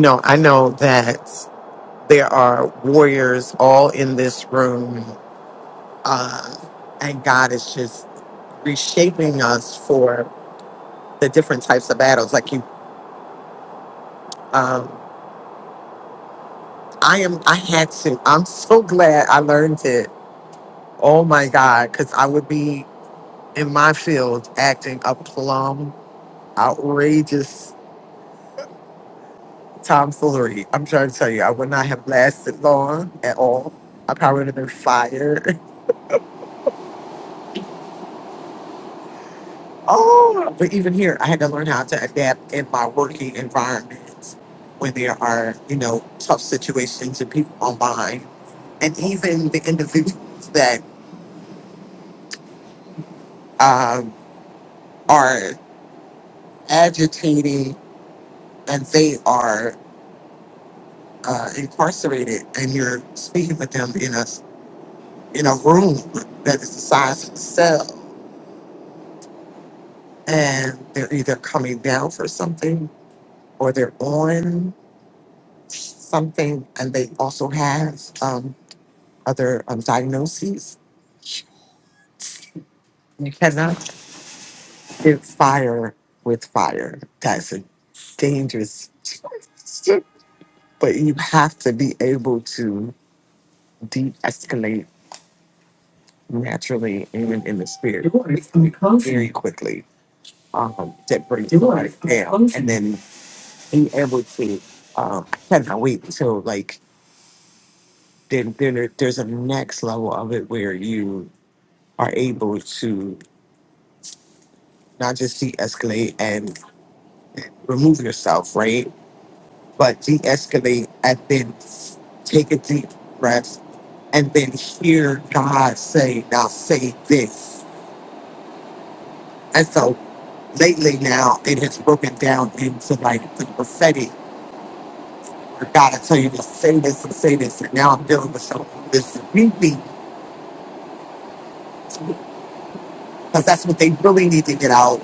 [SPEAKER 2] know, I know that there are warriors all in this room, uh, and God is just reshaping us for the different types of battles. Like you. um, I am. I had to. I'm so glad I learned it. Oh my God, because I would be in my field acting a plum, outrageous tomfoolery. I'm trying to tell you, I would not have lasted long at all. I probably would have been fired. [laughs] Oh, but even here, I had to learn how to adapt in my working environment when there are, you know, tough situations and people on behind, and even the individuals that um, are agitating and they are uh, incarcerated, and you're speaking with them in a in a room that is the size of a cell, and they're either coming down for something or they're on something, and they also have um, other um, diagnoses. You cannot give fire with fire. That's a dangerous, [laughs] but you have to be able to de-escalate naturally and in the spirit very quickly um, that brings somebody down. And then being able to um, cannot wait until like then then there, there's a next level of it where you are able to not just de-escalate and remove yourself, right? But de-escalate and then take a deep breath and then hear God say, now say this. and so. lately now it has broken down into like the prophetic. I gotta tell you to say this and say this, and now I'm dealing with some of this repeat because that's what they really need to get out,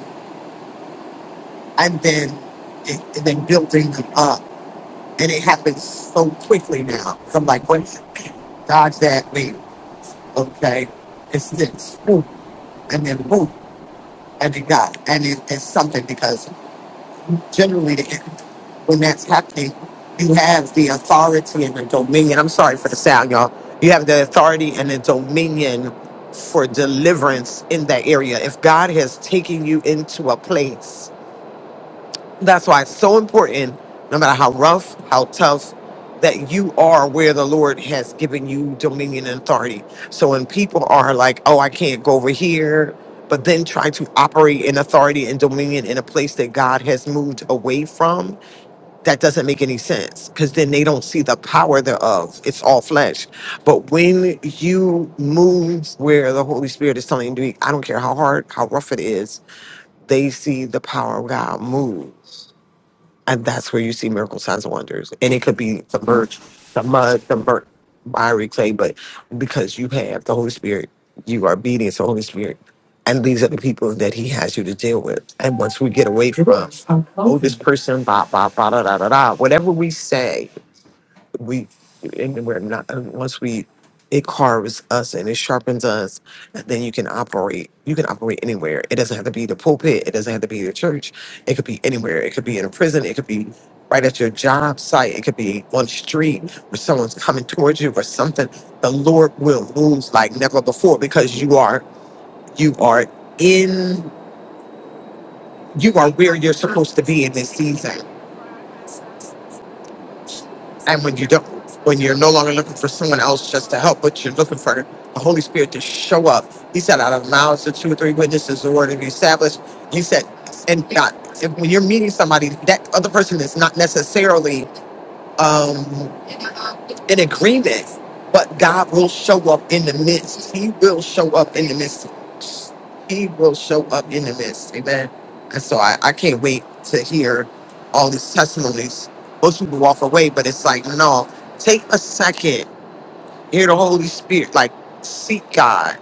[SPEAKER 2] and then it, and then building them up, and it happens so quickly now. So I'm like, wait, dodge that, wait, okay, it's this, boom, and then boom, and it got, and it, it's something because generally. the when that's happening, you have the authority and the dominion. I'm sorry for the sound, y'all. You have the authority and the dominion for deliverance in that area. If God has taken you into a place, that's why it's so important, no matter how rough, how tough, that you are where the Lord has given you dominion and authority. So when people are like, oh, I can't go over here, but then try to operate in authority and dominion in a place that God has moved away from, that doesn't make any sense because then they don't see the power thereof. It's all flesh. But when you move where the Holy Spirit is telling you to be, I don't care how hard, how rough it is, they see the power of God move. And that's where you see miracle signs and wonders. And it could be the birch, the mud, the burnt miry clay, but because you have the Holy Spirit, you are obedient to the Holy Spirit. And these are the people that he has you to deal with. And once we get away oh, this person, blah, blah, blah, da, da, da, da. Whatever we say, we, and we're not, and once we, it carves us and it sharpens us, then you can operate. You can operate anywhere. It doesn't have to be the pulpit. It doesn't have to be the church. It could be anywhere. It could be in a prison. It could be right at your job site. It could be on the street where someone's coming towards you or something. The Lord will move like never before because you are, you are in, you are where you're supposed to be in this season No longer for else. help, but you're looking for the Holy Spirit to show up. He said, out of the mouths of two or three witnesses, the word will be established. He said, and God, if, when you're meeting somebody, that other person is not necessarily um, in it, but God will show up in the midst. He will show up in the midst. He will show up in the midst. Amen. And so I, I can't wait to hear all these testimonies. Most people walk away, but it's like, no, take a second, hear the Holy Spirit, like seek God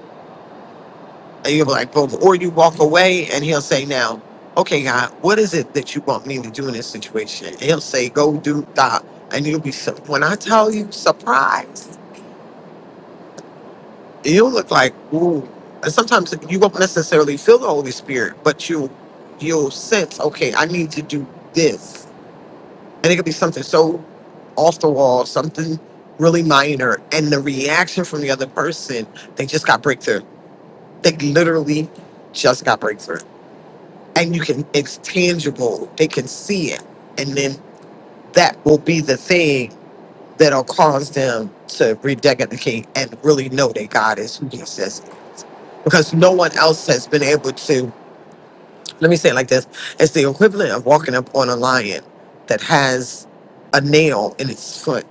[SPEAKER 2] And you'll be like, boom. Or you walk away and he'll say, now, okay, God, what is it that you want me to do in this situation? And he'll say, go do that. And you'll be, su- when I tell you, surprised. You'll look like, ooh. And sometimes you won't necessarily feel the Holy Spirit, but you'll, you'll sense, okay, I need to do this. And it could be something so off the wall, something really minor. And the reaction from the other person, they just got breakthrough. They literally just got breakthrough. and you can it's tangible they can see it and then that will be the thing that'll cause them to rededicate and really know that god is who he says because no one else has been able to let me say it like this it's the equivalent of walking up on a lion that has a nail in its foot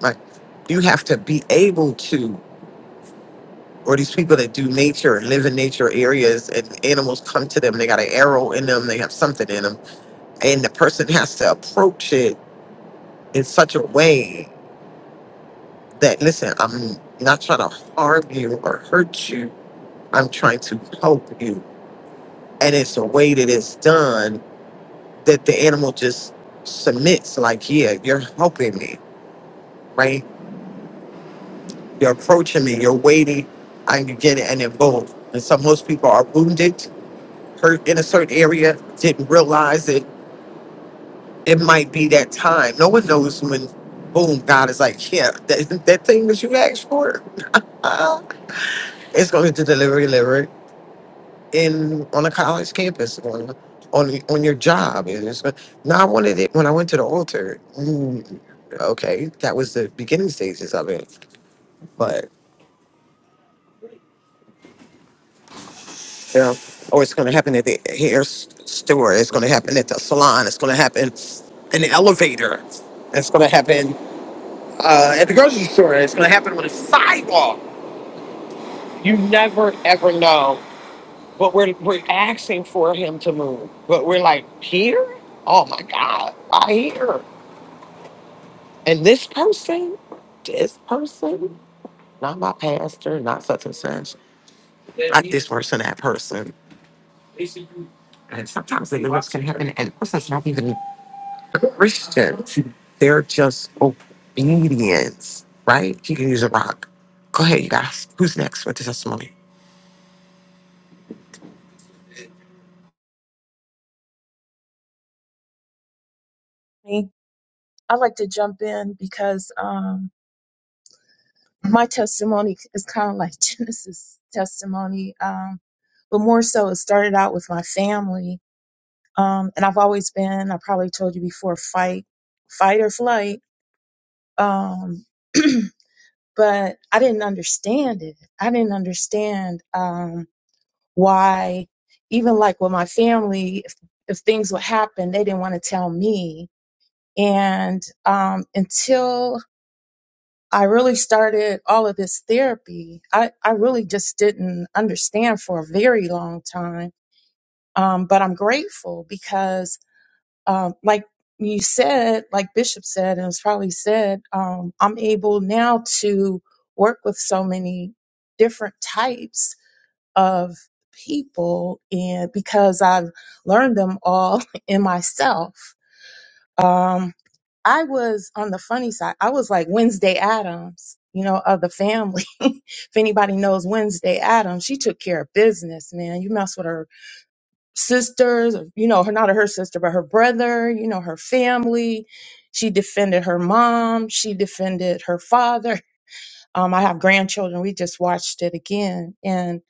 [SPEAKER 2] like you have to be able to or these people that do nature and live in nature areas and animals come to them they got an arrow in them they have something in them and the person has to approach it in such a way that listen i'm not trying to harm you or hurt you i'm trying to help you and it's a way that it's done that the animal just submits like yeah you're helping me right you're approaching me you're waiting i can get it and then boom and so most people are wounded hurt in a certain area didn't realize it it might be that time no one knows when boom god is like yeah that, that thing that you asked for Uh, it's going to deliver, deliver in on a college campus, on on on your job. And it's, going, now I wanted it when I went to the altar. mm, Okay, that was the beginning stages of it, but you know, or it's going to happen at the hair s- store. It's going to happen at the salon. It's going to happen in the elevator. It's going to happen uh, at the grocery store. It's going to happen on the sidewalk. You never ever know But we're we're asking for him to move. But we're like, here? Oh my God, why here? And this person, this person, not my pastor, not such and such person, that person. And sometimes the events can happen, and the person's not even a Christian. They're just obedience, right? You can use a rock. Go ahead, you guys. Who's next with the testimony?
[SPEAKER 9] me, I like to jump in because um, my testimony is kind of like [laughs] Genesis testimony, um, but more so it started out with my family. Um, and I've always been, I probably told you before, fight, fight or flight. Um, [clears throat] but I didn't understand it. I didn't understand um, why, even like with my family, if, if things would happen, they didn't want to tell me. And um, until I really started all of this therapy. I, I really just didn't understand for a very long time. Um, but I'm grateful because, um, like you said, like Bishop said, and it was probably said, um, I'm able now to work with so many different types of people and because I've learned them all [laughs] in myself. Um, I was on the funny side. I was like Wednesday Adams, you know, of the family if anybody knows Wednesday Adams, she took care of business, man. You mess with her sisters, or, you know, her not her sister, but her brother, you know, her family. She defended her mom. She defended her father. Um, I have grandchildren. We just watched it again, and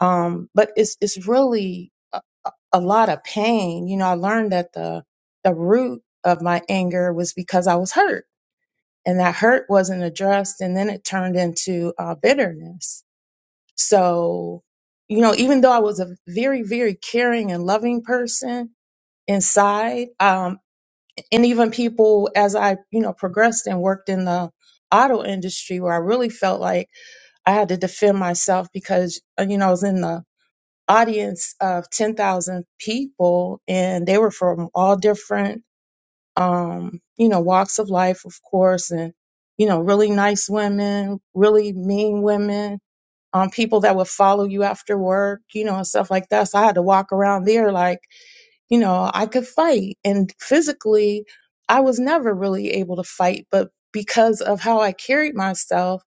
[SPEAKER 9] um, but it's it's really a, a lot of pain. You know, I learned that the the root of my anger was because I was hurt, and that hurt wasn't addressed, and then it turned into uh, bitterness so, you know, even though I was a very, very caring and loving person inside, um, and even people as I, you know, progressed and worked in the auto industry where I really felt like I had to defend myself because, uh, you know, I was in the audience of 10,000 people and they were from all different, um, you know, walks of life, of course, and, you know, really nice women, really mean women, um, people that would follow you after work, you know, and stuff like that. So I had to walk around there like, you know, I could fight. And physically, I was never really able to fight, but because of how I carried myself,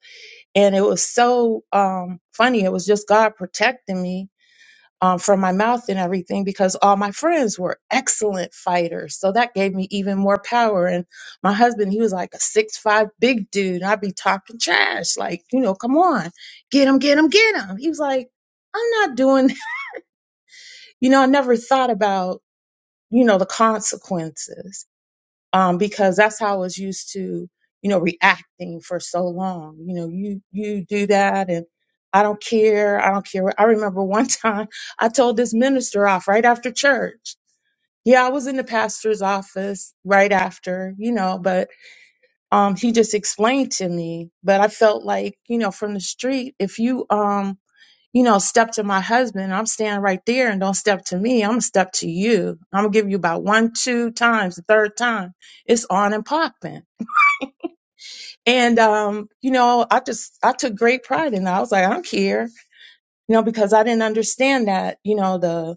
[SPEAKER 9] and it was so um, funny, it was just God protecting me um, from my mouth and everything because all my friends were excellent fighters. So that gave me even more power. And my husband, he was like a six five big dude. I'd be talking trash, like, you know, come on, get him, get him, get him. He was like, I'm not doing, [laughs] you know, I never thought about, you know, the consequences um, because that's how I was used to, you know, reacting for so long. You know, you you do that, and I don't care. I don't care. I remember one [laughs] time I told this minister off right after church. Yeah, I was in the pastor's office right after, you know, but um, he just explained to me. But I felt like, you know, from the street, if you um you know, step to my husband. I'm standing right there and don't step to me. I'm gonna step to you. I'm gonna give you about one, two times. The third time, it's on and popping. And um, you know, I just I took great pride in that. I was like, I'm here, you know, because I didn't understand that, you know, the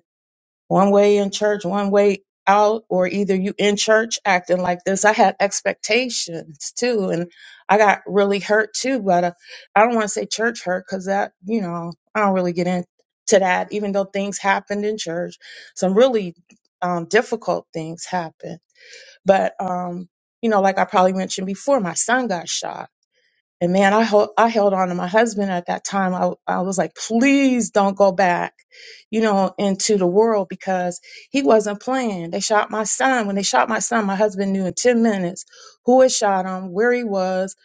[SPEAKER 9] one way in church, one way out, or either you in church acting like this. I had expectations too, and I got really hurt too. But uh, I don't want to say church hurt because that, you know, I don't really get into that. Even though things happened in church, some really um, difficult things happened. But um, you know, like I probably mentioned before, my son got shot and man, I held I held on to my husband at that time. I I was like, please don't go back, you know, into the world because he wasn't playing. They shot my son. When they shot my son, my husband knew in ten minutes who had shot him, where he was,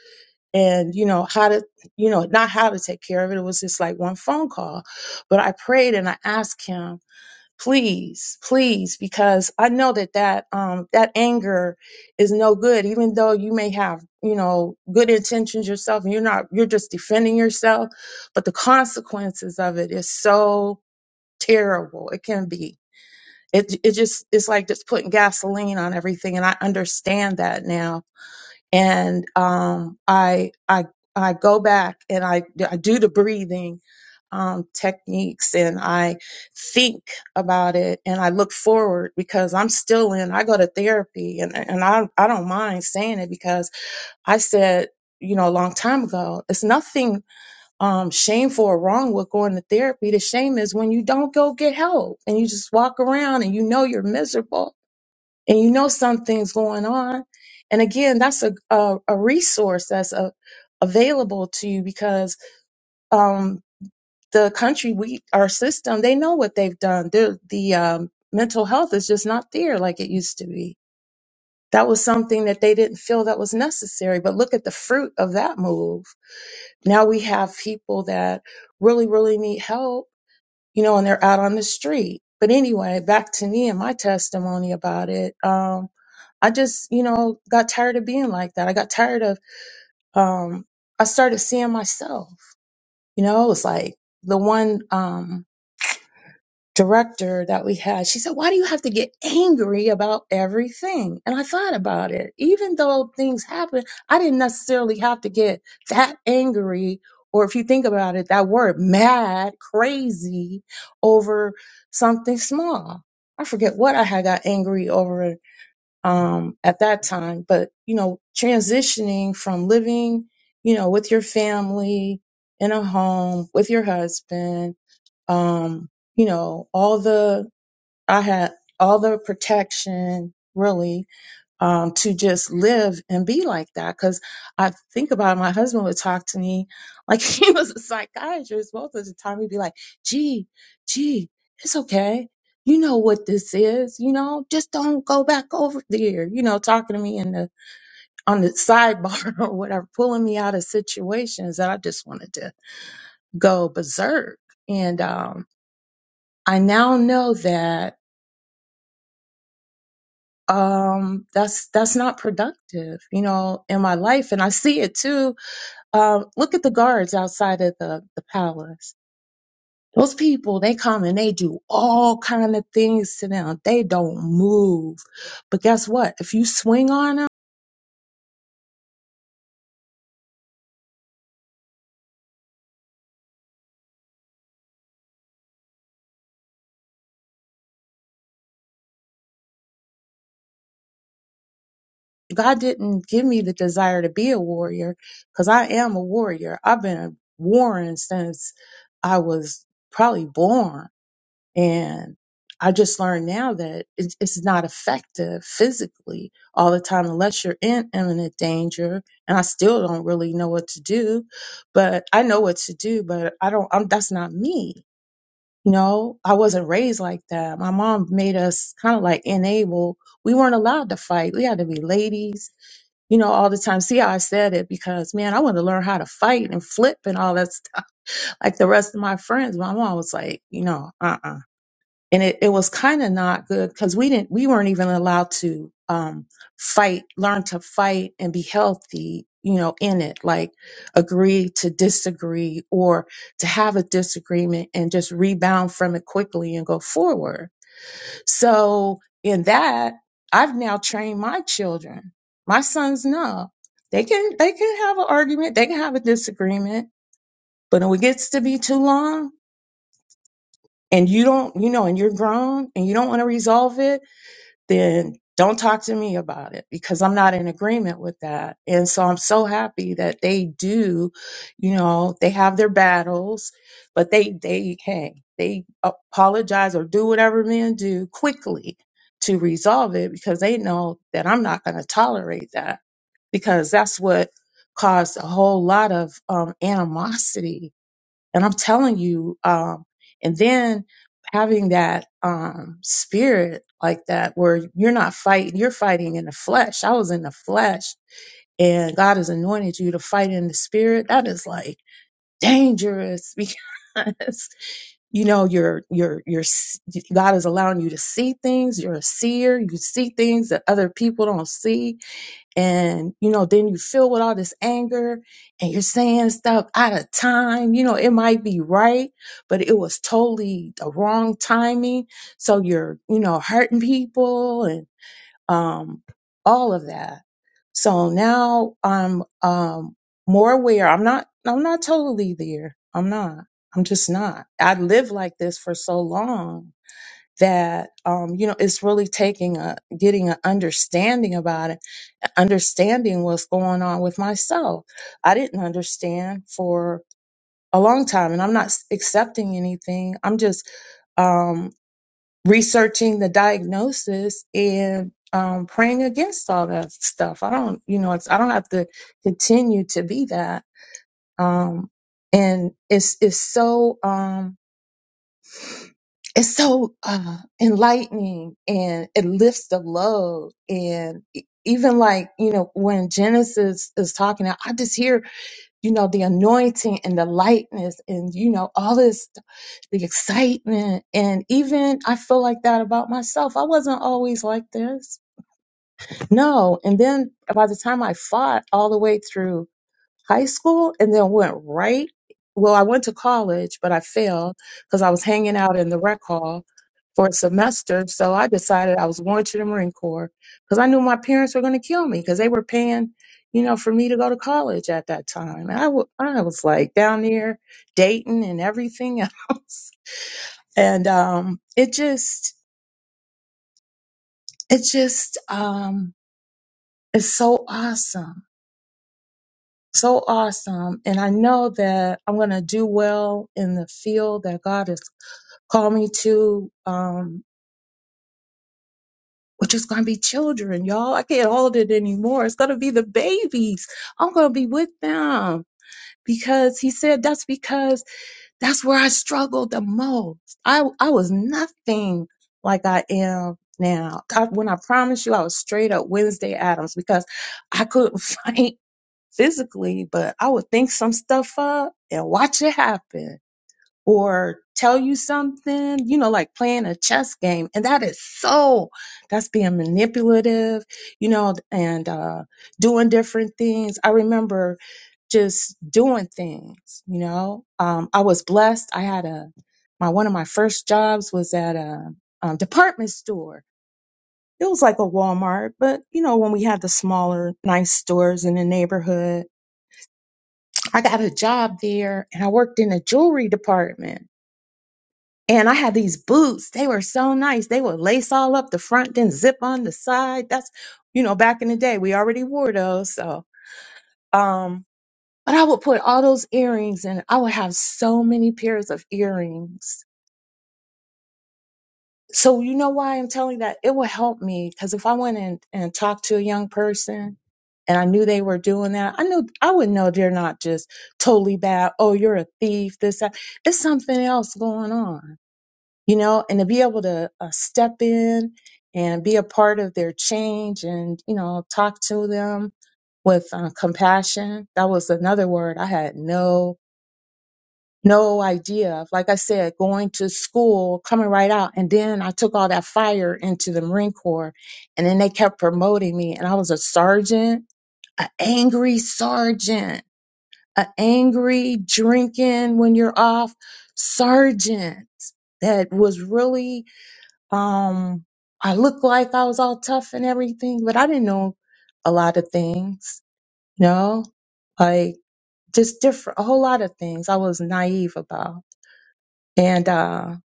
[SPEAKER 9] and you know how to, you know, not how to take care of it. It was just like one phone call. But I prayed and I asked him please please because i know that that um that anger is no good even though you may have you know good intentions yourself and you're not you're just defending yourself but the consequences of it is so terrible it can be it it just it's like just putting gasoline on everything and i understand that now and um, I I I go back and I I do the breathing um, techniques and I think about it and I look forward because I'm still in. I go to therapy and and I I don't mind saying it because I said you know a long time ago it's nothing um, shameful or wrong with going to therapy. The shame is when you don't go get help and you just walk around and you know you're miserable and you know something's going on. And again, that's a a, a resource that's a, available to you because um, the country, we our system, they know what they've done. The the um, mental health is just not there like it used to be. That was something that they didn't feel that was necessary. But look at the fruit of that move. Now we have people that really, really need help, you know, and they're out on the street. But anyway, back to me and my testimony about it. Um, I just, you know, got tired of being like that. I got tired of, um, I started seeing myself, you know, it was like the one, um, director that we had, she said, why do you have to get angry about everything? And I thought about it. Even though things happen, I didn't necessarily have to get that angry. Or if you think about it, that word mad, crazy over something small. I forget what I had got angry over um, at that time. But, you know, transitioning from living, you know, with your family in a home with your husband, um, you know, all the, I had all the protection really um, to just live and be like that. Cause I think about it, my husband would talk to me like [laughs] he was a psychiatrist most of the time. He'd be like, gee, gee, it's okay. You know what this is, you know, just don't go back over there, you know, talking to me in the, on the sidebar [laughs] or whatever, pulling me out of situations that I just wanted to go berserk. And, um, I now know that um that's that's not productive you know in my life and i see it too Um, look at the guards outside of the, the palace. Those people, they come and they do all kind of things to them. They don't move. But guess what? If you swing on them, God didn't give me the desire to be a warrior because I am a warrior. I've been warring since I was probably born. And I just learned now that it's, it's not effective physically all the time unless you're in imminent danger. And I still don't really know what to do, but I know what to do, but I don't, I'm, that's not me. You know, I wasn't raised like that. My mom made us kind of like enable. We weren't allowed to fight. We had to be ladies, you know, all the time. See how I said it because man, I want to learn how to fight and flip and all that stuff [laughs] like the rest of my friends. My mom was like, you know, uh uh and it, it was kind of not good because we didn't we weren't even allowed to um fight learn to fight and be healthy you know in it like agree to disagree or to have a disagreement and just rebound from it quickly and go forward so in that i've now trained my children my sons know they can they can have an argument they can have a disagreement but when it gets to be too long and you don't you know and you're grown and you don't want to resolve it then don't talk to me about it because I'm not in agreement with that. And so I'm so happy that they do, you know, they have their battles, but they they hang. They apologize or do whatever men do quickly to resolve it because they know that I'm not going to tolerate that because that's what caused a whole lot of um, animosity and I'm telling you, um, and then having that um, spirit like that, where you're not fighting, you're fighting in the flesh. I was in the flesh, and God has anointed you to fight in the spirit. That is like dangerous [laughs] because you know you're you're you're s- God is allowing you to see things. You're a seer. You see things that other people don't see and you know then you feel with all this anger and you're saying stuff out of time you know it might be right but it was totally the wrong timing so you're you know hurting people and um all of that so now i'm um more aware i'm not i'm not totally there i'm not i'm just not i lived like this for so long that um you know it's really taking a getting an understanding about it understanding what's going on with myself. I didn't understand for a long time, and I'm not s- accepting anything. I'm just um, researching the diagnosis and um, praying against all that stuff. I don't, you know, it's I don't have to continue to be that. Um, and it's it's so. Um, it's so uh, enlightening and it lifts the load and e- even like you know when genesis is talking i just hear you know the anointing and the lightness and you know all this the excitement and even i feel like that about myself i wasn't always like this no and then by the time i fought all the way through high school and then went right. Well, I went to college, but I failed because I was hanging out in the rec hall for a semester. So I decided I was going to the Marine Corps because I knew my parents were going to kill me because they were paying, you know, for me to go to college at that time. And I wa- I was like down there dating and everything [laughs] else. And um, it just, it just, um, it's so awesome so awesome. And I know that I'm going to do well in the field that God has called me to, um, which is going to be children, y'all. I can't hold it anymore. It's going to be the babies. I'm going to be with them because he said that's because that's where I struggled the most. I, I was nothing like I am now. God, when I promise you, I was straight up Wednesday Adams because I couldn't [laughs] fight physically, but I would think some stuff up and watch it happen or tell you something, you know, like playing a chess game. And that is so, that's being manipulative, you know, and uh, doing different things. I remember just doing things, you know. Um, I was blessed. I had a, my, one of my first jobs was at a um, department store. It was like a Walmart, but you know, when we had the smaller, nice stores in the neighborhood, I got a job there and I worked in the jewelry department. And I had these boots. They were so nice. They would lace all up the front, then zip on the side. That's, you know, back in the day, we already wore those. So, um, but I would put all those earrings and I would have so many pairs of earrings So you know why I'm telling you that? It will help me because if I went and, and talked to a young person and I knew they were doing that, I knew I would know they're not just totally bad. Oh, you're a thief. This, that. It's something else going on, you know. And to be able to uh, step in and be a part of their change and you know talk to them with uh, compassion. That was another word I had no no idea. Like I said, going to school, coming right out. And then I took all that fire into the Marine Corps and then they kept promoting me and I was a sergeant, an angry sergeant, an angry drinking when you're off sergeant that was really, um, I looked like I was all tough and everything, but I didn't know a lot of things, you know, like just different, a whole lot of things I was naive about and uh,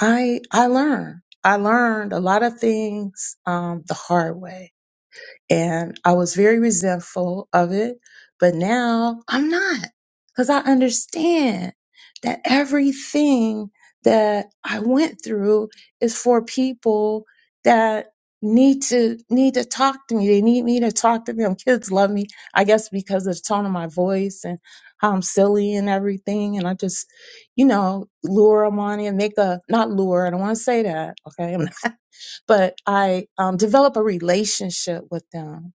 [SPEAKER 9] I I learned I learned a lot of things um, the hard way and I was very resentful of it. But now I'm not because I understand that everything that I went through is for people that need to need to talk to me. They need me to talk to them. Kids love me, I guess, because of the tone of my voice and how I'm silly and everything. And I just, you know, lure them on and make a not lure. I don't want to say that. Okay, [laughs] but I um, develop a relationship with them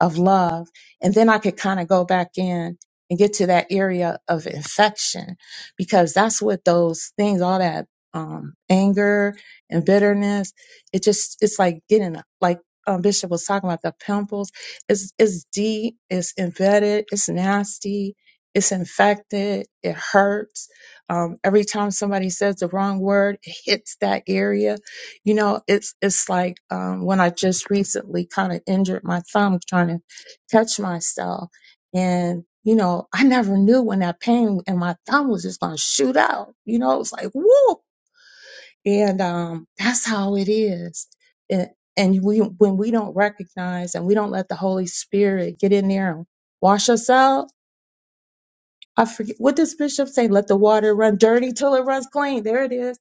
[SPEAKER 9] of love. And then I could kind of go back in and get to that area of infection because that's what those things, all that um, anger and bitterness, it just, it's like getting, like um, Bishop was talking about, the pimples. It's, it's deep, it's embedded, it's nasty. It's infected. It hurts. Um, every time somebody says the wrong word, it hits that area you know, it's it's like um, when I just recently kind of injured my thumb trying to catch myself, and you know, I never knew when that pain in my thumb was just going to shoot out. You know, it was like whoop, and um, that's how it is. And, and we when we don't recognize and we don't let the Holy Spirit get in there and wash us out. I forget what does Bishop say. Let the water run dirty till it runs clean. There it is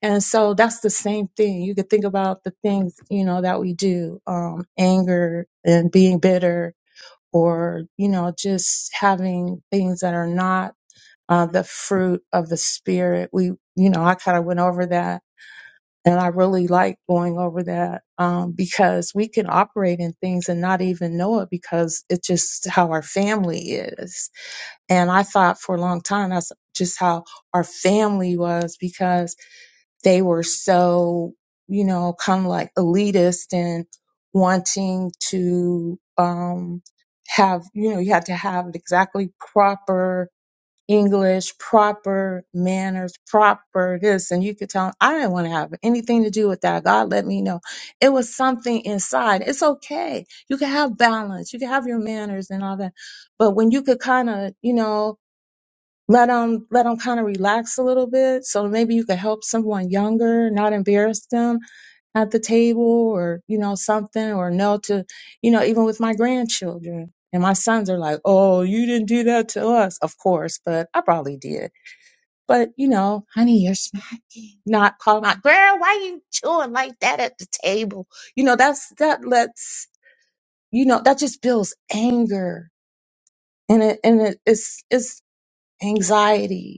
[SPEAKER 9] and so that's the same thing. You could think about the things, you know, that we do, um, anger and being bitter or, you know, just having things that are not uh, the fruit of the spirit. We, you know, I kind of went over that and I really like going over that, um, because we can operate in things and not even know it because it's just how our family is. And I thought for a long time, that's just how our family was because they were so, you know, kind of like elitist and wanting to um, have, you know, you had to have exactly proper English, proper manners, proper this. And you could tell, I didn't want to have anything to do with that. God let me know. It was something inside. It's okay. You can have balance, you can have your manners and all that. But when you could kind of, you know, let them let them kind of relax a little bit so maybe you could help someone younger not embarrass them at the table or you know something or no, to you know even with my grandchildren and my sons are like oh you didn't do that to us of course but i probably did but you know honey you're smacking not calling out girl why you chewing like that at the table you know that's that lets you know that just builds anger and it and it, it's it's anxiety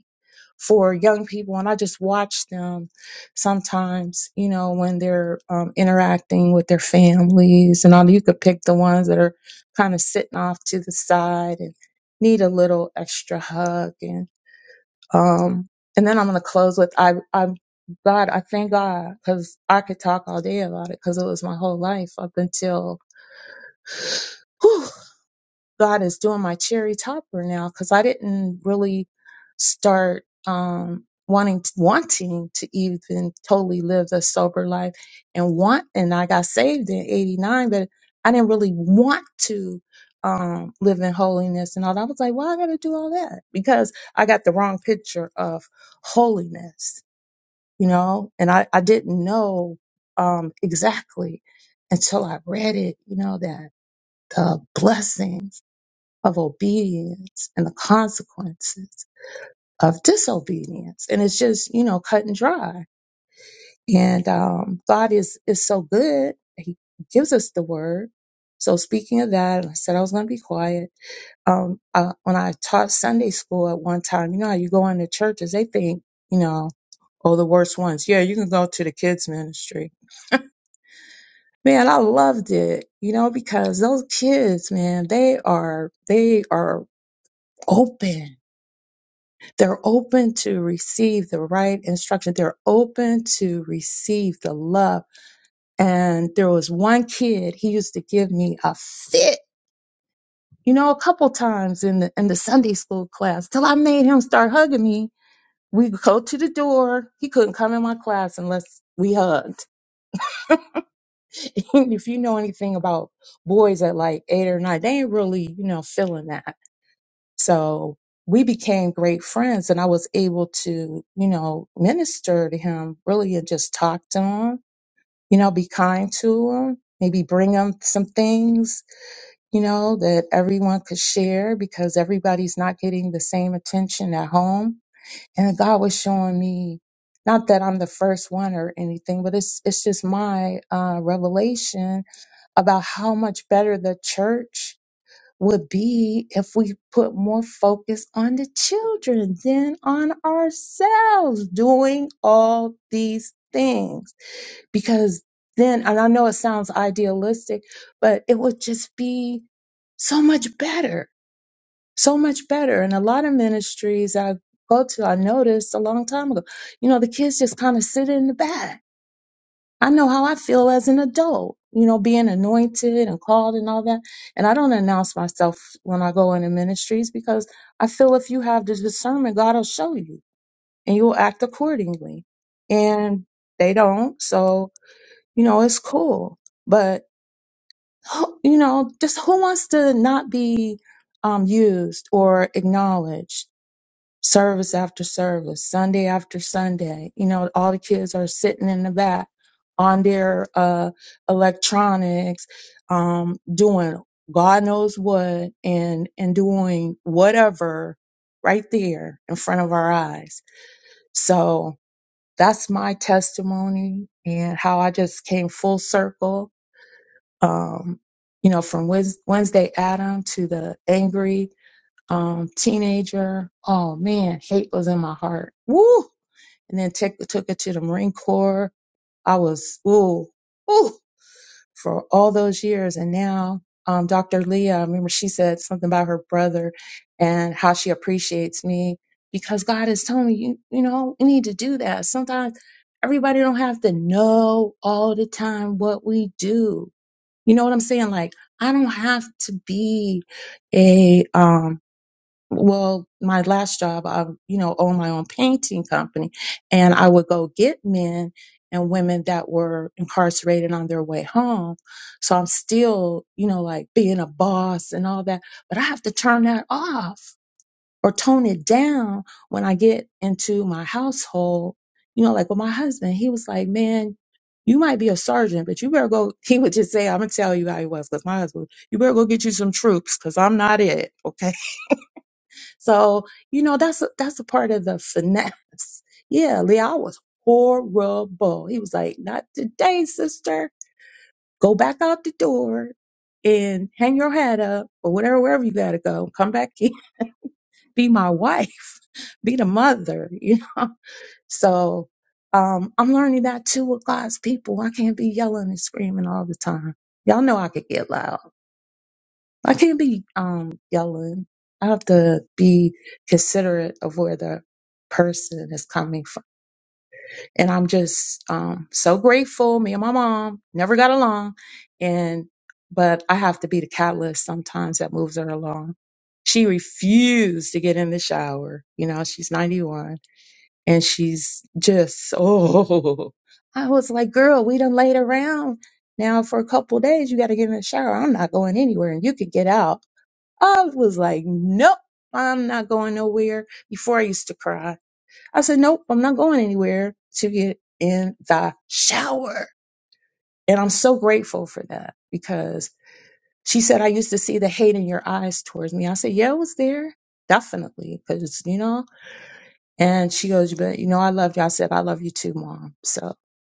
[SPEAKER 9] for young people and i just watch them sometimes you know when they're um, interacting with their families and all you could pick the ones that are kind of sitting off to the side and need a little extra hug and um and then i'm going to close with i i god i thank god because i could talk all day about it because it was my whole life up until [sighs] God is doing my cherry topper now because I didn't really start um, wanting wanting to even totally live the sober life and want and I got saved in '89, but I didn't really want to um, live in holiness and all that. I was like, well, I got to do all that because I got the wrong picture of holiness, you know, and I I didn't know um, exactly until I read it, you know, that the blessings of obedience and the consequences of disobedience. And it's just, you know, cut and dry. And um, God is is so good. He gives us the word. So speaking of that, and I said I was going to be quiet. Um, uh, when I taught Sunday school at one time, you know how you go into churches, they think, you know, oh, the worst ones. Yeah, you can go to the kids ministry. Man, I loved it, you know, because those kids, man, they are, they are open They're open to receive the right instruction. They're open to receive the love. And there was one kid, he used to give me a fit, you know, a couple times in the in the Sunday school class till I made him start hugging me. We would go to the door. He couldn't come in my class unless we hugged. [laughs] if you know anything about boys at like eight or nine, they ain't really, you know, feeling that. So we became great friends and I was able to, you know, minister to him really and just talk to him, you know, be kind to him, maybe bring him some things, you know, that everyone could share because everybody's not getting the same attention at home. And God was showing me not that I'm the first one or anything, but it's it's just my uh, revelation about how much better the church would be if we put more focus on the children than on ourselves doing all these things. Because then, and I know it sounds idealistic, but it would just be so much better, so much better. And a lot of ministries I go to, I noticed a long time ago, you know, the kids just kind of sit in the back I know how I feel as an adult, you know, being anointed and called and all that. And I don't announce myself when I go into ministries because I feel if you have the discernment, God will show you and you'll act accordingly. And they don't. So, you know, it's cool. But, who- you know, just who wants to not be um, used or acknowledged? service after service, Sunday after Sunday. You know, all the kids are sitting in the back on their uh, electronics, um, doing God knows what and, and doing whatever right there in front of our eyes. So that's my testimony and how I just came full circle. Um, you know, from Wed- Wednesday Adam to the angry um, teenager. Oh man, hate was in my heart. Woo! And then took took it to the Marine Corps. I was woo, woo for all those years. And now, um, Dr. Leah, I remember she said something about her brother and how she appreciates me because God is telling me, you, you know, you need to do that. Sometimes everybody don't have to know all the time what we do. You know what I'm saying? Like, I don't have to be a, um well, my last job, I, you know, owned my own painting company and I would go get men and women that were incarcerated on their way home. So I'm still, you know, like being a boss and all that, but I have to turn that off or tone it down when I get into my household. You know, like with my husband, he was like, man, you might be a sergeant, but you better go. [laughs] He would just say, I'm going to tell you how he was because my husband, you better go get you some troops because I'm not it. Okay so, you know, that's a, that's a part of the finesse. [laughs] Yeah, Leal was horrible. He was like, not today, sister. Go back out the door and hang your head up or whatever, wherever you got to go. Come back in. [laughs] Be my wife. [laughs] Be the mother, [laughs] you know? So um, I'm learning that too with God's people. I can't be yelling and screaming all the time. Y'all know I could get loud. I can't be um yelling. I have to be considerate of where the person is coming from. And I'm just um so grateful. Me and my mom never got along and but I have to be the catalyst sometimes that moves her along. She refused to get in the shower. You know, she's 91 and she's just [laughs] oh I was like, girl, we done laid around now for a couple days. You gotta get in the shower. I'm not going anywhere and you could get out I was like, nope, I'm not going nowhere. Before I used to cry, I said, nope, I'm not going anywhere to get in the shower. And I'm so grateful for that because she said, I used to see the hate in your eyes towards me. I said, yeah, it was there. Definitely. Because, you know, and she goes, but you know, I love you. I said, I love you too, mom. So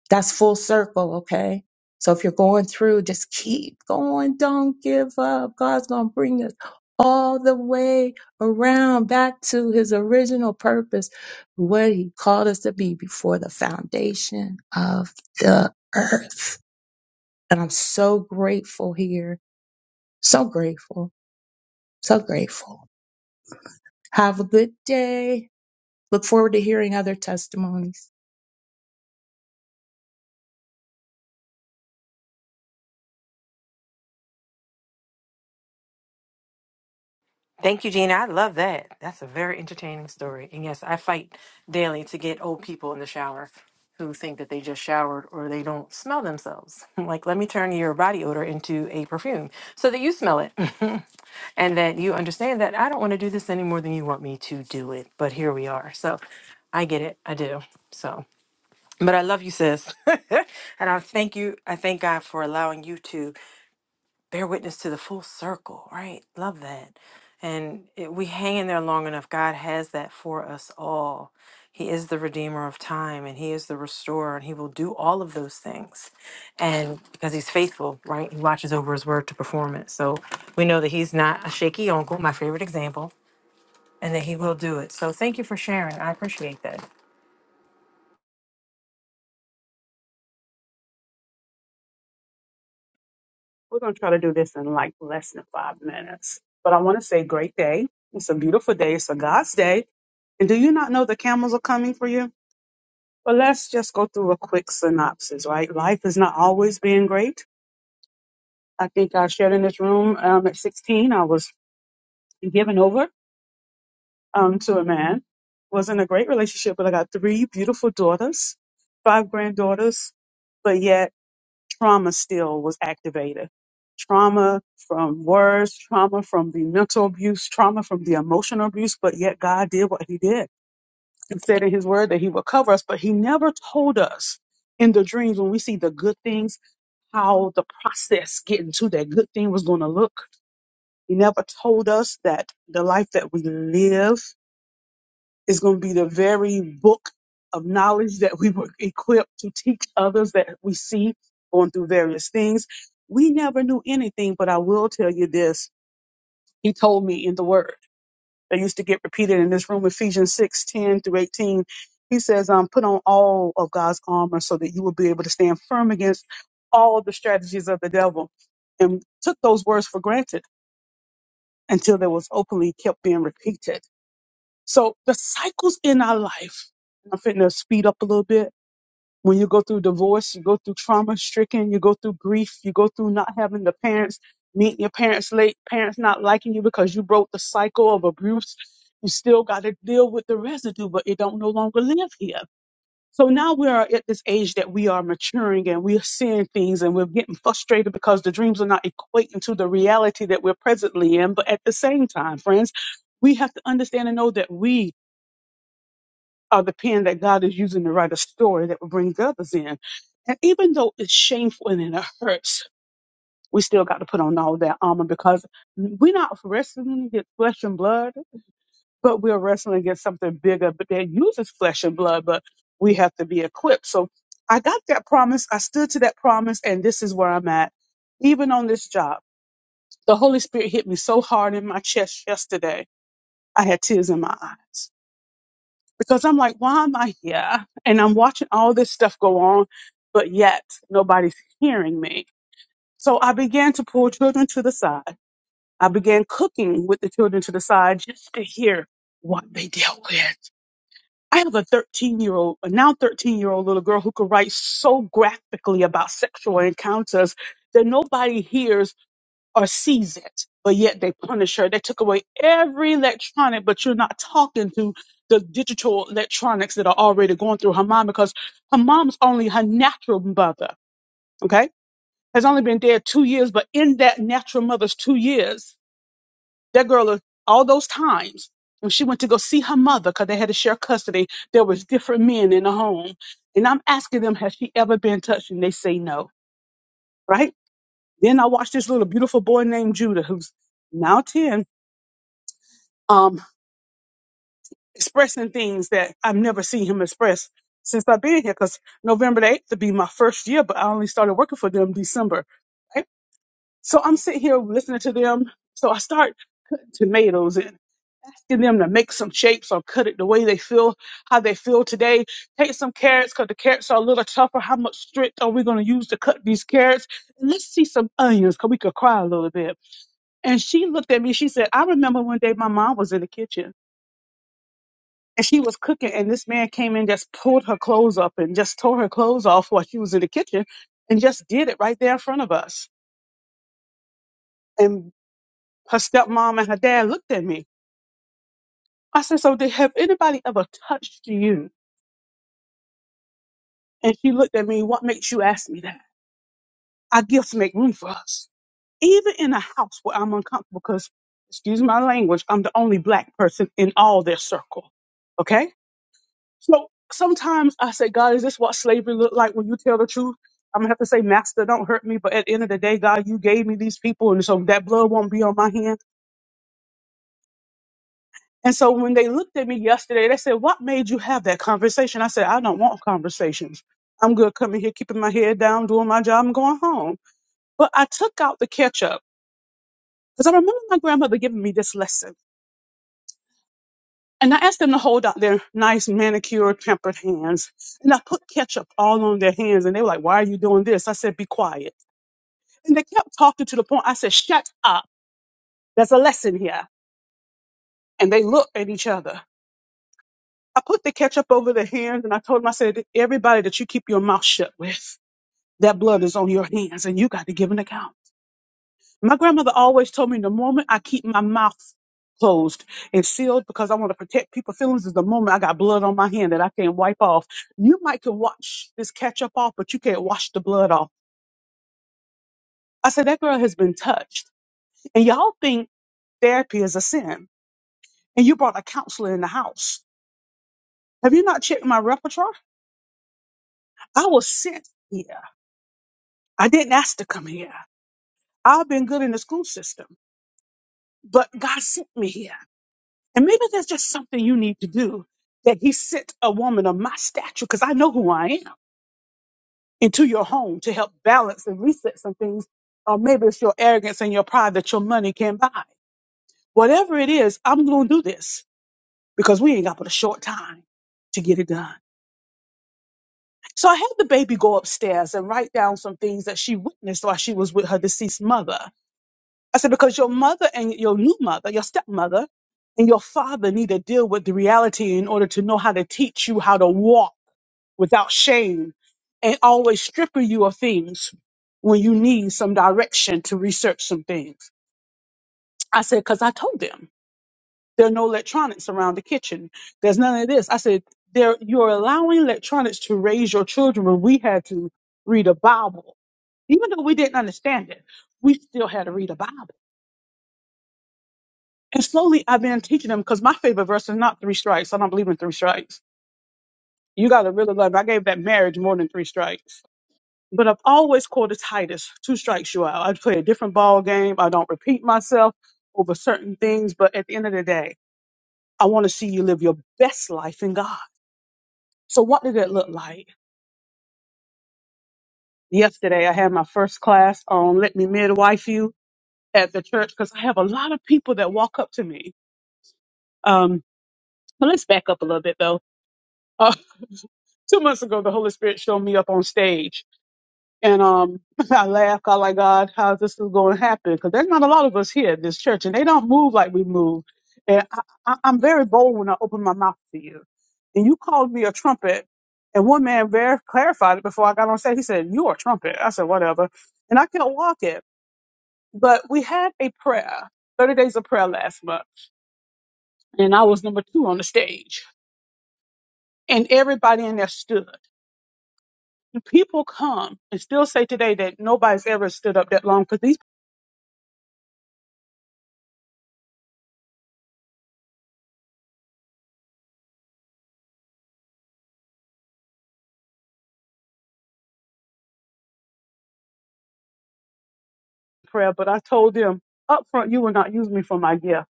[SPEAKER 9] that's full circle. Okay. So if you're going through, just keep going. Don't give up. God's going to bring us all the way around back to his original purpose, what he called us to be before the foundation of the earth. And I'm so grateful here. So grateful. So grateful. Have a good day. Look forward to hearing other testimonies.
[SPEAKER 7] Thank you, Gina. I love that. That's a very entertaining story. And yes, I fight daily to get old people in the shower who think that they just showered or they don't smell themselves. [laughs] like, let me turn your body odor into a perfume so that you smell it [laughs] and that you understand that I don't want to do this any more than you want me to do it. But here we are. So I get it. I do. So. But I love you, sis. [laughs] and I thank you. I thank God for allowing you to bear witness to the full circle, right? Love that. And it, we hang in there long enough. God has that for us all. He is the redeemer of time and he is the restorer and he will do all of those things. And because he's faithful, right? He watches over his word to perform it. So we know that he's not a shaky uncle, my favorite example, and that he will do it. So thank you for sharing. I appreciate that.
[SPEAKER 10] We're going to try to do this in like less than five minutes. But I want to say, great day. It's a beautiful day. It's a God's day. And do you not know the camels are coming for you? But let's just go through a quick synopsis, right? Life has not always been great. I think I shared in this room um, at 16, I was given over um, to a man. Was in a great relationship, but I got three beautiful daughters, five granddaughters. But yet trauma still was activated. Trauma from words, trauma from the mental abuse, trauma from the emotional abuse, but yet God did what he did. He said in his word that he would cover us, but he never told us in the dreams when we see the good things, how the process getting to that good thing was going to look. He never told us that the life that we live is going to be the very book of knowledge that we were equipped to teach others that we see going through various things. We never knew anything, but I will tell you this. He told me in the word that used to get repeated in this room, Ephesians 6 10 through 18. He says, um, put on all of God's armor so that you will be able to stand firm against all the strategies of the devil. And took those words for granted until they was openly kept being repeated so the cycles in our life, and I'm fitting to speed up a little bit. When you go through divorce, you go through trauma stricken, you go through grief, you go through not having the parents, meeting your parents late, parents not liking you because you broke the cycle of abuse. You still got to deal with the residue, but it don't no longer live here. So now we are at this age that we are maturing and we are seeing things and we're getting frustrated because the dreams are not equating to the reality that we're presently in. But at the same time, friends, we have to understand and know that we are the pen that God is using to write a story that will bring the others in. And even though it's shameful and it hurts, we still got to put on all that armor because we're not wrestling against flesh and blood, but we're wrestling against something bigger but that uses flesh and blood, but we have to be equipped. So I got that promise. I stood to that promise, and this is where I'm at. Even on this job, the Holy Spirit hit me so hard in my chest yesterday, I had tears in my eyes because I'm like, why am I here? And I'm watching all this stuff go on, but yet nobody's hearing me. So I began to pull children to the side. I began cooking with the children to the side just to hear what they dealt with. I have a 13 year old, a now 13 year old little girl who could write so graphically about sexual encounters that nobody hears or sees it, but yet they punish her. They took away every electronic, but you're not talking to the digital electronics that are already going through her mom because her mom's only her natural mother, okay? Has only been dead two years, but in that natural mother's two years, that girl, is- all those times when she went to go see her mother because they had to share custody, there was different men in the home. And I'm asking them, has she ever been touched? And they say no, right? Then I watched this little beautiful boy named Judah who's now 10 um, expressing things that I've never seen him express since I've been here. Because November the 8th would be my first year, but I only started working for them December. Right? So I'm sitting here listening to them. So I start cutting tomatoes and asking them to make some shapes or cut it the way they feel, how they feel today. Take some carrots because the carrots are a little tougher. How much strength are we going to use to cut these carrots? And let's see some onions because we could cry a little bit. And she looked at me. She said, I remember one day my mom was in the kitchen and she was cooking and this man came in just pulled her clothes up and just tore her clothes off while she was in the kitchen and just did it right there in front of us and her stepmom and her dad looked at me i said so did have anybody ever touched you and she looked at me what makes you ask me that our gifts make room for us even in a house where i'm uncomfortable because excuse my language i'm the only black person in all their circle okay So sometimes I say, God, is this what slavery looked like when you tell the truth? I'm gonna have to say, Master, don't hurt me. But at the end of the day, God, you gave me these people, and so that blood won't be on my hand. And so when they looked at me yesterday, they said, What made you have that conversation? I said, I don't want conversations. I'm good coming here, keeping my head down, doing my job, and going home. But I took out the ketchup because I remember my grandmother giving me this lesson. And I asked them to hold out their nice manicured, tempered hands. And I put ketchup all on their hands. And they were like, why are you doing this? I said, be quiet. And they kept talking to the point. I said, shut up. There's a lesson here. And they looked at each other. I put the ketchup over their hands and I told them, I said, everybody that you keep your mouth shut with, that blood is on your hands and you got to give an account. My grandmother always told me the moment I keep my mouth closed and sealed because I want to protect people's feelings is the moment I got blood on my hand that I can't wipe off. You might can wash this ketchup off, but you can't wash the blood off. I said, that girl has been touched. And y'all think therapy is a sin. And you brought a counselor in the house. Have you not checked my repertoire? I was sent here. I didn't ask to come here. I've been good in the school system, but God sent me here. And maybe there's just something you need to do that he sent a woman of my stature, because I know who I am, into your home to help balance and reset some things. Or maybe it's your arrogance and your pride that your money can buy. Whatever it is, I'm going to do this because we ain't got but a short time to get it done. So I had the baby go upstairs and write down some things that she witnessed while she was with her deceased mother. I said, because your mother and your new mother, your stepmother and your father need to deal with the reality in order to know how to teach you how to walk without shame and always stripping you of things when you need some direction to research some things. I said, because I told them there are no electronics around the kitchen. There's none of this. I said, there, you're allowing electronics to raise your children when we had to read a Bible. Even though we didn't understand it, we still had to read a Bible. And slowly I've been teaching them because my favorite verse is not three strikes. I don't believe in three strikes. You got to really love. I gave that marriage more than three strikes. But I've always quoted Titus, two strikes you out. I play a different ball game. I don't repeat myself over certain things. But at the end of the day, I want to see you live your best life in God. So what did it look like? Yesterday, I had my first class on Let Me Midwife You at the church because I have a lot of people that walk up to me. Um, but let's back up a little bit though. Uh, two months ago, the Holy Spirit showed me up on stage, and um, [laughs] I laughed. I like God, how's this is going to happen? Because there's not a lot of us here at this church, and they don't move like we move. And I, I, I'm very bold when I open my mouth to you. And you called me a trumpet, and one man very clarified it before I got on stage. He said, "You are a trumpet." I said, "Whatever," and I kept walking. But we had a prayer, 30 days of prayer last month, and I was number two on the stage, and everybody in there stood. Do people come and still say today that nobody's ever stood up that long for these people prayer, but I told them up front, you will not use me for my gift.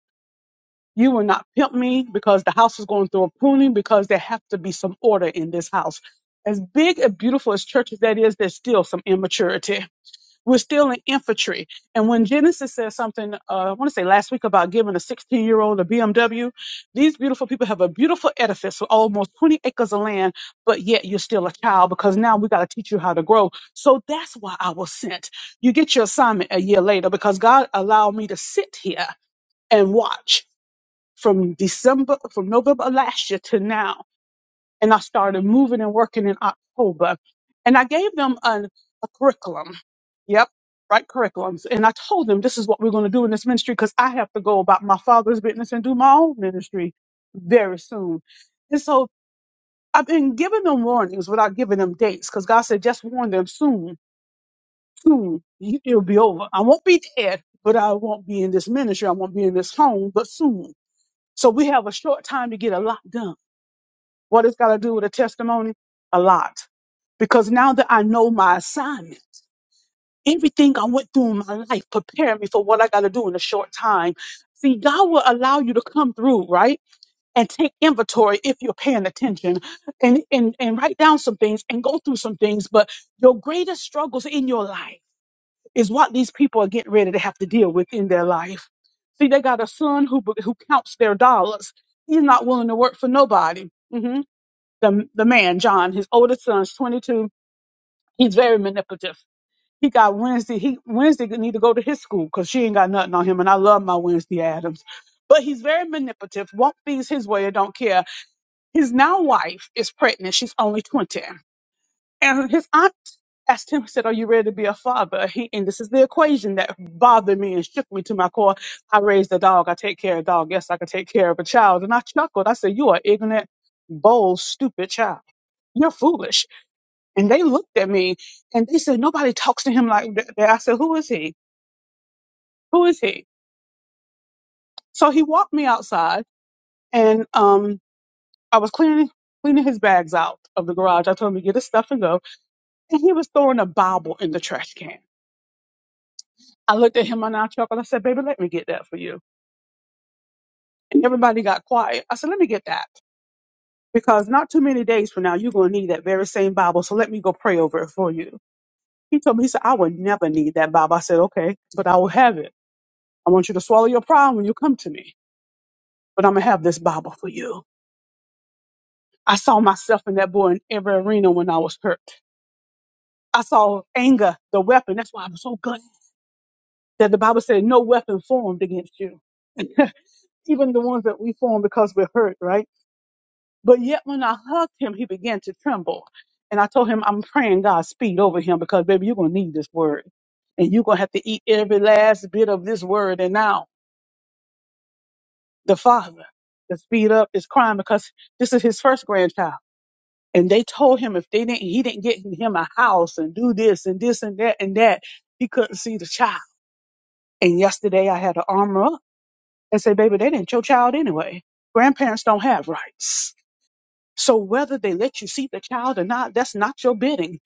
[SPEAKER 10] You will not pimp me because the house is going through a pruning because there have to be some order in this house. As big and beautiful as churches that is, there's still some immaturity. we're still in infantry. And when Genesis says something, uh, I want to say last week about giving a 16 year old a BMW, these beautiful people have a beautiful edifice with almost 20 acres of land, but yet you're still a child because now we got to teach you how to grow. So that's why I was sent. You get your assignment a year later because God allowed me to sit here and watch from December, from November of last year to now and I started moving and working in October. And I gave them an, a curriculum. Yep, right curriculums. And I told them this is what we're going to do in this ministry because I have to go about my father's business and do my own ministry very soon. And so I've been giving them warnings without giving them dates because God said, just warn them soon, soon you- it'll be over. I won't be dead, but I won't be in this ministry. I won't be in this home, but soon. So we have a short time to get a lot done. What it's got to do with a testimony? A lot. Because now that I know my assignment, everything I went through in my life prepared me for what I got to do in a short time. See, God will allow you to come through, right? And take inventory if you're paying attention and, and, and write down some things and go through some things. But your greatest struggles in your life is what these people are getting ready to have to deal with in their life. See, they got a son who, who counts their dollars. He's not willing to work for nobody. Mhm the the man John, his oldest son's 22. He's very manipulative. He got Wednesday. He Wednesday need to go to his school because she ain't got nothing on him. And I love my Wednesday Adams, but he's very manipulative. Won't things his way or don't care. His now wife is pregnant. She's only 20, and his aunt asked him, said, "Are you ready to be a father?" He and this is the equation that bothered me and shook me to my core. I raised a dog. I take care of a dog. Yes, I can take care of a child. And I chuckled. I said, "You are ignorant, bold, stupid child. You're foolish." And they looked at me and they said, nobody talks to him like that. I said, who is he? Who is he? So he walked me outside and um, I was cleaning, cleaning his bags out of the garage. I told him to get his stuff and go. And he was throwing a Bible in the trash can. I looked at him and I chuckled. I said, baby, let me get that for you. And everybody got quiet. I said, let me get that because not too many days from now, you're going to need that very same Bible. So let me go pray over it for you. He told me, he said, I would never need that Bible. I said, okay, but I will have it. I want you to swallow your pride when you come to me. but I'm gonna have this Bible for you. I saw myself in that boy in every arena when I was hurt. I saw anger, the weapon. That's why I'm so glad that the Bible said no weapon formed against you, [laughs] even the ones that we form because we're hurt, right? But yet when I hugged him, he began to tremble. And I told him, I'm praying God speed over him because baby, you're gonna need this word. And you're gonna have to eat every last bit of this word. And now the father, the speed up, is crying because this is his first grandchild and they told him if they didn't he didn't get him a house and do this and this and that and that he couldn't see the child and yesterday i had to arm her up and say baby they didn't your child anyway grandparents don't have rights so whether they let you see the child or not that's not your bidding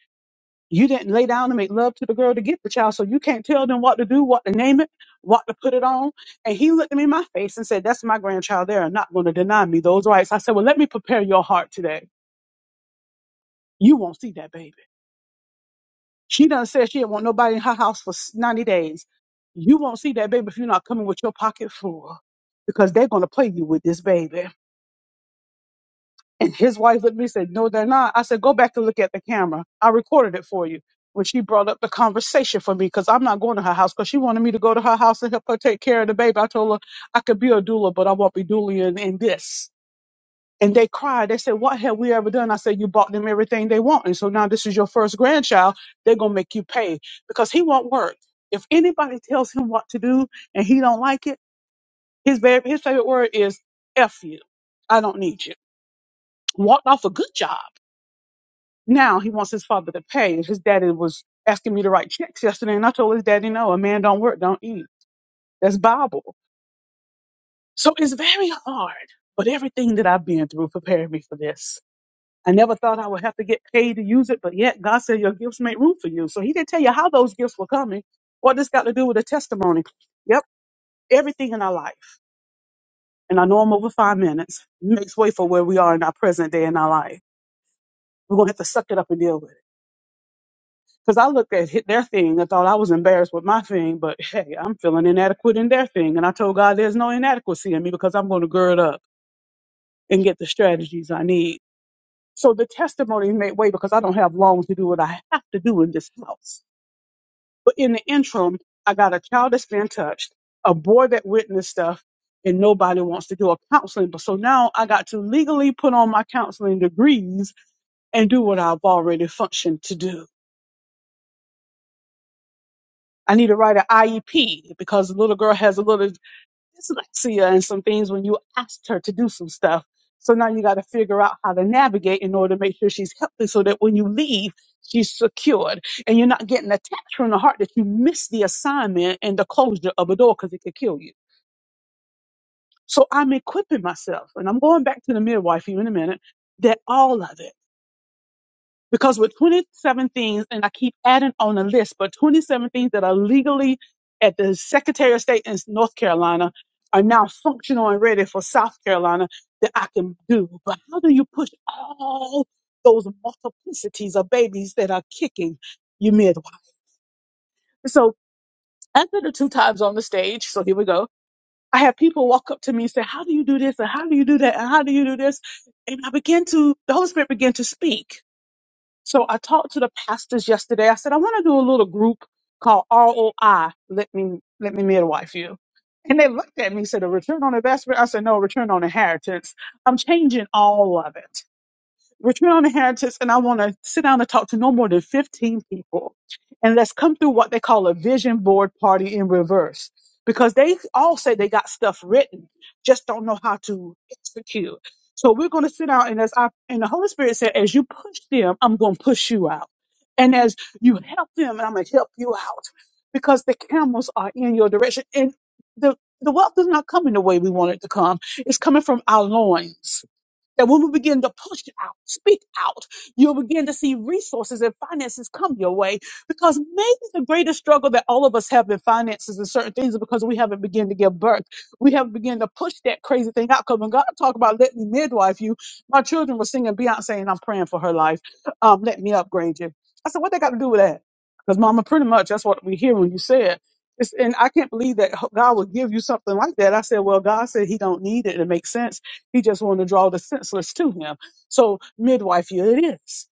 [SPEAKER 10] you didn't lay down and make love to the girl to get the child so you can't tell them what to do what to name it what to put it on and he looked at me in my face and said that's my grandchild they are not going to deny me those rights i said well let me prepare your heart today you won't see that baby She done said she didn't want nobody in her house for s- 90 days. You won't see that baby if you're not coming with your pocket full because they're going to play you with this baby. And his wife looked at me and said, No, they're not. I said, Go back and look at the camera. I recorded it for you. When she brought up the conversation for me, because I'm not going to her house, because she wanted me to go to her house and help her take care of the baby. I told her I could be a doula, but I won't be doulaing in in this. And they cried. They said, What have we ever done? I said, You bought them everything they want. And so now this is your first grandchild. They're going to make you pay because he won't work. If anybody tells him what to do and he don't like it, his, baby, his favorite word is F you. I don't need you. Walked off a good job. Now he wants his father to pay. His daddy was asking me to write checks yesterday. And I told his daddy, No, a man don't work, don't eat. That's Bible. So it's very hard. But everything that I've been through prepared me for this I never thought I would have to get paid to use it, but yet God said your gifts make room for you. So he didn't tell you how those gifts were coming. What this got to do with a testimony? Yep, everything in our life. And I know I'm over five minutes. Makes way for where we are in our present day in our life. We're gonna have to suck it up and deal with it. Because I looked at hit their thing, I thought I was embarrassed with my thing, but hey, I'm feeling inadequate in their thing. And I told God there's no inadequacy in me because I'm gonna gird up and get the strategies I need. So the testimonies make way because I don't have long to do what I have to do in this house. But in the interim, I got a child that's been touched, a boy that witnessed stuff, and nobody wants to do a counseling. But so now I got to legally put on my counseling degrees and do what I've already functioned to do. I need to write an IEP because the little girl has a little dyslexia and some things when you asked her to do some stuff. So now you got to figure out how to navigate in order to make sure she's healthy so that when you leave, she's secured and you're not getting attached from the heart that you miss the assignment and the closure of a door because it could kill you. So I'm equipping myself and I'm going back to the midwife here in a minute that all of it because with 27 things, and I keep adding on the list, but 27 things that are legally at the Secretary of State in North Carolina are now functional and ready for South Carolina that I can do. But how do you push all those multiplicities of babies that are kicking your midwife? So after the two times on the stage, so here we go. I had people walk up to me and say, How do you do this? And how do you do that? And how do you do this? And I began to, the Holy Spirit began to speak. So I talked to the pastors yesterday. I said, I want to do a little group called ROI. Let me, let me midwife you. And they looked at me and said, a return on investment. I said, no, return on inheritance. I'm changing all of it. Return on Heritage, and I want to sit down and talk to no more than 15 people. And let's come through what they call a vision board party in reverse. Because they all say they got stuff written, just don't know how to execute. So we're going to sit down, and as I and the Holy Spirit said, as you push them, I'm going to push you out, and as you help them, I'm going to help you out, because the camels are in your direction, and the the wealth is not coming the way we want it to come. It's coming from our loins that when we begin to push out, speak out, you'll begin to see resources and finances come your way. Because maybe the greatest struggle that all of us have in finances and certain things is because we haven't begun to give birth. We haven't begun to push that crazy thing out. Because when God talk about let me midwife you, my children were singing Beyonce and I'm praying for her life. Um, let me upgrade you. I said, what they got to do with that? Because mama, pretty much that's what we hear when you say it. It's, and I can't believe that God would give you something like that. I said, well, God said he don't need it. It makes sense he just wanted to draw the senseless to him. So midwifery it is.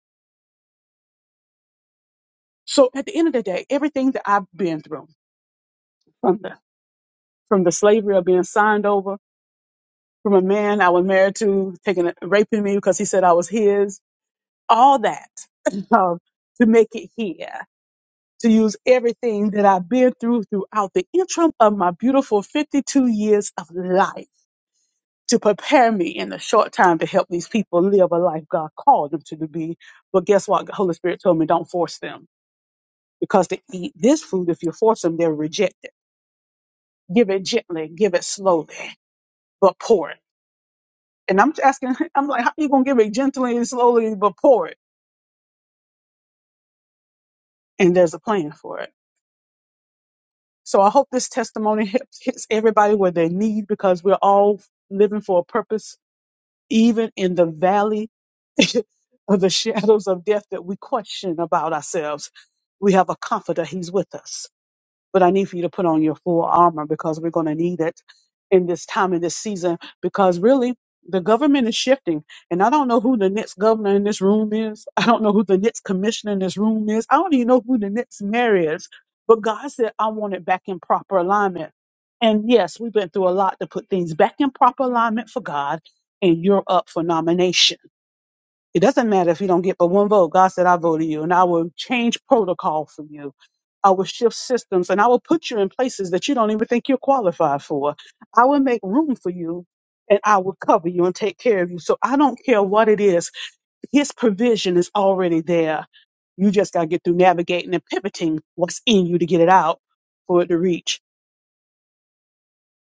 [SPEAKER 10] So at the end of the day, everything that I've been through from the from the slavery of being signed over, from a man I was married to taking a- raping me because he said I was his, all that [laughs] [clears throat] um, to make it here, to use everything that I've been through throughout the interim of my beautiful 52 years of life to prepare me in a short time to help these people live a life God called them to be. But guess what? The Holy Spirit told me don't force them because to eat this food, if you force them, they'll reject it. Give it gently, give it slowly, but pour it. And I'm asking, [laughs] I'm like, how you gonna give it gently and slowly, but pour it? And there's a plan for it. So I hope this testimony hits, hits everybody where they need because we're all living for a purpose, even in the valley [laughs] of the shadows of death that we question about ourselves. We have a comforter. He's with us. But I need for you to put on your full armor because we're going to need it in this time, in this season, because really the government is shifting. And I don't know who the next governor in this room is. I don't know who the next commissioner in this room is. I don't even know who the next mayor is. But God said, I want it back in proper alignment. And yes, we've been through a lot to put things back in proper alignment for God, and you're up for nomination it doesn't matter if you don't get but one vote. God said, I voted you, and I will change protocol for you. I will shift systems, and I will put you in places that you don't even think you're qualified for. I will make room for you, and I will cover you and take care of you. So I don't care what it is, His provision is already there. You just got to get through navigating and pivoting what's in you to get it out for it to reach.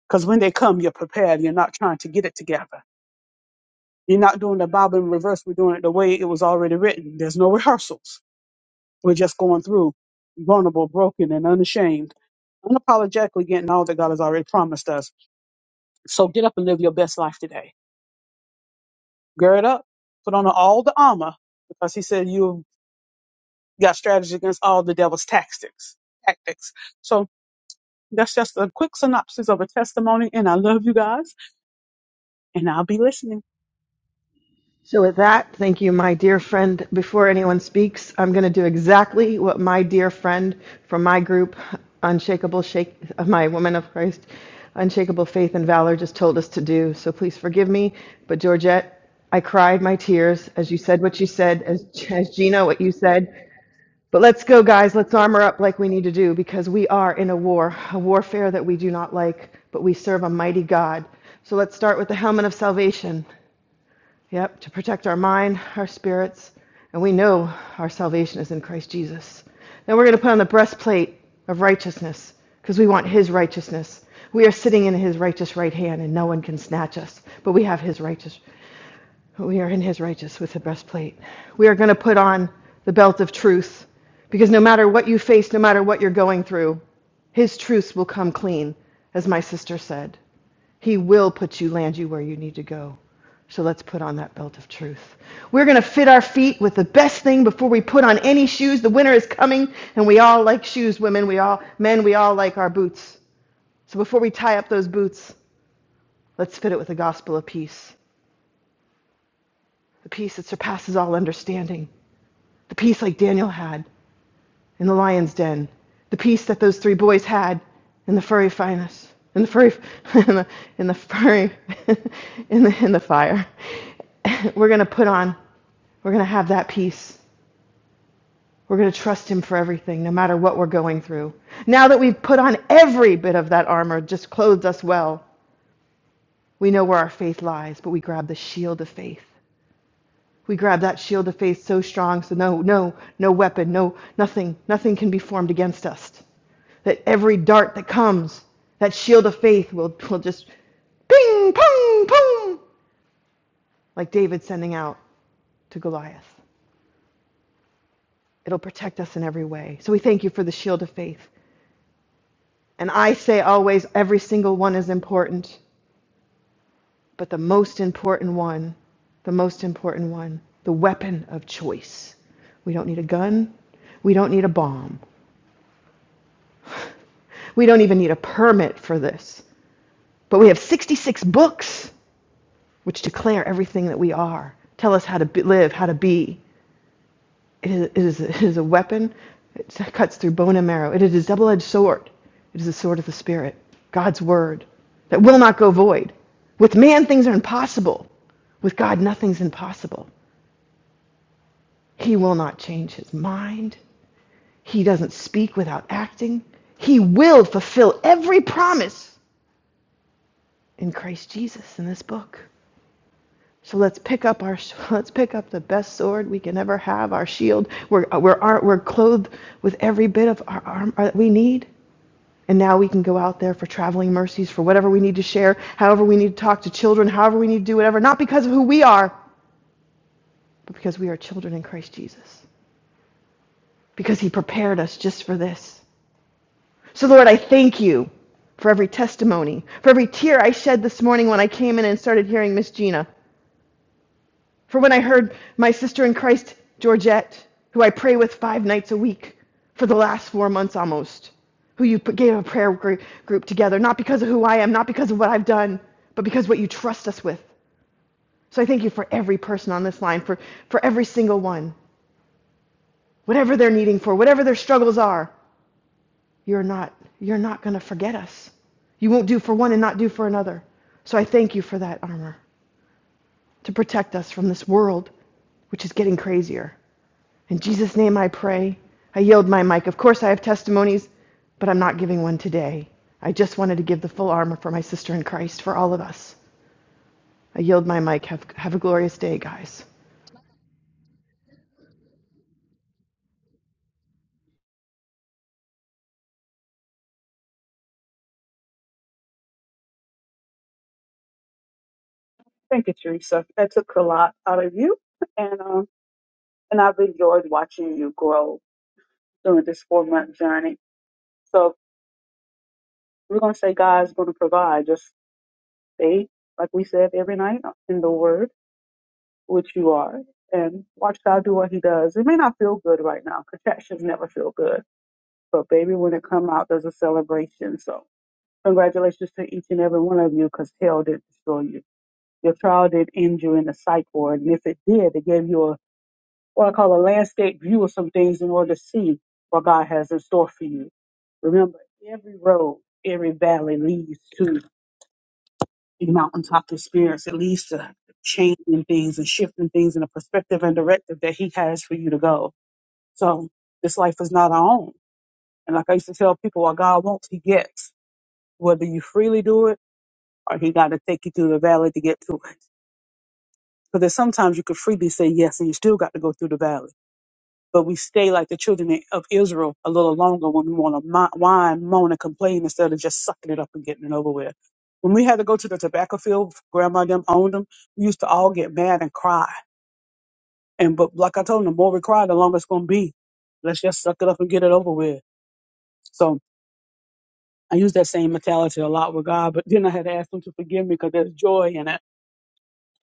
[SPEAKER 10] Because when they come, you're prepared. You're not trying to get it together. You're not doing the Bible in reverse. We're doing it the way it was already written. There's no rehearsals We're just going through, vulnerable, broken, and unashamed, unapologetically getting all that God has already promised us. So get up and live your best life today. Gird up, put on all the armor, because He said you've got strategy against all the devil's tactics. Tactics. So that's just a quick synopsis of a testimony, and I love you guys, and I'll be listening.
[SPEAKER 11] So, with that, thank you, my dear friend. Before anyone speaks, I'm going to do exactly what my dear friend from my group, Unshakable Shake, my Women of Christ, Unshakable Faith and Valor, just told us to do. So, please forgive me. But, Georgette, I cried my tears as you said what you said, as, as Gina, what you said. But let's go, guys. Let's armor up like we need to do because we are in a war, a warfare that we do not like, but we serve a mighty God. So let's start with the helmet of salvation. Yep, to protect our mind, our spirits, and we know our salvation is in Christ Jesus. Then we're going to put on the breastplate of righteousness because we want His righteousness. We are sitting in His righteous right hand, and no one can snatch us, but we have His righteous. We are in His righteous with the breastplate. We are going to put on the belt of truth because no matter what you face, no matter what you're going through, His truth will come clean, as my sister said. He will put you, land you where you need to go. So let's put on that belt of truth. We're going to fit our feet with the best thing before we put on any shoes. The winter is coming, and we all like shoes, women. We all, men, we all like our boots. So before we tie up those boots, let's fit it with the gospel of peace, the peace that surpasses all understanding, the peace like Daniel had in the lion's den, the peace that those three boys had in the furry finest, in the furry, [laughs] in the, in the furry, [laughs] in the, in the fire. [laughs] we're going to put on, we're going to have that peace. We're going to trust Him for everything, no matter what we're going through. Now that we've put on every bit of that armor, just clothed us well, we know where our faith lies, but we grab the shield of faith. We grab that shield of faith so strong, so no, no, no weapon, no, nothing, nothing can be formed against us. That every dart that comes, that shield of faith will, will just ping, pong, pong, like David sending out to Goliath. It'll protect us in every way. So we thank you for the shield of faith. And I say always, every single one is important, but the most important one, the most important one, the weapon of choice. We don't need a gun. We don't need a bomb. We don't even need a permit for this. But we have 66 books which declare everything that we are, tell us how to be, live, how to be. It is, it, is, it is a weapon. It cuts through bone and marrow. It is a double edged sword. It is the sword of the Spirit, God's word, that will not go void. With man, things are impossible. With God, nothing's impossible. He will not change his mind. He doesn't speak without acting. He will fulfill every promise in Christ Jesus in this book. So let's pick up our [laughs] let's pick up the best sword we can ever have, our shield. We're we're, we're clothed with every bit of our armor that we need. And now we can go out there for traveling mercies, for whatever we need to share, however we need to talk to children, however we need to do whatever, not because of who we are, but because we are children in Christ Jesus, because He prepared us just for this. So, Lord, I thank you for every testimony, for every tear I shed this morning when I came in and started hearing Miss Gina. For when I heard my sister in Christ, Georgette, who I pray with five nights a week for the last four months almost, who you gave a prayer group together, not because of who I am, not because of what I've done, but because what you trust us with. So I thank you for every person on this line, for, for every single one, whatever they're needing for, whatever their struggles are, you're not, you're not going to forget us. You won't do for one and not do for another. So I thank you for that armor to protect us from this world, which is getting crazier. In Jesus' name I pray. I yield my mic. Of course, I have testimonies, but I'm not giving one today. I just wanted to give the full armor for my sister in Christ, for all of us. I yield my mic. Have, have a glorious day, guys.
[SPEAKER 10] Thank you, Teresa. That took a lot out of you, and um, and I've enjoyed watching you grow during this four month journey. So we're gonna gonna say God's gonna provide. Just Stay, like we said, every night in the Word, which you are, and watch God do what He does. It may not feel good right now. Contractions never feel good, but baby, when it come out, there's a celebration. So congratulations to each and every one of you, because hell didn't destroy you. Your trial did end you in the psych ward, and if it did, it gave you a what I call a landscape view of some things in order to see what God has in store for you. Remember, every road, every valley leads to the mountaintop experience. It leads to changing things and shifting things in a perspective and directive that He has for you to go. So this life is not our own. And like I used to tell people, what God wants, He gets. Whether you freely do it or He got to take you through the valley to get to it. Because there's sometimes you could freely say yes and you still got to go through the valley. but we stay like the children of Israel a little longer when we want to whine, moan, and complain instead of just sucking it up and getting it over with. When we had to go to the tobacco field, grandma and them owned them, we used to all get mad and cry. And but like I told them, the more we cry, the longer it's going to be. Let's just suck it up and get it over with. So I use that same mentality a lot with God, but then I had to ask him to forgive me because there's joy in it.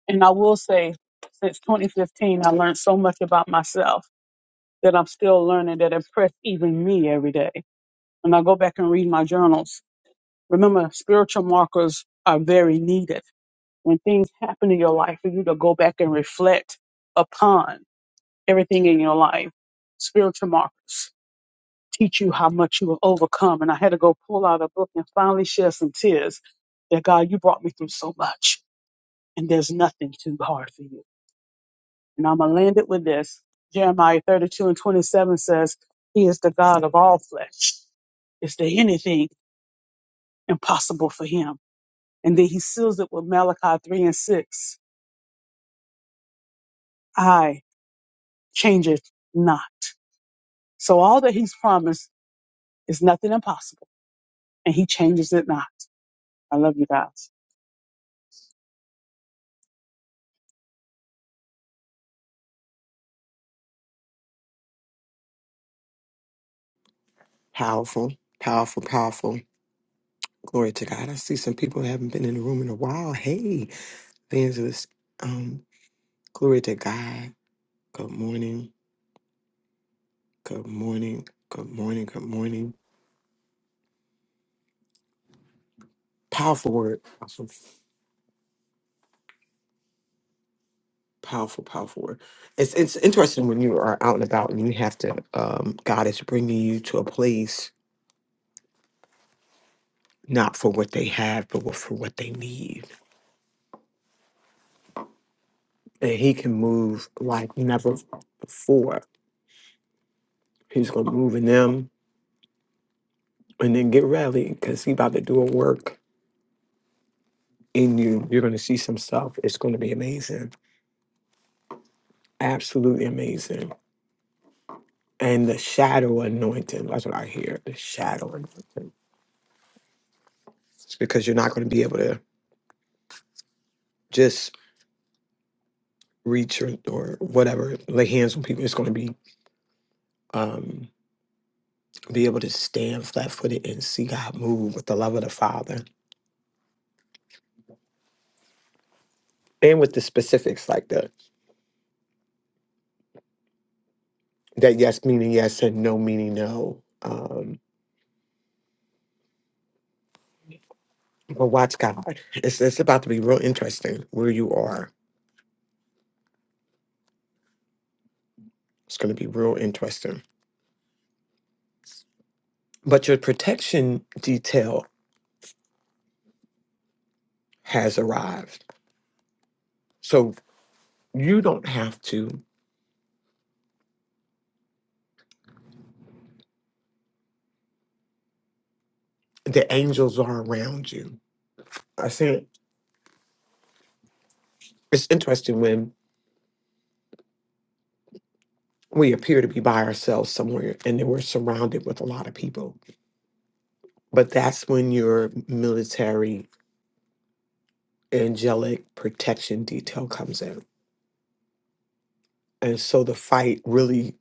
[SPEAKER 10] And I will say, since 2015, I learned so much about myself that I'm still learning that impress even me every day when I go back and read my journals. Remember, spiritual markers are very needed. When things happen in your life, for you to go back and reflect upon everything in your life, spiritual markers teach you how much you have overcome. And I had to go pull out a book and finally shed some tears that God, you brought me through so much, and there's nothing too hard for you. And I'm going to land it with this. Jeremiah 32 and 27 says, He is the God of all flesh. Is there anything impossible for Him? And then he seals it with Malachi 3 and 6. I change it not. So all that he's promised is nothing impossible. And he changes it not. I love you guys.
[SPEAKER 2] Powerful, powerful, powerful. Glory to God. I see some people haven't been in the room in a while. Hey. Evangelist, um, glory to God. Good morning. Good morning. Good morning. Good morning. Powerful word. Awesome. Powerful, powerful word. It's it's interesting when you are out and about and you have to. Um, God is bringing you to a place not for what they have, but what- for what they need, and He can move like never before. He's gonna move in them, and then get ready because He about to do a work in you. You're gonna see some stuff. It's gonna be amazing. Absolutely amazing and the shadow anointing. That's what I hear. The shadow anointing. It's because you're not going to be able to just reach or, or whatever, lay hands on people. It's going to be um be able to stand flat footed and see God move with the love of the Father and with the specifics like the that yes meaning yes and no meaning no. Um but watch God. It's it's about to be real interesting where you are. It's gonna be real interesting. But your protection detail has arrived. so. You don't have to. The angels are around you. I said it's interesting when we appear to be by ourselves somewhere and then we're surrounded with a lot of people. But that's when your military angelic protection detail comes in. And so the fight really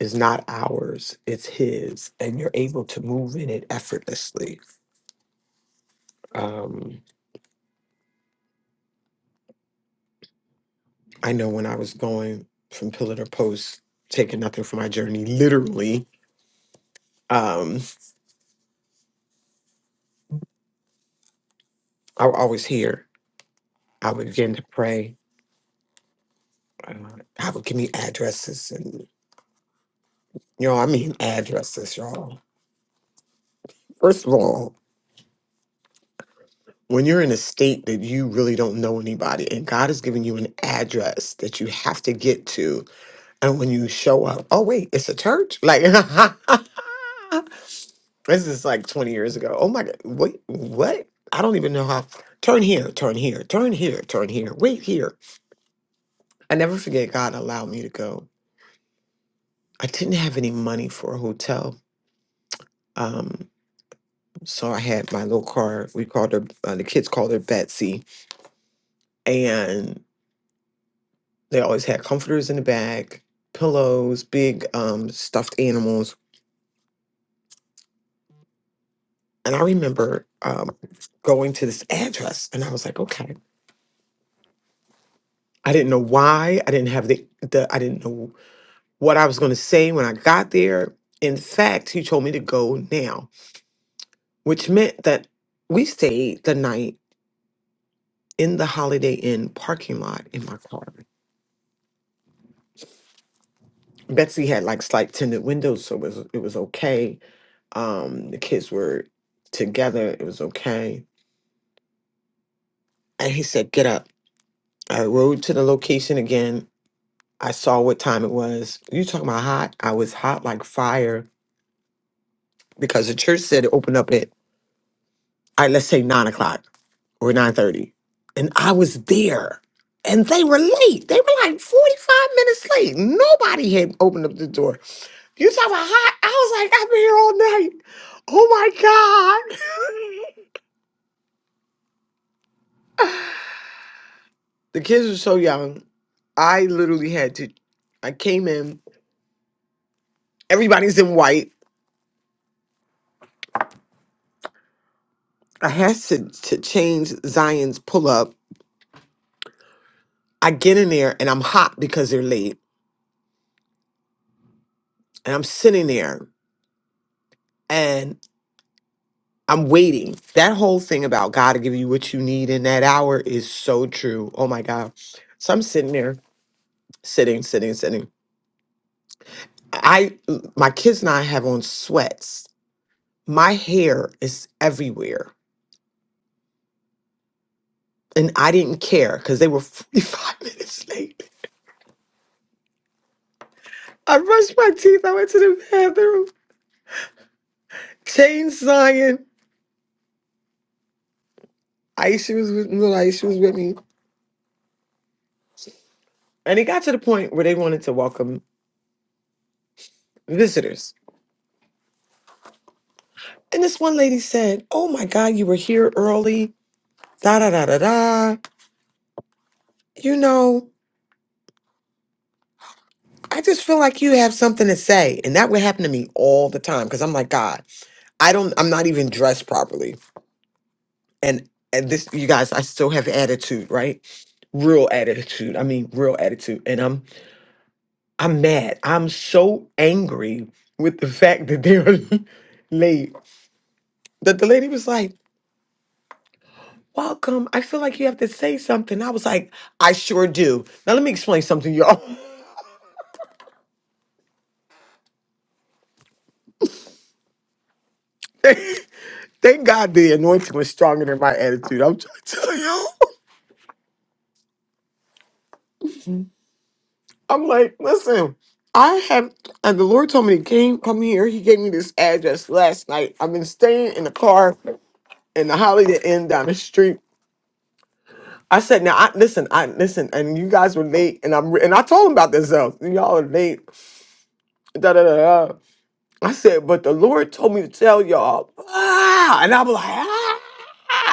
[SPEAKER 2] is not ours, it's his. And you're able to move in it effortlessly. Um, I know when I was going from pillar to post, taking nothing from my journey, literally, um, I would always hear. I would begin to pray. Uh, I would give me addresses, and you know, I mean addresses, y'all. First of all, when you're in a state that you really don't know anybody, and God has given you an address that you have to get to, and when you show up, oh wait, it's a church. Like [laughs] this is like 20 years ago. Oh my God, wait, what? I don't even know how. Turn here, turn here, turn here, turn here. Wait here. I never forget. God allowed me to go. I didn't have any money for a hotel. Um, So I had my little car. We called her, uh, the kids called her Betsy. And they always had comforters in the back, pillows, big um, stuffed animals. And I remember um, going to this address and I was like, okay. I didn't know why. I didn't have the, the I didn't know what I was going to say when I got there. In fact, he told me to go now, which meant that we stayed the night in the Holiday Inn parking lot in my car. Betsy had like slight tinted windows, so it was it was okay. Um, the kids were together, it was okay. And he said, "Get up." I rode to the location again. I saw what time it was. You talking about hot? I was hot like fire because the church said it opened up at, all right, let's say nine o'clock or nine thirty, and I was there. And they were late. They were like 45 minutes late. Nobody had opened up the door. You talking about hot? I was like, I've been here all night. Oh my god. [laughs] the kids were so young. I literally had to. I came in. Everybody's in white. I had to to change Zion's pull up. I get in there and I'm hot because they're late and I'm there. and I'm waiting. that whole hour there sitting, sitting, sitting. I my kids and I have on sweats. My is air, and I didn't care because they were 45 [laughs] minutes late. I brushed my teeth. I went to the bathroom. Chain Zion. Aisha was with little Aisha was with me. And it got to the point where they wanted to welcome visitors. And this one lady said, Oh my God, you were here early. Da da da da da. You know, I just feel like you have something to say. And that would happen to me all the time. Cause I'm like, God, I don't I'm not even dressed properly. And and this you guys, I still have attitude, right? Real attitude. I mean real attitude. And I'm I'm mad. I'm so angry with the fact that they're [laughs] late. That the lady was like, Welcome. I feel like you have to say something. I was like, I sure do. Now let me explain something, y'all. [laughs] Thank God the anointing was stronger than my attitude. I'm [laughs] trying to tell y'all. I'm like, listen, I have and the Lord told me to came come here. He gave me this address last night. I've been staying in the car in the Holiday Inn down the street I said, now I listen, I listen, and you guys were late, and I'm re- and I told them about this though. Y'all are late. Da da da da. I said, but the Lord told me to tell y'all, ah, and I'm like, ah,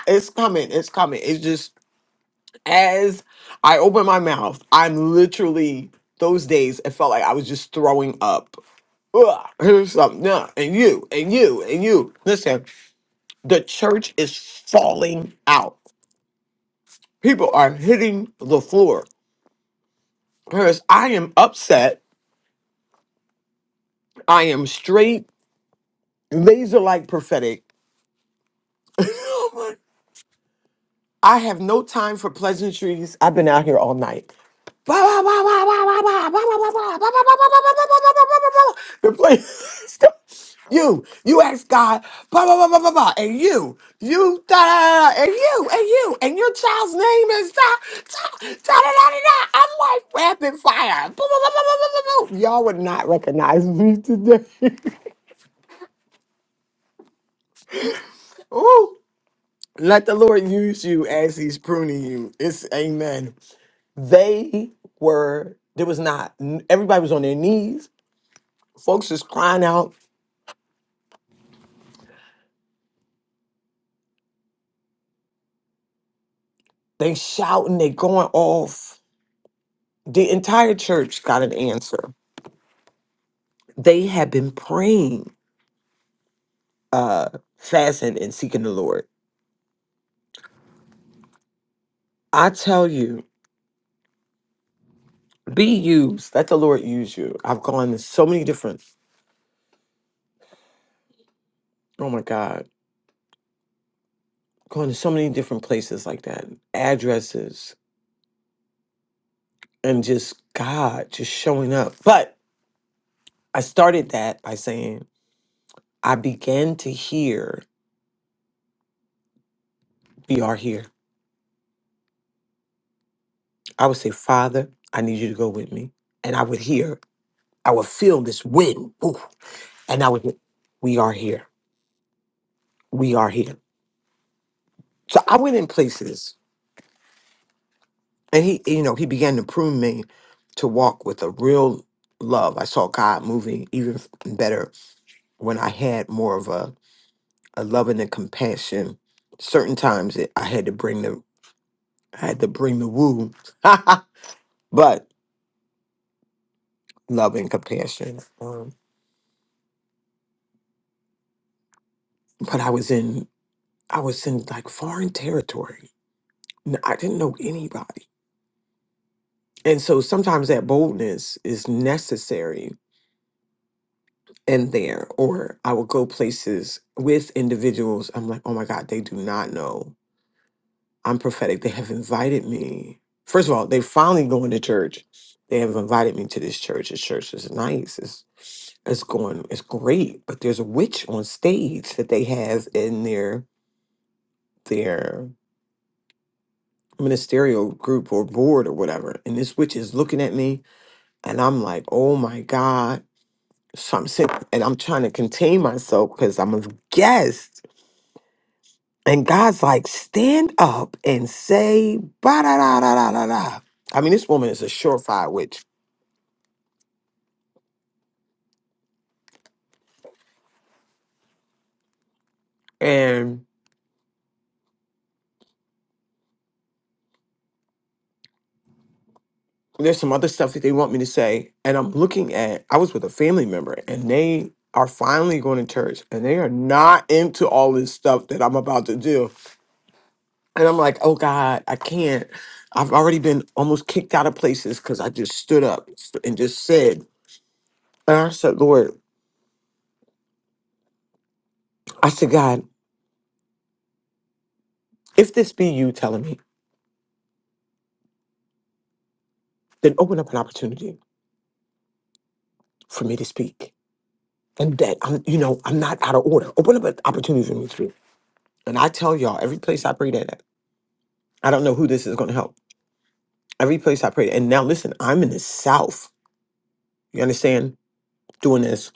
[SPEAKER 2] it's coming, it's coming. It's just as I open my mouth, I'm literally those days. It felt like I was just throwing up. Ugh, here's something, yeah, and you, and you, and you. Listen, the church is falling out. People are hitting the floor. Because I am upset I am straight, laser like prophetic. [laughs] I have no time for pleasantries. I've been out here all night. The place. You, you ask God, blah, blah, blah, blah, blah, blah, and you, you, da, da, da, da, and you, and you, and your child's name is da, da, da, da, da, da, da. I'm like rapid fire. Blah, blah, blah, blah, blah, blah, blah, blah. Y'all would not recognize me today. [laughs] Ooh. Let the Lord use you as He's pruning you. It's amen. They were, there was not, everybody was on their knees. Folks was crying out, they shouting, they going off. The entire church got an answer. They had been praying, uh, fasting, and seeking the Lord. I tell you, be used. Let the Lord use you. I've gone to so many different, oh my God, gone to so many different places like that, addresses, and just God just showing up. But I started that by saying, I began to hear BR here. I would say, Father, I need you to go with me. And I would hear, I would feel this wind. woo, and I would hear, we are here. We are here. So I went in places and he, you know, he began to prune me to walk with a real love. I saw God moving even f- better when I had more of a, a loving and compassion. Certain times it, I had to bring the, I had to bring the woo. [laughs] but love and compassion. Um, but I was in I was in like foreign territory. N- I didn't know anybody, and so sometimes that boldness is necessary in there. Or I will go places with individuals. I'm like, oh my god, they do not know I'm prophetic. They have invited me. First of all, they finally going to church. They have invited me to this church. This church is nice. It's it's going. It's great. But there's a witch on stage that they have in their there. ministerial group or board or whatever, and this witch is looking at me, and I'm like, oh my God. So I'm sitting and I'm trying to contain myself because I'm a guest. And God's like, stand up and say, ba da da da da da da. I mean, this woman is a surefire witch. And there's some other stuff that they want me to say. And I'm looking at, I was with a family member, and they are finally going to church, and they are not into all this stuff that I'm about to do And I'm like, oh God, I can't. I've already been almost kicked out of places because I just stood up and just said, and I said, Lord, I said, God, if this be you telling me, then open up an opportunity for me to speak. And that I'm, you know, I'm not out of order. Open up an opportunity for me to speak. And I tell y'all, every place I prayed at, I don't know who this is going to help. Every place I prayed. And now listen, I'm in the South. You understand? Doing this.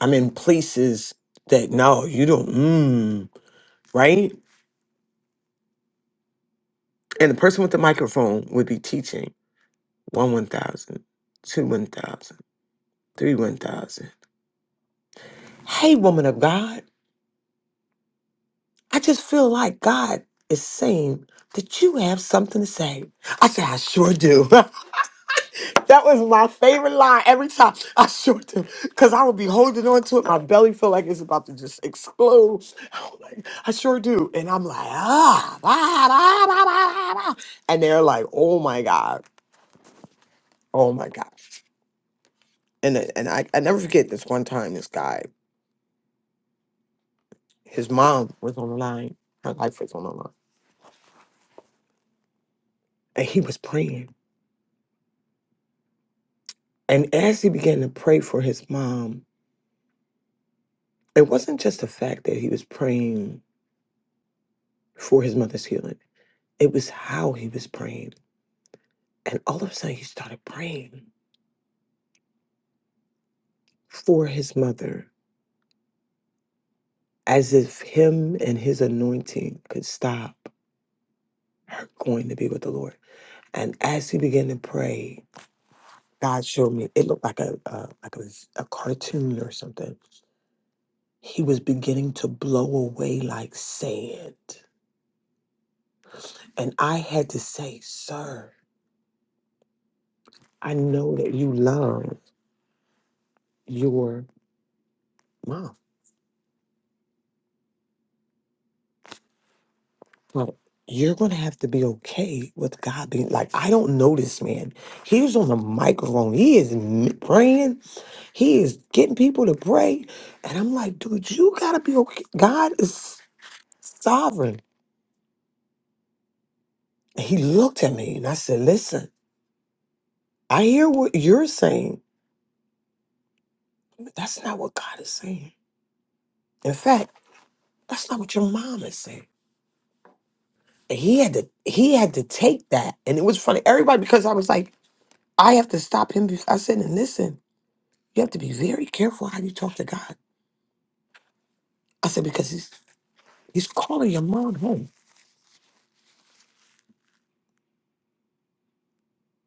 [SPEAKER 2] I'm in places that, no, you don't, mm, right? And the person with the microphone would be teaching one one thousand, two one thousand, three one thousand. Hey, woman of God, I just feel like God is saying that you have something to say. I said, I sure do. [laughs] that was my favorite line every time. I sure do. Because I would be holding on to it. My belly feel like it's about to just explode. [laughs] Like, I sure do. And I'm like, ah, ah, ah, ah, ah, ah. ah. and they're like, oh my God. Oh my God. and and I, I never forget this one time this guy his mom was on the line her life was on the line and he was praying and as he began to pray for his mom it wasn't just the fact that he was praying for his mother's healing it was how he was praying and all of a sudden he started praying for his mother as he could stop her going to be with the lord and as he began to pray god showed me it looked like a uh, like a, a cartoon or something He was beginning to blow away like sand. And I had to say, Sir, I know that you love your mom, but you're going to have to be okay with God being like, I don't know this man. He was on the microphone. He is m- praying. He is getting people to pray. And I'm like, dude, you got to be okay. God is sovereign. And he looked at me and I said, Listen, I hear what you're saying. but That's not what God is saying. In fact, That's not what your mom is saying. And he had to he had to take that. And it was funny. Everybody because I was like, I have to stop him because I said, and listen, you have to be very careful how you talk to God. I said, because he's he's calling your mom home.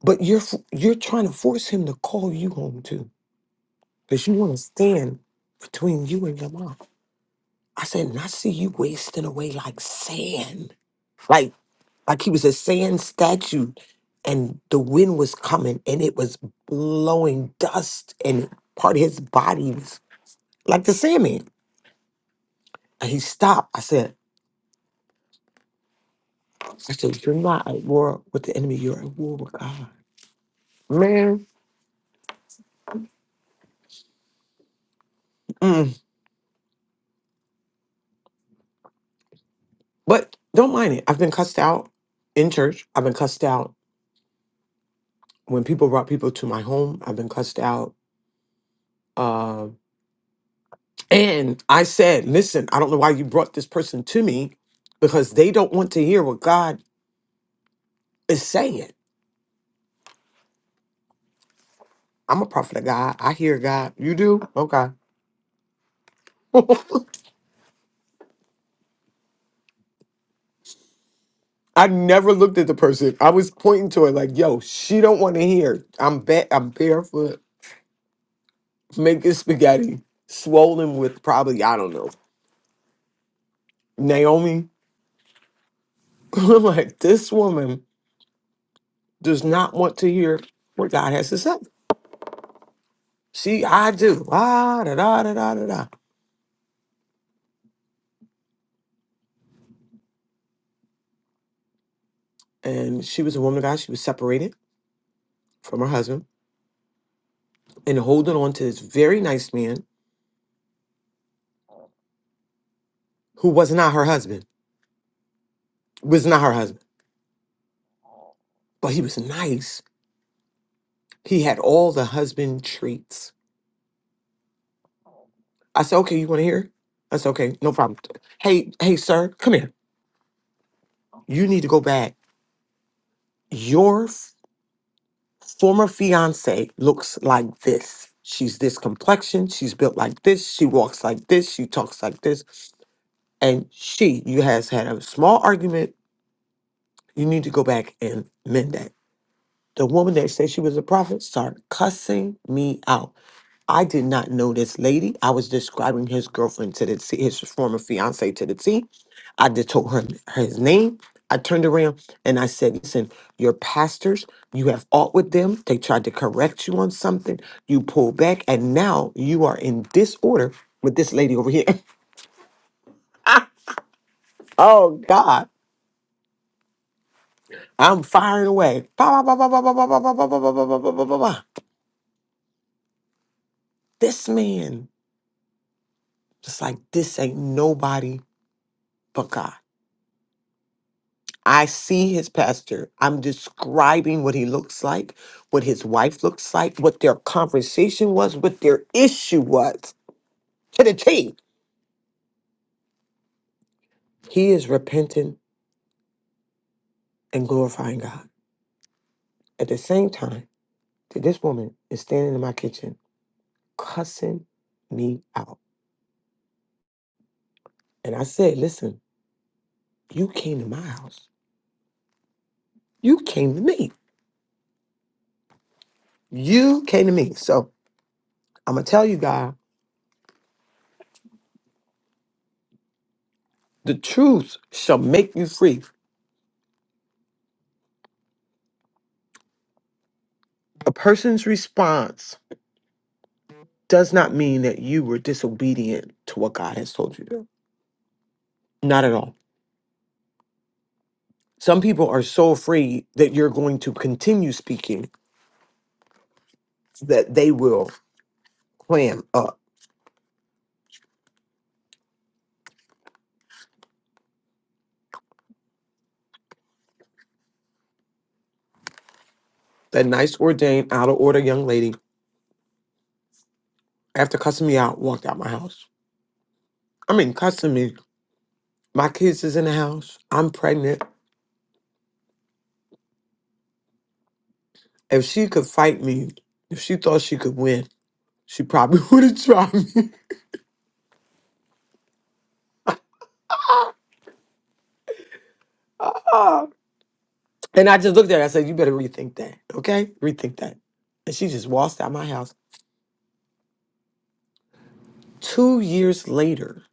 [SPEAKER 2] But you're f- you're trying to force him to call you home too. Because you want to stand between you and your mom. I said, and I see you wasting away like sand. Like, like he was a sand statue and the wind was coming and it was blowing dust and part of his body was like the sandman. And he stopped. I said, I said, you're not at war with the enemy, you're at war with God. Mm. But don't mind it. I've been cussed out in church. I've been cussed out when people brought people to my home. I've been cussed out. Uh, and I said, listen, I don't know why you brought this person to me because they don't want to hear what God is saying I'm a prophet of God. I hear God. You do? Okay. I never looked at the person. I was pointing to her like, yo, she don't want to hear. I'm ba- I'm barefoot, making spaghetti, swollen with probably, I don't know, Naomi. [laughs] I'm like, this woman does not want to hear what God has to say. She, I do. Ah, da, da, da, da, da, da. And she was a woman of God. She was separated from her husband and holding on to this very nice man who was not her husband, was not her husband, but he was nice He had all the husband treats. I said, okay, you want to hear? I said, okay, no problem. Hey, hey, sir, come here. You need to go back. Your f- former fiance looks like this. She's this complexion. She's built like this. She walks like this. She talks like this. And she, you has had a small argument. You need to go back and mend that. The woman that said she was a prophet started cussing me out. I did not know this lady. I was describing his girlfriend to the T, his former fiance to the T. I just told her his name. I turned around and I said, Listen, your pastors, you have aught with them. They tried to correct you on something. You pulled back, and now you are in disorder with this lady over here. [laughs] oh, God. I'm firing away. Ba, ba, ba, ba, ba, ba, ba, ba, ba, ba, ba, ba, ba, ba, ba, ba, ba, This man, just like, this ain't nobody but God. I see his pastor. I'm describing what he looks like, what his wife looks like, what their conversation was, what their issue was to the T. He is repenting and glorifying God. At the same time, that this woman is standing in my kitchen cussing me out. And I said, Listen, you came to my house. You came to me. You came to me. So I'm going to tell you, God, the truth shall make you free. A person's response does not mean that you were disobedient to what God has told you to do. Not at all. Some people are so afraid that you're going to continue speaking that they will clam up. That nice ordained, out of order young lady, after cussing me out, walked out my house. I mean, cussing me. My kids is in the house. I'm pregnant. If she could fight me, if she thought she could win, she probably [laughs] would have tried me. [laughs] and I just looked at her. I said, "You better rethink that, okay? Rethink that." And she just waltzed out my house. Two years later,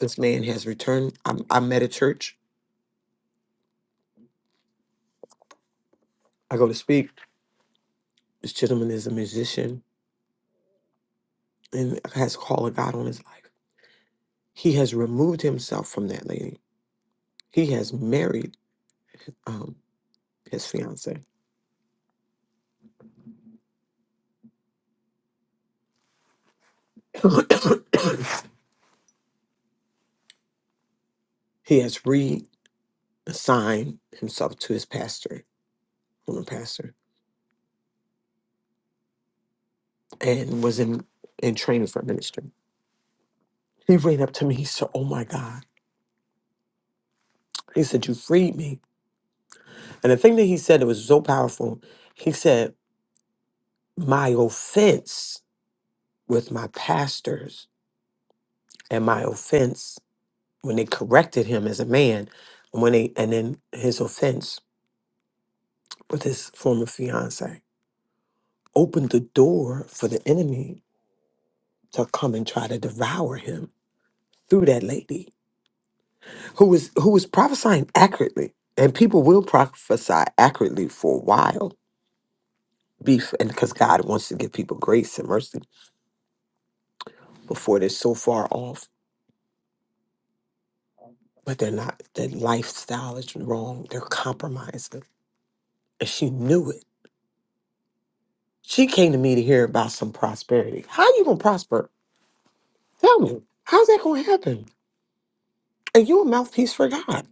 [SPEAKER 2] this man has returned. I'm, I'm at a church. I go to speak. This gentleman is a musician and has a call of God on his life. He has removed himself from that lady. He has married um, his fiance. [coughs] he has reassigned himself to his pastor, former pastor, and was in, in training for ministry. He ran up to me. He said, Oh my God. He said, You freed me. And the thing that he said that was so powerful, he said, my offense with my pastors and my offense when they corrected him as a man and when they and then his offense with his former fiance opened the door for the enemy to come and try to devour him through that lady who was who was prophesying accurately and people will prophesy accurately for a while beef and because god wants to give people grace and mercy before they're so far off but they're not. Their lifestyle is wrong. They're compromising. And she knew it. She came to me to hear about some prosperity. How you gonna prosper? Tell me. How's that gonna happen? And you a mouthpiece for God.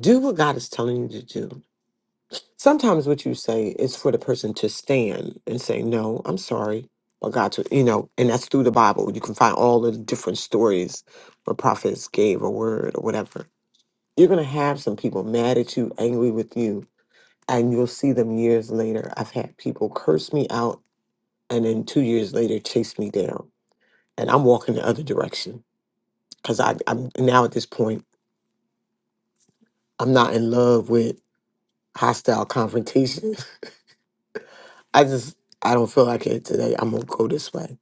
[SPEAKER 2] Do what God is telling you to do. Sometimes what you say is for the person to stand and say, No, I'm sorry. But God to you know, and that's through the Bible. You can find all the different stories where prophets gave a word or whatever. You're gonna have some people mad at you, angry with you, and you'll see them years later. I've had people curse me out and then two years later chase me down. And I'm walking the other direction because I'm now at this point, I'm not in love with hostile confrontation. [laughs] I just, I don't feel like it today. I'm going to go this way.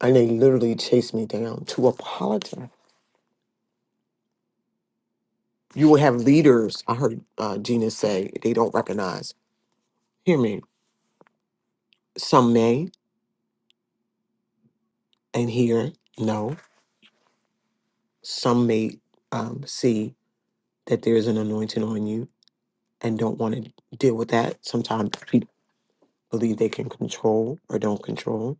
[SPEAKER 2] And they literally chase me down to apologize. You will have leaders, I heard uh, Gina say, they don't recognize. Hear me. Some may and hear no. Some may um, see that there's an anointing on you and don't want to deal with that. Sometimes people believe they can control or don't control.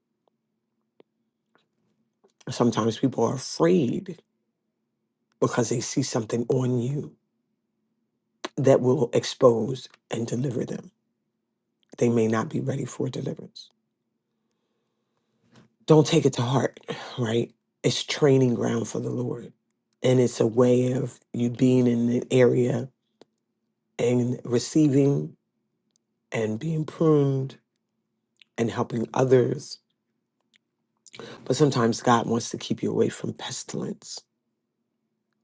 [SPEAKER 2] Sometimes people are afraid because they see something on you that will expose and deliver them. They may not be ready for deliverance. Don't take it to heart, right? It's training ground for the Lord. And it's a way of you being in an area and receiving and being pruned and helping others. But sometimes God wants to keep you away from pestilence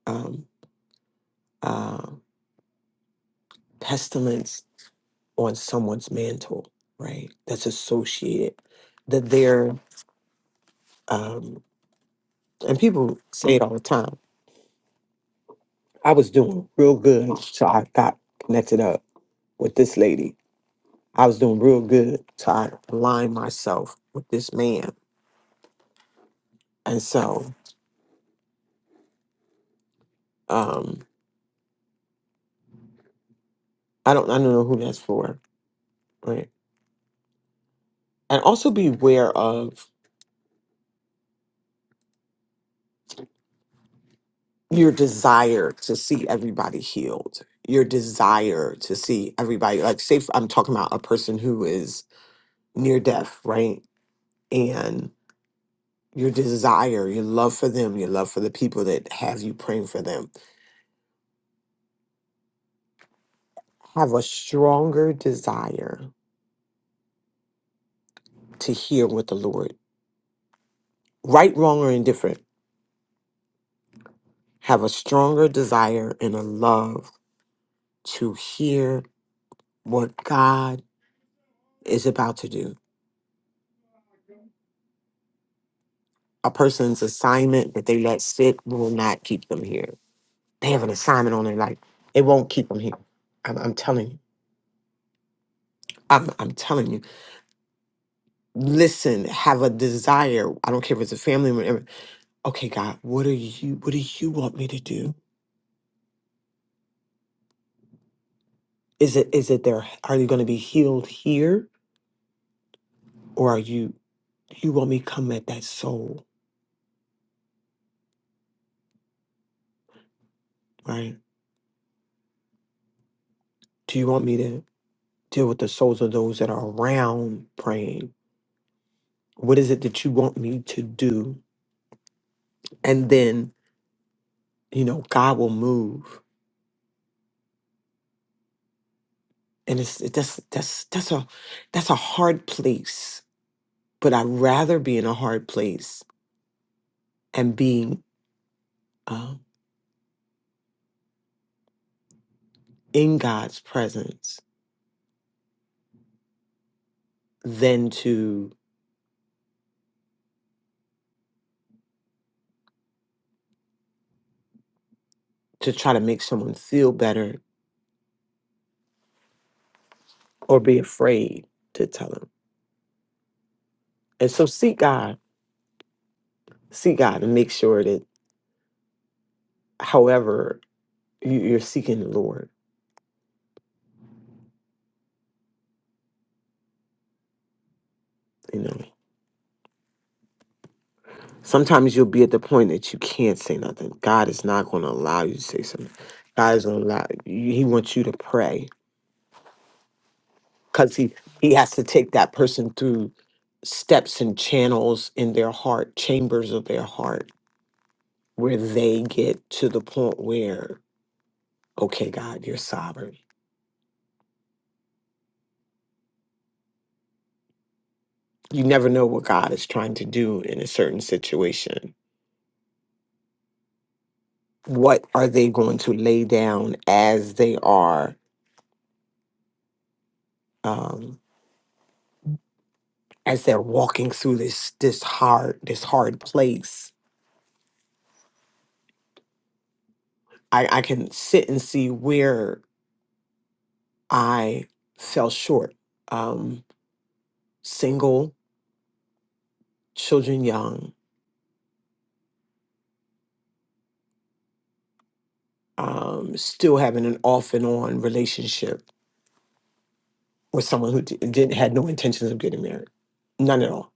[SPEAKER 2] um, uh, pestilence on someone's mantle, right? That's associated that they're um, and people say it all the time. I was doing real good, so I got connected up with this lady. I was doing real good, so I aligned myself with this man, and so um, I don't I don't know who that's for, right? And also beware of your desire to see everybody healed, your desire to see everybody, like, say, i I'm talking about a person who is near death, right? And your desire, your love for them, your love for the people that have you praying for them, have a stronger desire to hear what the Lord, right, wrong, or indifferent, have a stronger desire and a love to hear what God is about to do. A person's assignment that they let sit will not keep them here They have an assignment on their life. It won't keep them here. I'm, I'm telling you. I'm, I'm telling you. Listen, have a desire. I don't care if it's a family member. Okay, God, what are you? What do you want me to do? Is it? Is it there? Are you going to be healed here, or are you? You want me to come at that soul, right? Do you want me to deal with the souls of those that are around praying? What is it that you want me to do? And then you know, God will move. and it's it- that's that's that's a that's a hard place but i'd rather be in a hard place and being um, in god's presence than to to try to make someone feel better or be afraid to tell him and so seek god seek god and make sure that however you, you're seeking the lord you know sometimes you'll be at the point that you can't say nothing god is not going to allow you to say something god is going to allow he wants you to pray because he he has to take that person through steps and channels in their heart chambers of their heart where they get to the point where okay god you're sovereign you never know what god is trying to do in a certain situation what are they going to lay down as they are um as they're walking through this this hard this hard place i i can sit and see where i fell short um single children young, um, still having an off and on relationship with someone who di- didn't had no intentions of getting married, none at all.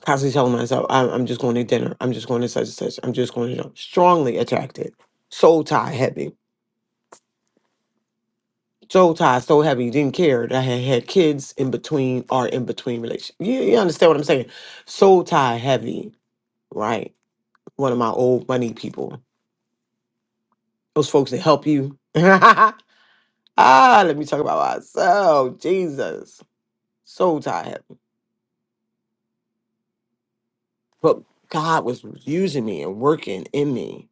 [SPEAKER 2] Constantly telling myself, I'm, I'm just going to dinner. I'm just going to such and such. I'm just going to strongly attracted, soul tie heavy, soul tie so heavy. Didn't care that I had had kids in between or in between relations. You, you understand what I'm saying? Soul tie heavy, right? One of my old money people, those folks that help you. [laughs] ah, let me talk about myself. Jesus so tired. But God was using me and working in me.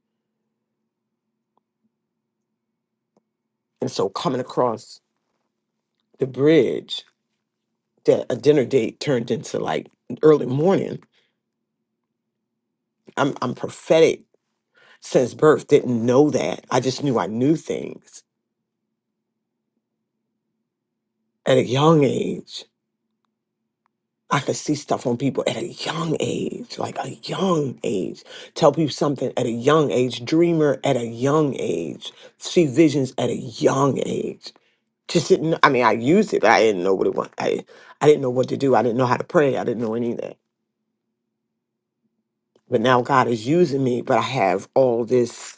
[SPEAKER 2] And so coming across the bridge that a dinner date turned into like early morning. I'm I'm prophetic since birth, didn't know that. I just knew I knew things at a young age. I could see stuff on people at a young age, like a young age. Tell people something at a young age, dreamer at a young age, see visions at a young age Just didn't. know- I mean, I used it, but I didn't know what it was. I I didn't know what to do. I didn't know how to pray. I didn't know any of that. But now God is using me, but I have all this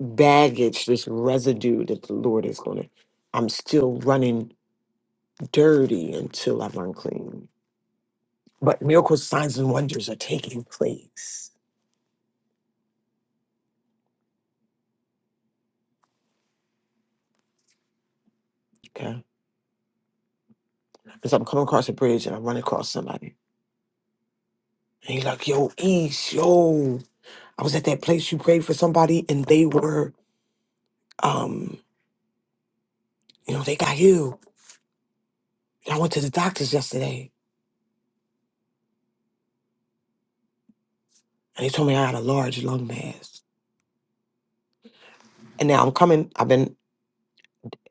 [SPEAKER 2] baggage, this residue that the Lord is going to. I'm still running dirty until I'm unclean. But miracles, signs, and wonders are taking place. Okay. Because I'm coming across a bridge and I run across somebody. And he's like, yo, East, yo. I was at that place you prayed for somebody and they were, um, you know, they got healed And I went to the doctors yesterday and they told me I had a large lung mass. And now I'm coming, I've been,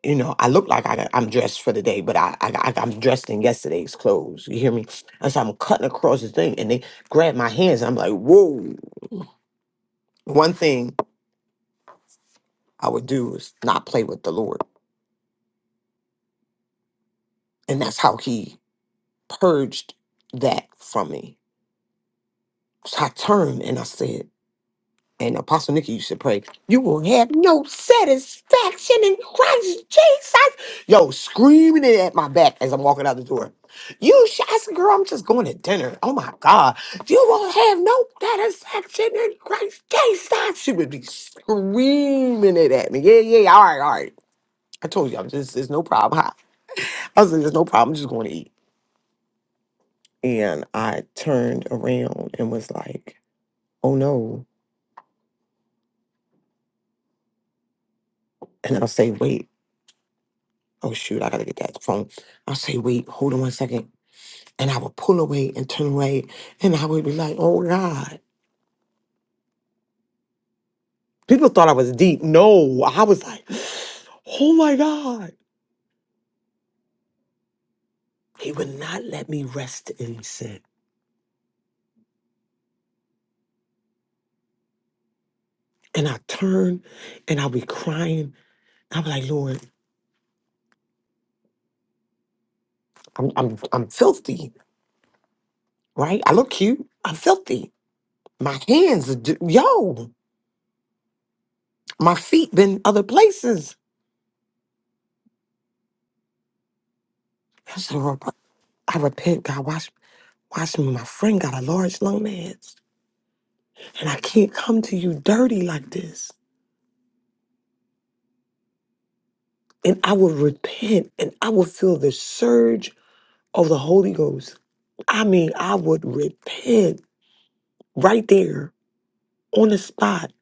[SPEAKER 2] you know, I look like I got, I'm dressed for the day, but I, I, I, I'm dressed in yesterday's clothes. You hear me? And so I'm cutting across the thing and they grab my hands and I'm like, whoa. One thing I would do is not play with the Lord. And that's how he purged that from me. So I turned and I said, and Apostle Nikki used to pray, you will have no satisfaction in Christ Jesus. Yo, screaming it at my back as I'm walking out the door. You, sh- I said, girl, I'm just going to dinner. Oh my God. You will have no satisfaction in Christ Jesus. She would be screaming it at me. Yeah, yeah, yeah. all right, all right. I told you, I'm just, there's no problem. I, I was like, there's no problem. I'm just going to eat. And I turned around and was like, oh no. And I'll say, wait. oh shoot, I gotta get that phone. I say, wait, hold on one second. And I would pull away and turn away. And I would be like, oh God. People thought I was deep. No, I was like, oh my God. He would not let me rest in sin. And I turned and I'd be crying. I'd be like, Lord, I'm I'm I'm filthy, right? I look cute. I'm filthy. My hands, are d- yo, my feet been other places. I said, "Lord, I repent, God. Watch me, my friend got a large loan ads, and I can't come to you dirty like this. And I would repent, and I would feel the surge of the Holy Ghost. I mean, I would repent right there on the spot.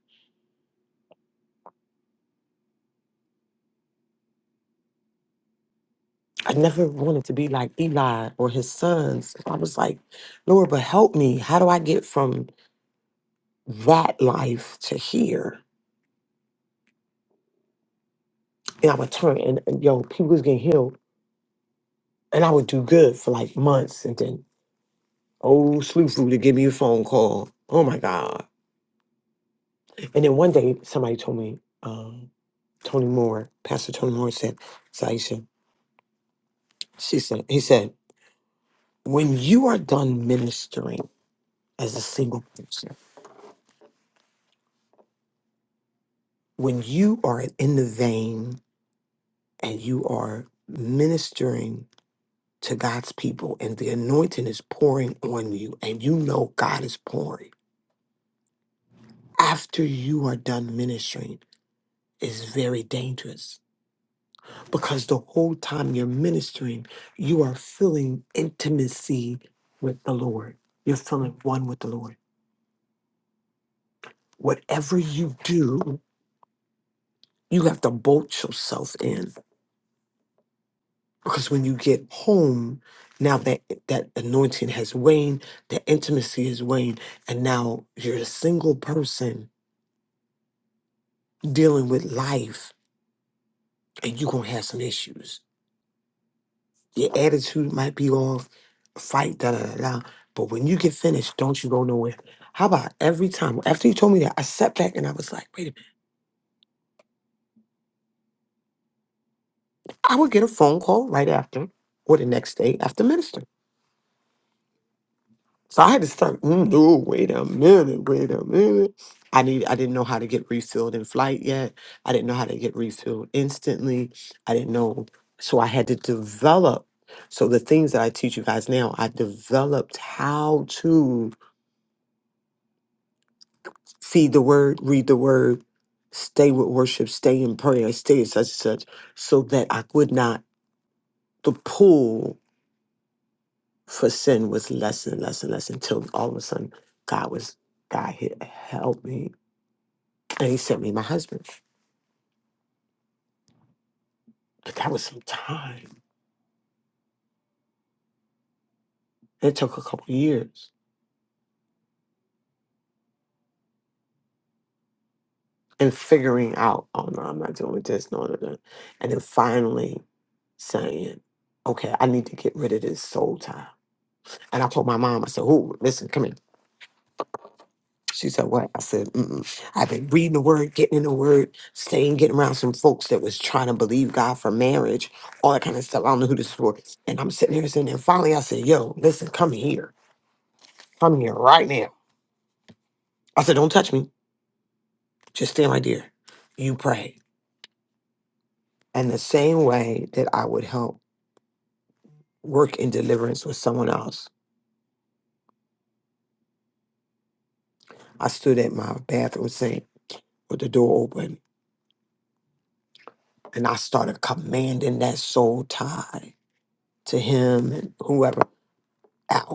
[SPEAKER 2] I never wanted to be like Eli or his sons. I was like, Lord, but help me. How do I get from that life to here? And I would turn, and, and yo, people was getting healed, and I would do good for like months, and then Old slew foo to give me a phone call. Oh my God. And then one day somebody told me, um, Tony Moore, Pastor Tony Moore said, Saisha, she said, he said, when you are done ministering as a single person, when you are in the vein and you are ministering to God's people and the anointing is pouring on you and you know God is pouring, after you are done ministering, is very dangerous because the whole time you're ministering, you are feeling intimacy with the Lord. You're feeling one with the Lord. Whatever you do, you have to bolt yourself in because when you get home, now that that anointing has waned, the intimacy has waned, and now you're a single person dealing with life, and you're gonna have some issues Your attitude might be off, fight, da da da da. But when you get finished, don't you go nowhere. How about every time? After you told me that, I sat back and I was like, wait a minute. I would get a phone call right after or the next day after ministering. So I had to start, mm, no, wait a minute, wait a minute. I need I didn't know how to get refilled in flight yet. I didn't know how to get refilled instantly. I didn't know. So I had to develop. So the things that I teach you guys now, I developed how to See the word, read the word, stay with worship, stay in prayer, stay in such and such, so that I would not, the pull for sin was less and less and less until all of a sudden God was, God hit, helped me and he sent me my husband. But that was some time. It took a couple years and figuring out, oh no, I'm not doing this, no, no, no. And then finally saying, okay, I need to get rid of this soul tie. And I told my mom, I said, oh, listen, come here. She said, What? I said, Mm-mm. I've been reading the word, getting in the word, staying, getting around some folks that was trying to believe God for marriage, all that kind of stuff. I don't know who this was. And I'm sitting here sitting there. And finally, I said, Yo, listen, come here. Come here right now. I said, Don't touch me. Just stand right there. You pray. And the same way that I would help work in deliverance with someone else, I stood at my bathroom sink with the door open and I started commanding that soul tie to him and whoever out.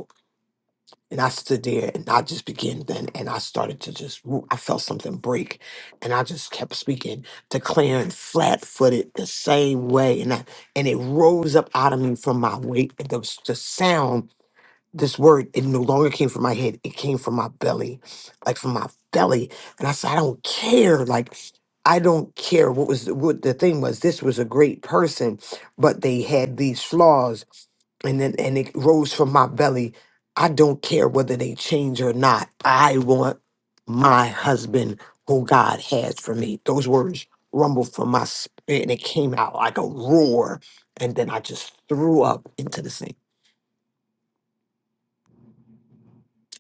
[SPEAKER 2] And I stood there and I just began then and I started to just woo, I felt something break. And I just kept speaking, declaring flat footed the same way. And I, and it rose up out of me from my weight. And the, the sound this word, it no longer came from my head. It came from my belly, like from my belly. And I said, I don't care. Like, I don't care what was what the thing was. This was a great person, but they had these flaws and then and it rose from my belly. I don't care whether they change or not. I want my husband who God has for me. Those words rumbled from my spirit and it came out like a roar. And then I just threw up into the sink.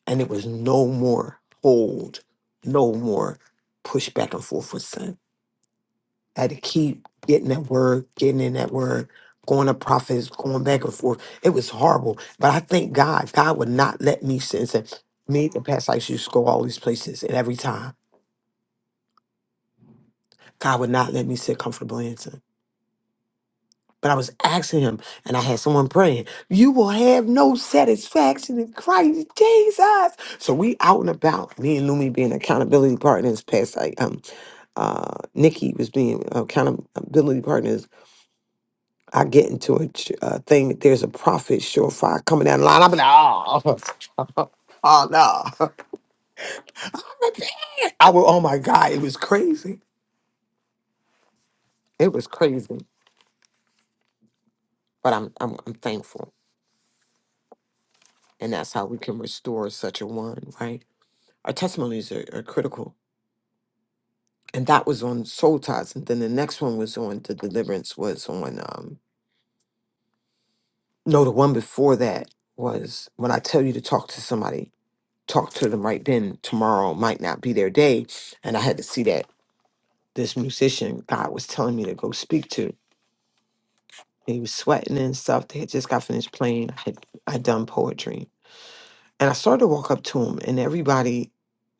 [SPEAKER 2] and it was no more hold, no more push back and forth with sin. I had to keep getting that word, getting in that word, going to prophets, going back and forth. It was horrible. But I thank God, God would not let me sit and say, me, the past life used to go all these places, and every time, God would not let me sit comfortably in sin. But I was asking him, and I had someone praying, You will have no satisfaction in Christ Jesus. So we out and about, me and Lumi being accountability partners, past life. uh, Nikki was being accountability partners, I get into a ch- uh, thing that there's a profit surefire coming down the line. I'm like, oh, [laughs] oh no. [laughs] I was, oh my God, it was crazy. It was crazy. But I'm, I'm, I'm thankful. And that's how we can restore such a one, right? Our testimonies are, are critical. And that was on Soul Ties. And then the next one was on The Deliverance was on, um, no, the one before that was when I tell you to talk to somebody talk to them right then. Tomorrow might not be their day. And I had to see that this musician God was telling me to go speak to. He was sweating and stuff. They had just got finished playing. I had I done poetry. And I started to walk up to him and everybody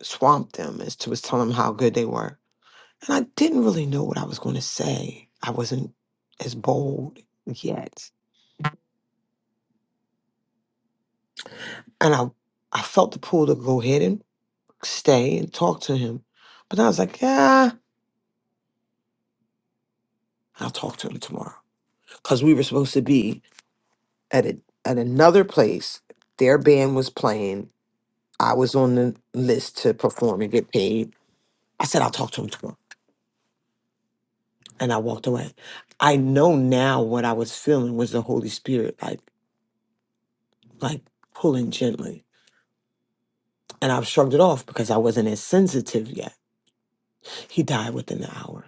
[SPEAKER 2] swamped them as to was telling them how good they were. And I didn't really know what I was going to say. I wasn't as bold yet. And I I felt the pull to go ahead and stay and talk to him. But I was like, yeah, I'll talk to him tomorrow. because we were supposed to be at a, at another place. Their band was playing. I was on the list to perform and get paid. I said, I'll talk to him tomorrow. And I walked away. I know now what I was feeling was the Holy Spirit, like, like pulling gently. And I've shrugged it off because I wasn't as sensitive yet. He died within the hour.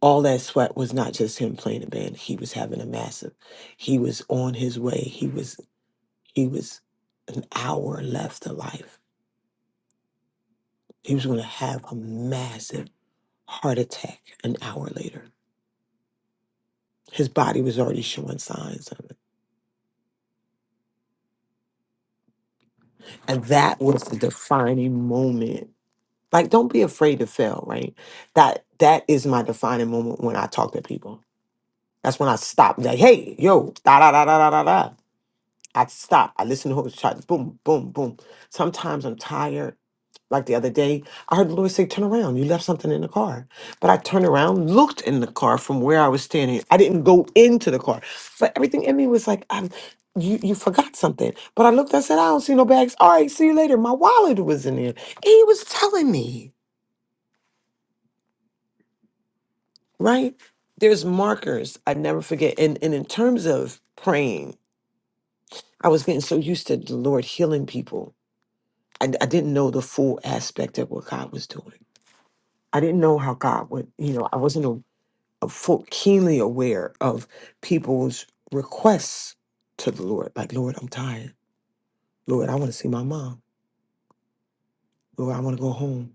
[SPEAKER 2] All that sweat was not just him playing the band. He was having a massive. He was on his way. He was he was an hour left to life He was going to have a massive heart attack an hour later. His body was already showing signs of it. And that was the defining moment. Like, don't be afraid to fail, right? That that is my defining moment when I talk to people. That's when I stop. Like, hey, yo, da da da da da da da. I stop. I listen to whole trying. Boom, boom, boom. Sometimes I'm tired. Like the other day, I heard the Lord say, Turn around. You left something in the car. But I turned around, looked in the car from where I was standing. I didn't go into the car. But everything in me was like, I'm, you, you forgot something. But I looked, I said, I don't see no bags. All right, see you later. My wallet was in there. And he was telling me, right? There's markers I never forget. And, and in terms of praying, I was getting so used to the Lord healing people. I, I didn't know the full aspect of what God was doing. I didn't know how God would, you know, I wasn't full, keenly aware of people's requests to the Lord. Like, Lord, I'm tired. Lord, I want to see my mom. Lord, I want to go home.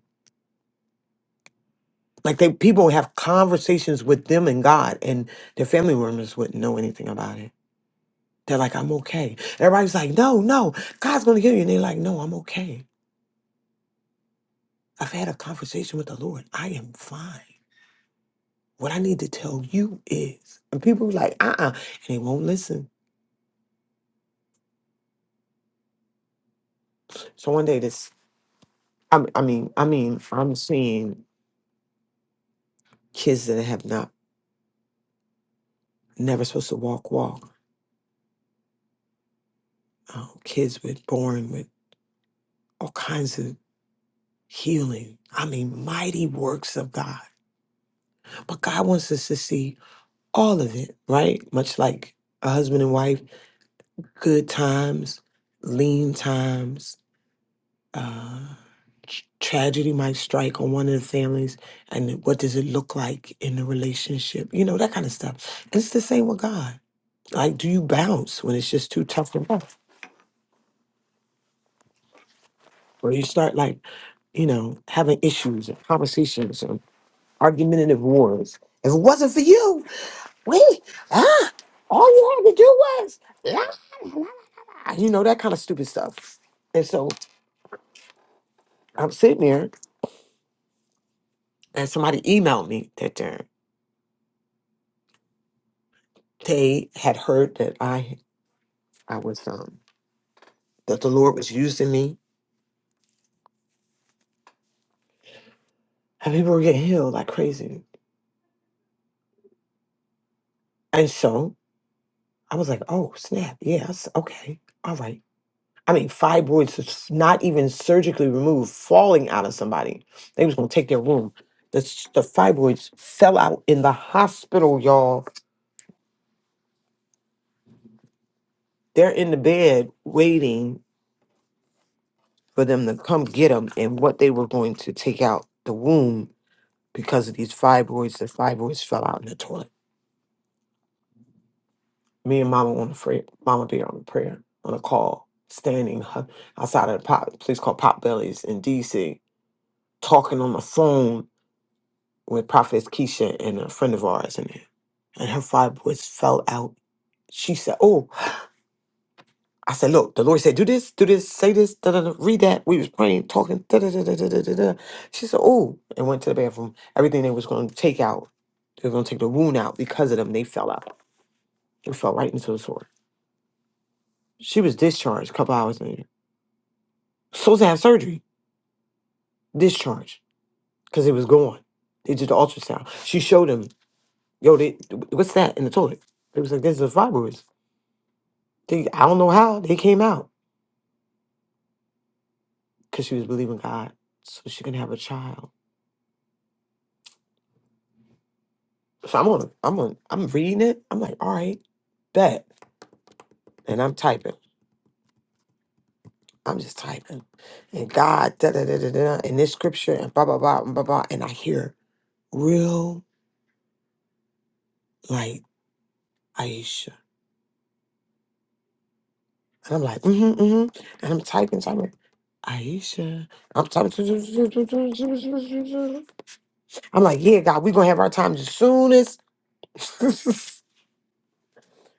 [SPEAKER 2] Like they people have conversations with them and God, and their family members wouldn't know anything about it. They're like, I'm okay. Everybody's like, no, no, God's gonna heal you. And they're like, no, I'm okay. I've had a conversation with the Lord. I am fine. What I need to tell you is, and people are like, uh-uh, and they won't listen. So one day this, I, I mean, I mean, I'm seeing kids that have not never supposed to walk walk um, kids with born with all kinds of healing i mean mighty works of god but god wants us to see all of it right much like a husband and wife good times lean times uh tr- tragedy might strike on one of the families and what does it look like in the relationship you know that kind of stuff And it's the same with god like do you bounce when it's just too tough to rough? where you start like you know, having issues and conversations and argumentative wars. If it wasn't for you, we ah, all you had to do was la, la, la, you know that kind of stupid stuff. And so I'm sitting there, and somebody emailed me that uh, they had heard that I I was um that the Lord was using me, and people were getting healed like crazy. And so I was like, oh snap, yes, okay, all right. I mean, fibroids that's not even surgically removed, falling out of somebody. They was gonna take their womb. The, s- the fibroids fell out in the hospital, y'all. They're in the bed waiting for them to come get them, and what they were going to take out the womb because of these fibroids. The fibroids fell out in the toilet. Me and Mama on the prayer, Mama Bear on the prayer on a call, standing [laughs] hu- outside of the pop, place called Pop Bellies in D.C. talking on the phone with Prophetess Keisha and a friend of ours in there. And her five boys fell out. She said, Oh, I said, look, the Lord said, do this, do this, say this, da, da, da, read that. We was praying, talking, da, da, da, da, da, da, da. da. She said, Oh, and went to the bathroom. Everything they was gonna take out, they were gonna take the wound out because of them, they fell out. They fell right into the sword. She was discharged a couple hours later. Supposed to have surgery, discharged, because it was gone. They did the ultrasound. She showed them, yo, they, what's that in the toilet? They was like, there's a fibroid They, I don't know how they came out because she was believing God, so she can have a child. So I'm on, I'm on, I'm reading it. I'm like, all right, bet, and I'm typing. I'm just typing, and God, da da da da da, and this scripture, and blah blah blah and blah blah, and I hear real like Aisha, and I'm like, mm-hmm, mm-hmm, and I'm typing, typing. Aisha, I'm typing. [laughs] I'm like, yeah, God, we gonna have our time as soon as. [laughs]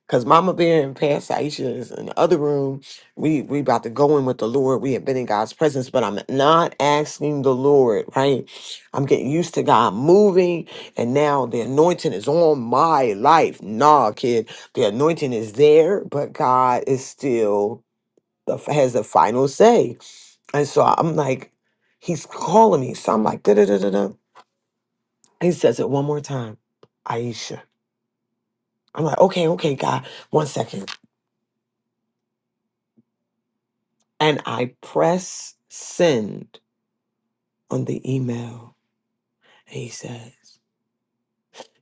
[SPEAKER 2] Cause Mama Bear and Pastor Aisha is in the other room. We we about to go in with the Lord. We have been in God's presence, but I'm not asking the Lord, right? I'm getting used to God moving, and now the anointing is on my life. Nah, kid, the anointing is there, but God is still the has the final say. And so I'm like, He's calling me. So I'm like, da da da da da. He says it one more time, Aisha. I'm like, okay, okay, God, one second. And I press send on the email. And he says,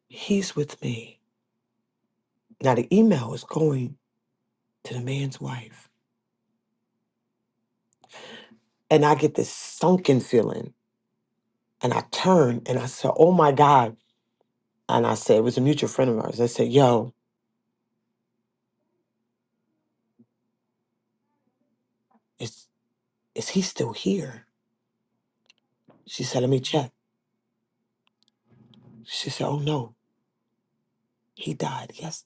[SPEAKER 2] He's with me. Now, the email is going to the man's wife. And I get this sunken feeling. And I turn and I said, Oh my God. And I said, It was a mutual friend of ours. I said, Yo, is, is he still here? She said, Let me check. She said, Oh no, he died yesterday.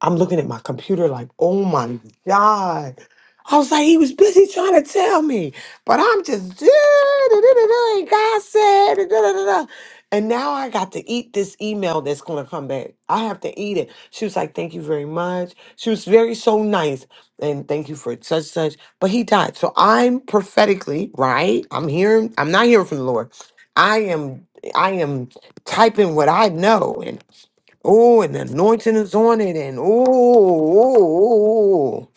[SPEAKER 2] I'm looking at my computer like, oh my God. I was like, he was busy trying to tell me, but I'm just, [laughs] da da da and God said, and da, da, da, da. And now I got to eat this email that's going to come back. I have to eat it. She was like, thank you very much. She was very so nice. And thank you for such, such. But he died. So I'm prophetically, right? I'm hearing, I'm not hearing from the Lord. I am, I am typing what I know. Oh, and the anointing is on it, and oh, oh, oh, oh.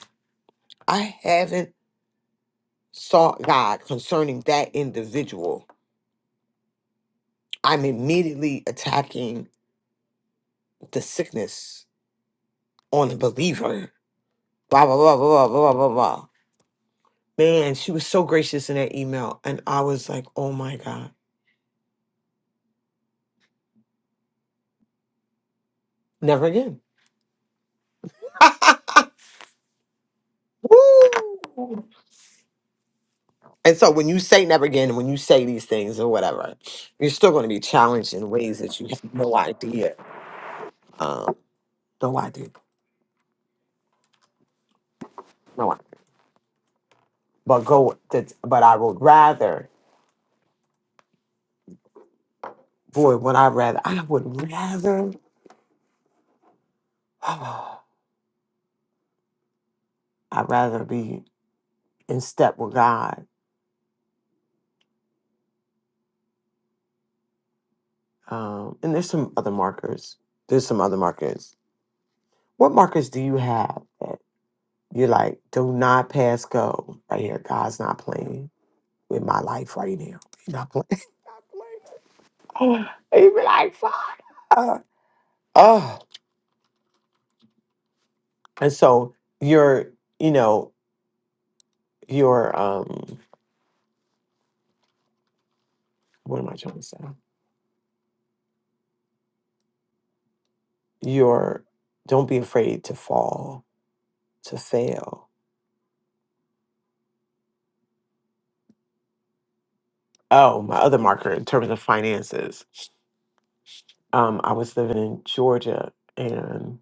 [SPEAKER 2] I haven't sought God concerning that individual. I'm immediately attacking the sickness on the believer. Blah blah blah blah blah blah blah blah. Man, she was so gracious in that email, and I was like, oh my God, never again. [laughs] Woo! And so when you say never again, when you say these things or whatever, you're still going to be challenged in ways that you have no idea. Um, no idea. No, but go. To, but I would rather. Boy, would I rather? I would rather. [sighs] I'd rather be in step with God. Um, and there's some other markers. There's some other markers. What markers do you have that you're like, do not pass go right here? God's not playing with my life right now. He's not playing. [laughs] He'd be like, Father. Oh, and so you're, you know, your um, what am I trying to say? your don't be afraid to fall to fail oh my other marker in terms of finances um i was living in georgia and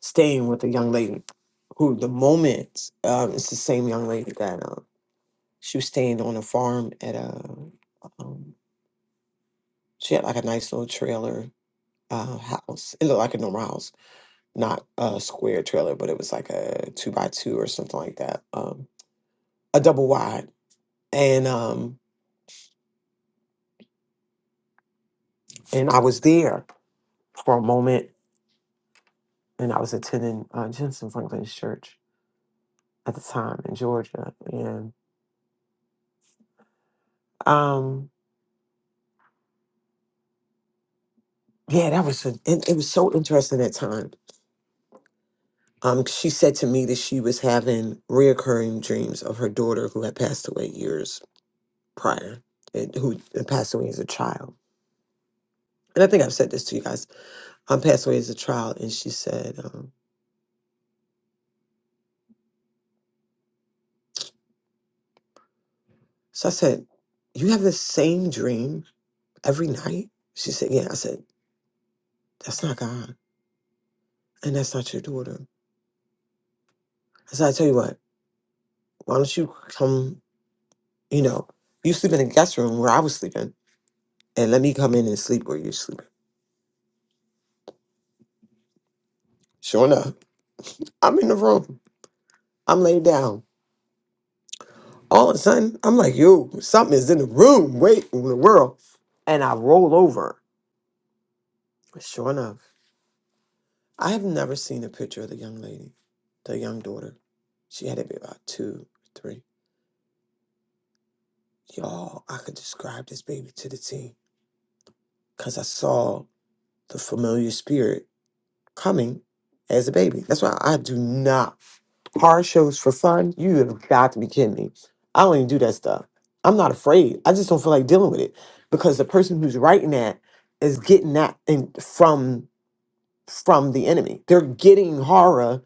[SPEAKER 2] staying with a young lady who the moment um it's the same young lady that um she was staying on a farm at a um she had like a nice little trailer uh house it looked like a normal house not a square trailer but it was like a two by two or something like that um a double wide and um and i was there for a moment, and I was attending uh, Jensen Franklin's church at the time in Georgia, and um, yeah, that was a, it, it was so interesting at time. Um, she said to me that she was having reoccurring dreams of her daughter who had passed away years prior, and who had passed away as a child. And I think I've said this to you guys. I passed away as a child, and she said, um, so I said, you have the same dream every night. She said, yeah. I said, that's not God, and that's not your daughter. I said, I tell you what. Why don't you come? You know, you sleep in the guest room where I was sleeping, and let me come in and sleep where you're sleeping. Sure enough, I'm in the room. I'm laid down. All of a sudden, I'm like, yo, something is in the room. Wait, in the world. And I roll over. Sure enough, I have never seen a picture of the young lady, the young daughter. She had to be about two, three. Y'all, I could describe this baby to the T because I saw the familiar spirit coming as a baby. That's why I do not horror shows for fun. You have got to be kidding me. I don't even do that stuff. I'm not afraid. I just don't feel like dealing with it because the person who's writing that is getting that in, from from the enemy. They're getting horror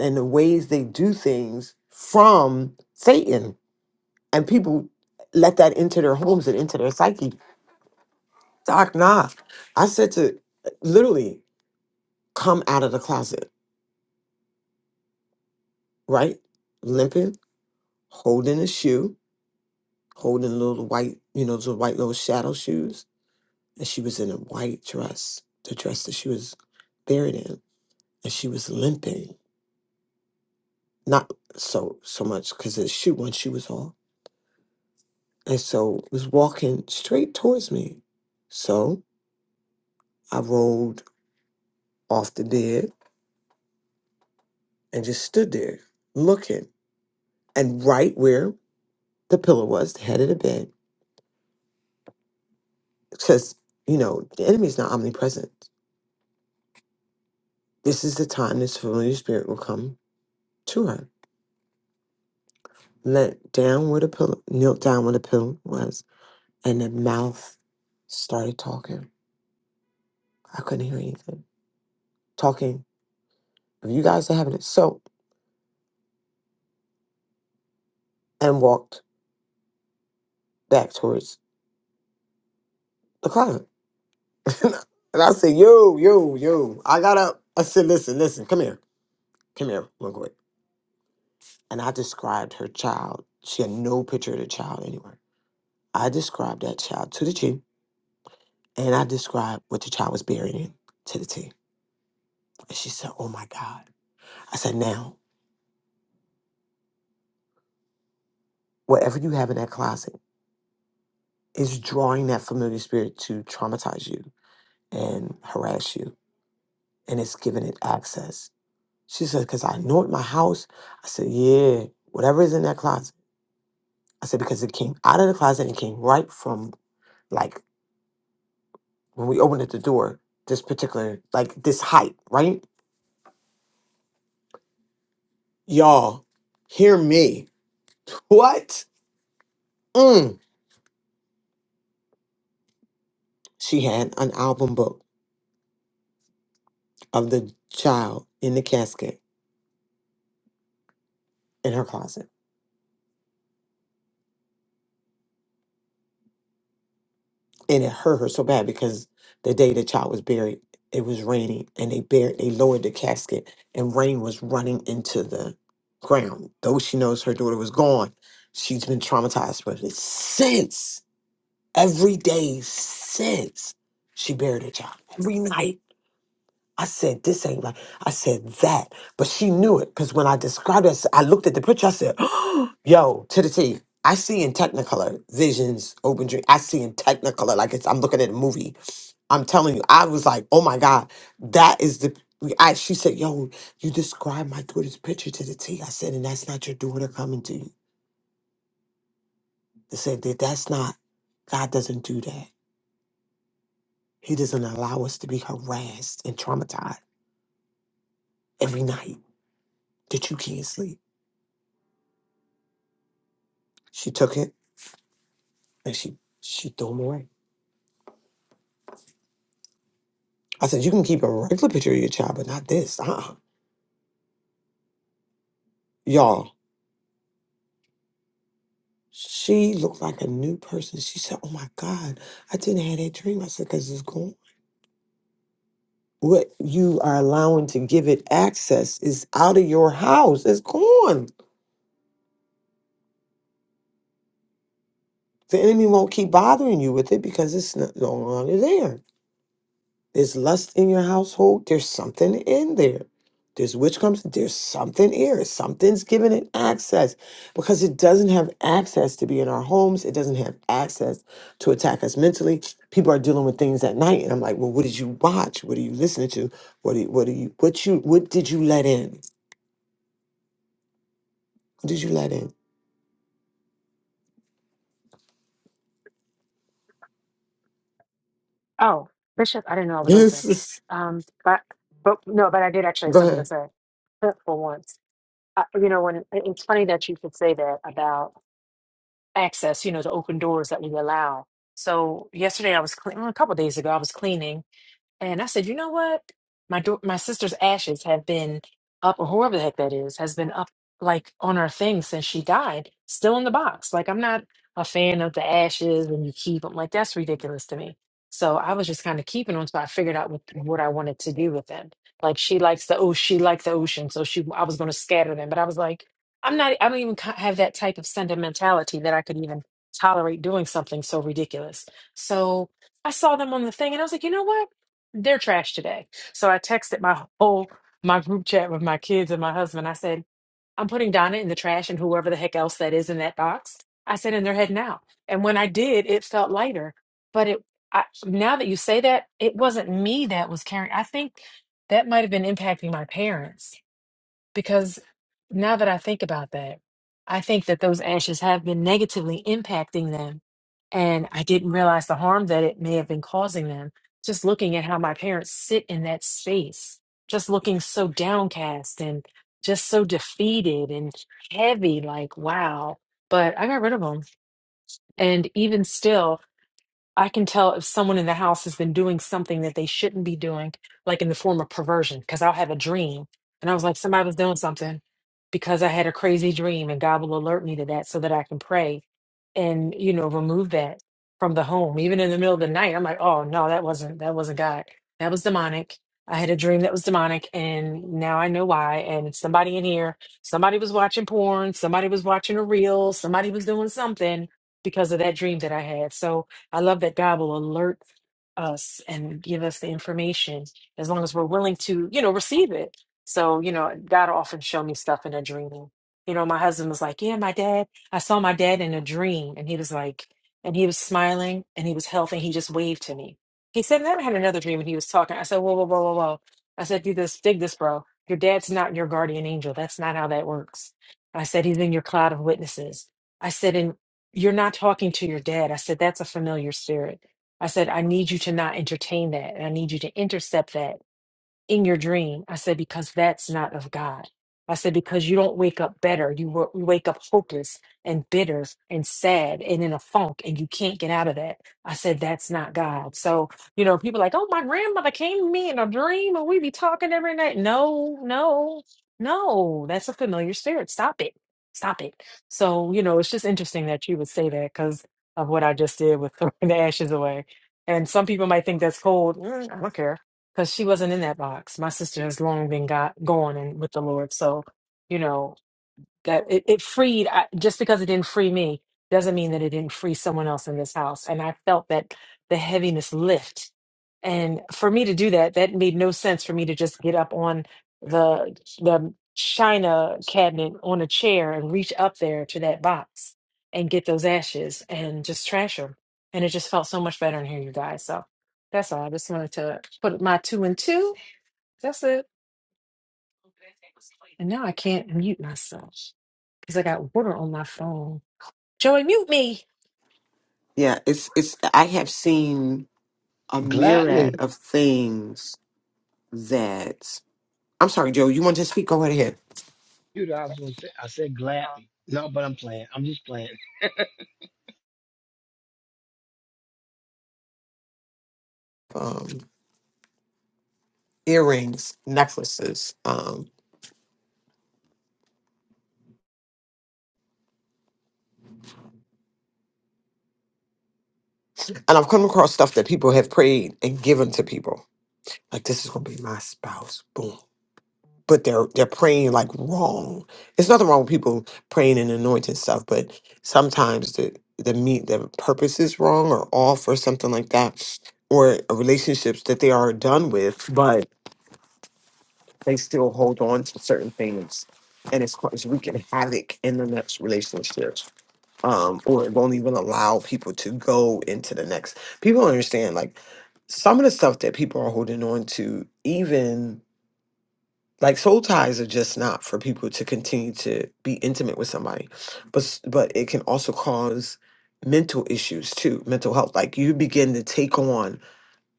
[SPEAKER 2] and the ways they do things from Satan, and people let that into their homes and into their psyche. Doc, nah. I said to literally come out of the closet, right? Limping, holding a shoe, holding little white, you know, those white little shadow shoes. And she was in a white dress, the dress that she was buried in. And she was limping, not so so much because the shoe, one shoe was off. And so was walking straight towards me. So I rolled off the bed and just stood there looking. And right where the pillow was, the head of the bed, because, you know, the enemy's not omnipresent. This is the time this familiar spirit will come to her. leant down where the pillow, knelt down where the pillow was, and the mouth started talking. I couldn't hear anything. Talking, if you guys are having it. So, and walked back towards the closet. [laughs] and I said, yo, yo, yo. I got up. I said, listen, listen, come here. Come here, real quick. And I described her child. She had no picture of the child anywhere. I described that child to the G, and I described what the child was buried in to the T. And she said, oh my God. I said, now. whatever you have in that closet is drawing that familiar spirit to traumatize you and harass you, and it's giving it access. She said, Because I know it in my house. I said, Yeah, whatever is in that closet. I said, Because it came out of the closet and it came right from like when we opened at the door, this particular, like this height, right? Y'all, hear me. What? Mm. She had an album book of the child in the casket in her closet and it hurt her so bad because the day the child was buried, it was raining, and they buried, they lowered the casket, and rain was running into the ground. Though she knows her daughter was gone, she's been traumatized with it since. Every day since she buried her child, every night. I said, this ain't right. I said that. But she knew it because when I described it, I looked at the picture. I said, [gasps] yo, to the T. I see in Technicolor visions, open dream. I see in Technicolor, like it's, I'm looking at a movie. I'm telling you, I was like, oh my God, that is the. I, she said, yo, you described my daughter's picture to the T. I said, and that's not your daughter coming to you. I said, that that's not, God doesn't do that. He doesn't allow us to be harassed and traumatized every night that you can't sleep. She took it. And she she threw them away. I said, you can keep a regular picture of your child, but not this. Uh-uh. Y'all, she looked like a new person. She said, oh my God, I didn't have that dream. I said, because it's gone. What you are allowing to give it access is out of your house. It's gone. The enemy won't keep bothering you with it because it's not, no longer there. There's lust in your household. There's something in there. There's witchcraft. There's something here. Something's giving it access because it doesn't have access to be in our homes. It doesn't have access to attack us mentally. People are dealing with things at night, and I'm like, well, what did you watch? What are you listening to? What do you, what do you what you what did you let in? What did you let in?
[SPEAKER 7] Oh, Bishop, I didn't know I
[SPEAKER 2] [laughs]
[SPEAKER 7] was open.
[SPEAKER 2] Yes. it's-
[SPEAKER 7] Um, but but no, but I did actually have
[SPEAKER 2] Go
[SPEAKER 7] something to
[SPEAKER 2] ahead.
[SPEAKER 7] say [laughs] for once. Uh, you know, when it- it's funny that you could say that about access. You know, the open doors that we allow. So yesterday I was cleaning. a couple days ago I was cleaning, and I said, you know what? My do- my sister's ashes have been up, or whoever the heck that is, has been up like on her thing since she died, still in the box. Like I'm not a fan of the ashes when you keep them. Like that's ridiculous to me. So I was just kind of keeping them. So I figured out what, what I wanted to do with them. Like she likes the oh, she liked the ocean, so she I was going to scatter them, but I was like, I'm not. I don't even ki- have that type of sentimentality that I could even tolerate doing something so ridiculous. So. I saw them on the thing and I was like, you know what? they're trash today. So I texted my whole my group chat with my kids and my husband. I said, I'm putting Donna in the trash and whoever the heck else that is in that box. I said, and they're heading out. And when I did, it felt lighter. But it I, now that you say that, it wasn't me that was carrying. I think that might have been impacting my parents because now that I think about that, I think that those ashes have been negatively impacting them. And I didn't realize the harm that it may have been causing them. Just looking at how my parents sit in that space, just looking so downcast and just so defeated and heavy, like, wow. But I got rid of them. And even still, I can tell if someone in the house has been doing something that they shouldn't be doing, like in the form of perversion, because I'll have a dream. And I was like, somebody was doing something because I had a crazy dream, and God will alert me to that so that I can pray and, you know, remove that from the home. Even in the middle of the night, I'm like, oh, no, that wasn't, that wasn't God. That was demonic. I had a dream that was demonic, and now I know why. And it's somebody in here, somebody was watching porn, somebody was watching a reel, somebody was doing something because of that dream that I had. So, I love that God will alert us and give us the information as long as we're willing to, you know, receive it. So, you know, God will often show me stuff in a dream. You know, my husband was like, Yeah, my dad, I saw my dad in a dream. And he was like, and he was smiling and he was healthy. He just waved to me. He said, then I had another dream and he was talking. I said, Whoa, whoa, whoa, whoa, whoa. I said, Do this, dig this, bro. Your dad's not your guardian angel. That's not how that works. I said, He's in your cloud of witnesses. I said, and you're not talking to your dad. I said, That's a familiar spirit. I said, I need you to not entertain that. And I need you to intercept that in your dream. I said, because that's not of God. I said, because you don't wake up better. You, wa- you wake up hopeless and bitter and sad and in a funk and you can't get out of that. I said, that's not God. So, you know, people like, oh, my grandmother came to me in a dream and we be talking every night. No, no, no, that's a familiar spirit. Stop it. Stop it. So, you know, it's just interesting that you would say that because of what I just did with [laughs] throwing the ashes away. And some people might think that's cold. Mm, I don't care because she wasn't in that box. My sister has long been got gone and with the Lord, so you know that it, it freed I, just because it didn't free me doesn't mean that it didn't free someone else in this house and i felt that the heaviness lift and for me to do that that made no sense for me to just get up on the the china cabinet on a chair and reach up there to that box and get those ashes and just trash them and it just felt so much better in here you guys so that's all i just wanted to put my two and two that's it and now i can't mute myself because I got water on my phone. Joey, mute me.
[SPEAKER 2] Yeah. It's it's. I have seen a myriad
[SPEAKER 12] Gladly.
[SPEAKER 2] of things that. I'm sorry, Joe. You want to speak? Go right ahead.
[SPEAKER 12] You know, I was gonna say I said gladly. No, but I'm playing. I'm just playing.
[SPEAKER 2] um, earrings, necklaces, um, and I've come across stuff that people have prayed and given to people. Like this is gonna be my spouse, boom. But they're they're praying like wrong. There's nothing wrong with people praying and anointing stuff, but sometimes the the meat the purpose is wrong or off or something like that, or relationships that they are done with, but they still hold on to certain things, and it's causing wreaking havoc in the next relationship. um, or it won't even allow people to go into the next. People don't understand like some of the stuff that people are holding on to, even like soul ties are just not for people to continue to be intimate with somebody, but s- but it can also cause mental issues too, mental health. Like you begin to take on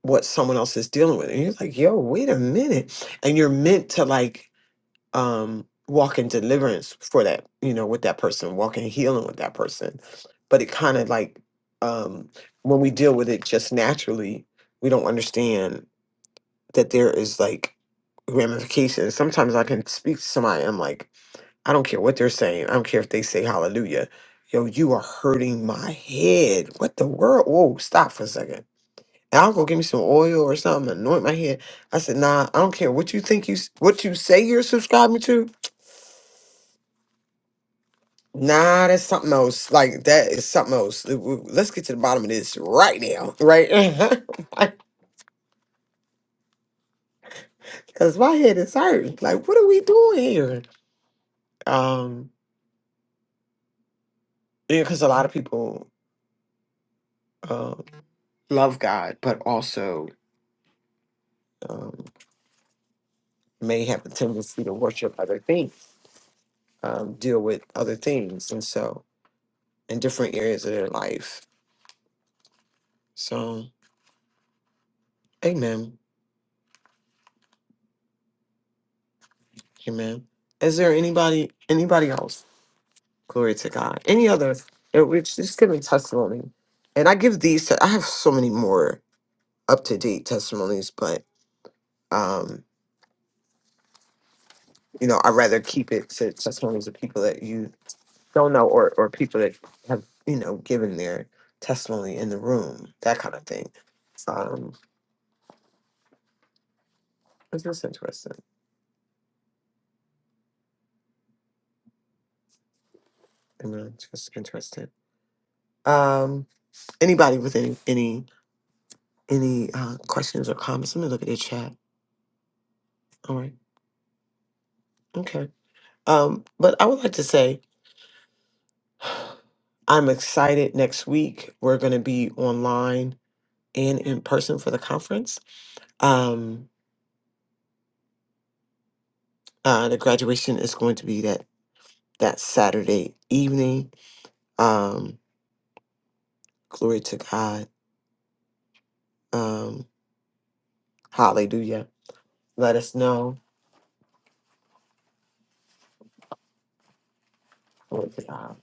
[SPEAKER 2] what someone else is dealing with, and you're like, yo, wait a minute, and you're meant to like um, walk in deliverance for that, you know, with that person, walk in healing with that person. But it kind of like um, when we deal with it just naturally, we don't understand that there is like ramifications. Sometimes I can speak to somebody, I'm like, I don't care what they're saying. I don't care if they say hallelujah. Yo, you are hurting my head. What the world? Whoa, stop for a second. And I'll go give me some oil or something, anoint my head. I said, nah, I don't care what you think you, s- what you say you're subscribing to. Nah, that's something else. Like that is something else. Uh, w- Let's get to the bottom of this right now, right? [laughs] Because my head is hurting. Like, what are we doing here? Um, yeah, because a lot of people uh, love God, but also um, may have a tendency to worship other things, um, deal with other things, and so in different areas of their life. So, amen, amen. Is there anybody, anybody else? Glory to God. Any other? it- We're just giving testimony, and I give these. I have so many more up to date testimonies, but um, you know, I rather keep it to testimonies of people that you don't know, or or people that have you know given their testimony in the room, that kind of thing. Um, it's just interesting. Amen. It's just interesting. Um, anybody with any any any uh, questions or comments? Let me look at the chat. All right. Okay. Um, but I would like to say. I'm excited. Next week, we're going to be online and in person for the conference. Um, uh, the graduation is going to be that that Saturday evening. Um, glory to God. Um, hallelujah. Let us know. Glory to God.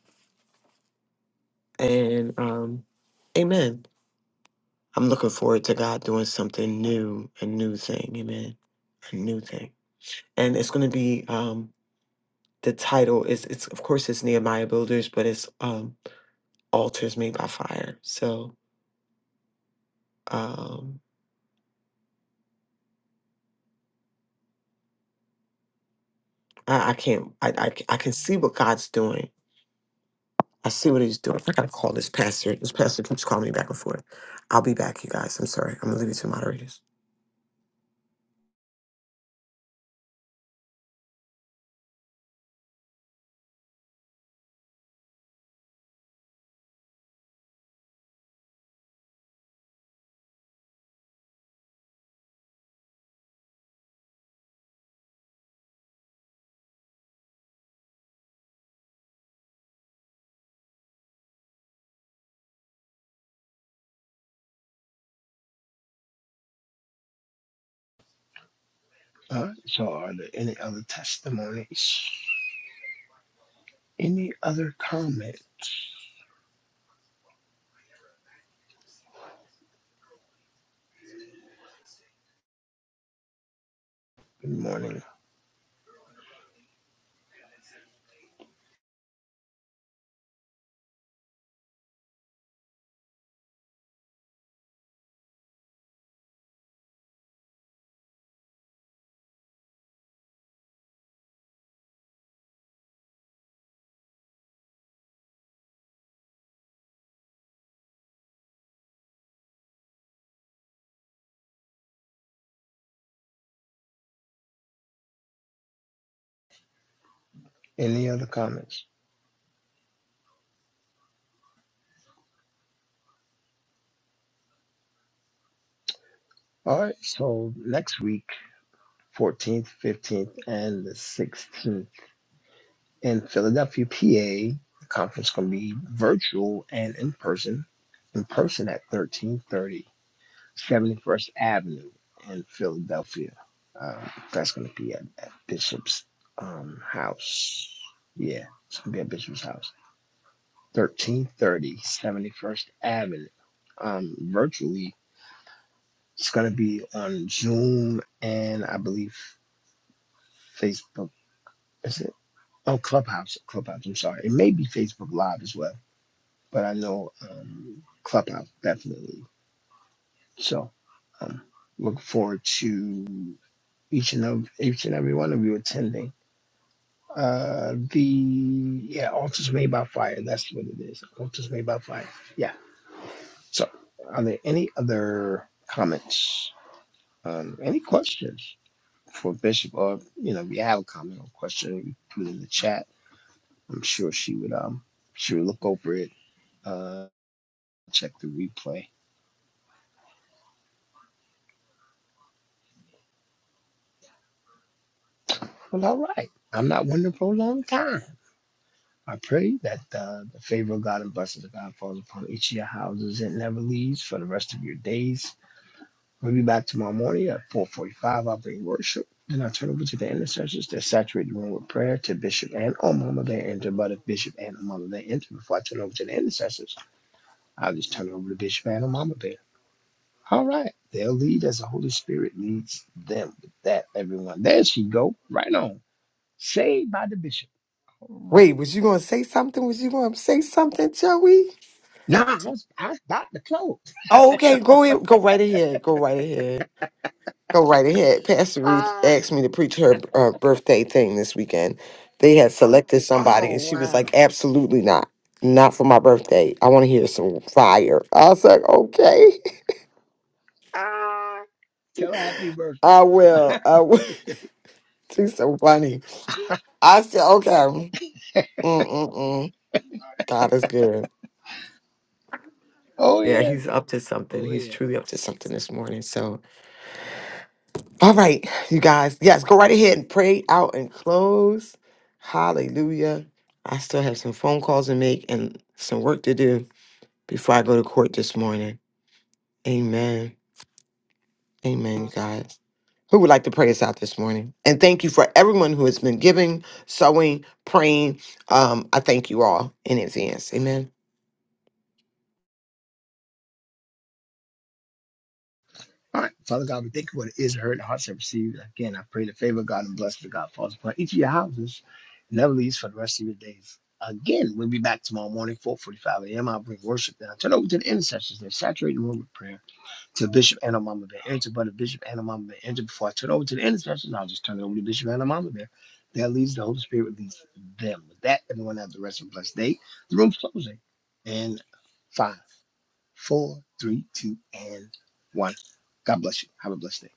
[SPEAKER 2] And um, amen. I'm looking forward to God doing something new, a new thing. Amen. A new thing. And it's going to be um, the title is it's of course it's Nehemiah Builders, but it's um alters me by fire. So um, I, I can't. I, I c- I can see what God's doing. I see what He's doing. I gotta call this pastor. This pastor keeps calling me back and forth. I'll be back, you guys. I'm sorry. I'm gonna leave you to moderators.
[SPEAKER 12] Uh, so are there any other testimonies? Any other comment? Good morning. Any other comments? All right, so next week, 14th, 15th, and the 16th in Philadelphia, PA. The conference gonna be virtual and in person. In person at 13:30. 71st Avenue in Philadelphia. Uh, that's going to be at, at Bishop's um, house. Yeah, it's going to be at Bishop's house. 1330, seventy-first Avenue. Um, virtually, it's going to be on Zoom and I believe Facebook. Is it? Oh, Clubhouse. Clubhouse, I'm sorry. It may be Facebook Live as well, but I know um, Clubhouse definitely. So, um, look forward to. each and of each and every one of you attending. Uh, the yeah, altars made by fire. That's what it is. Altars made by fire. Yeah. So, are there any other comments? Um, any questions for Bishop? Or you know, if you have a comment or question, you put it in the chat. I'm sure she would um she would look over it, uh, check the replay. Well, all right. I'm not one to prolong time. I pray that uh, the favor of God and blessings of God falls upon each of your houses and never leaves for the rest of your days. We'll be back tomorrow morning at 4:45. I'll bring worship, and I'll turn over to the intercessors to saturate the room with prayer to Bishop and oh Mama Bear. enter, but if Bishop and oh Mama Bear enter, before I turn over to the intercessors, I'll just turn it over to Bishop and oh Mama Bear. All right, they'll lead as the Holy Spirit leads them. With that, everyone, there she go, right on, saved by the Bishop. All right.
[SPEAKER 2] Wait, was you gonna say something? Was you gonna say something, Joey?
[SPEAKER 12] No, I was I was about to close. [laughs]
[SPEAKER 2] Oh,
[SPEAKER 12] I
[SPEAKER 2] okay.
[SPEAKER 12] know,
[SPEAKER 2] Go
[SPEAKER 12] but
[SPEAKER 2] ahead. Go right ahead. Go right ahead. Go right ahead. Pastor Ruth
[SPEAKER 12] ah,
[SPEAKER 2] asked me to preach her uh, birthday thing this weekend. They had selected somebody,
[SPEAKER 12] oh
[SPEAKER 2] and she was like,
[SPEAKER 12] wow.
[SPEAKER 2] "Absolutely not, not for my birthday. I want to hear some fire." I was like, "Okay,
[SPEAKER 12] Ah, tell happy
[SPEAKER 2] [laughs]
[SPEAKER 12] birthday.
[SPEAKER 2] I will." I will. [laughs] She's so funny. I said, "Okay." Mm-mm-mm. God is good.
[SPEAKER 12] Oh
[SPEAKER 2] Yeah,
[SPEAKER 12] yeah.
[SPEAKER 2] he's up to something.
[SPEAKER 12] Oh
[SPEAKER 2] He's
[SPEAKER 12] yeah.
[SPEAKER 2] truly up to something this morning. So All right, you guys. Yes, go right ahead and pray out and close. Hallelujah. I still have some phone calls to make and some work to do before I go to court this morning. Amen. Amen, you guys. Who would like to pray us out this morning? And thank you for everyone who has been giving, sowing, praying. Um, I thank you all in advance. Amen.
[SPEAKER 12] All right, Father God, we thank you for the ears heard and hearts have received. Again, I pray the favor of God and blessing of God falls upon each of your houses, never leaves for the rest of your days. Again, we'll be back tomorrow morning, 4:45 a.m. I'll bring worship. Then I turn over to the intercessors. They saturate the room with prayer. to Bishop Anamama Bear Enter, but if Bishop Anamama Bear Enter, before I turn over to the intercession, I'll just turn it over to Bishop Anamama Bear. That leads the Holy Spirit leads them. With that, everyone have the rest of the blessed day. The room's closing. And five, four, three, two, and one. God bless you. Have a blessed day.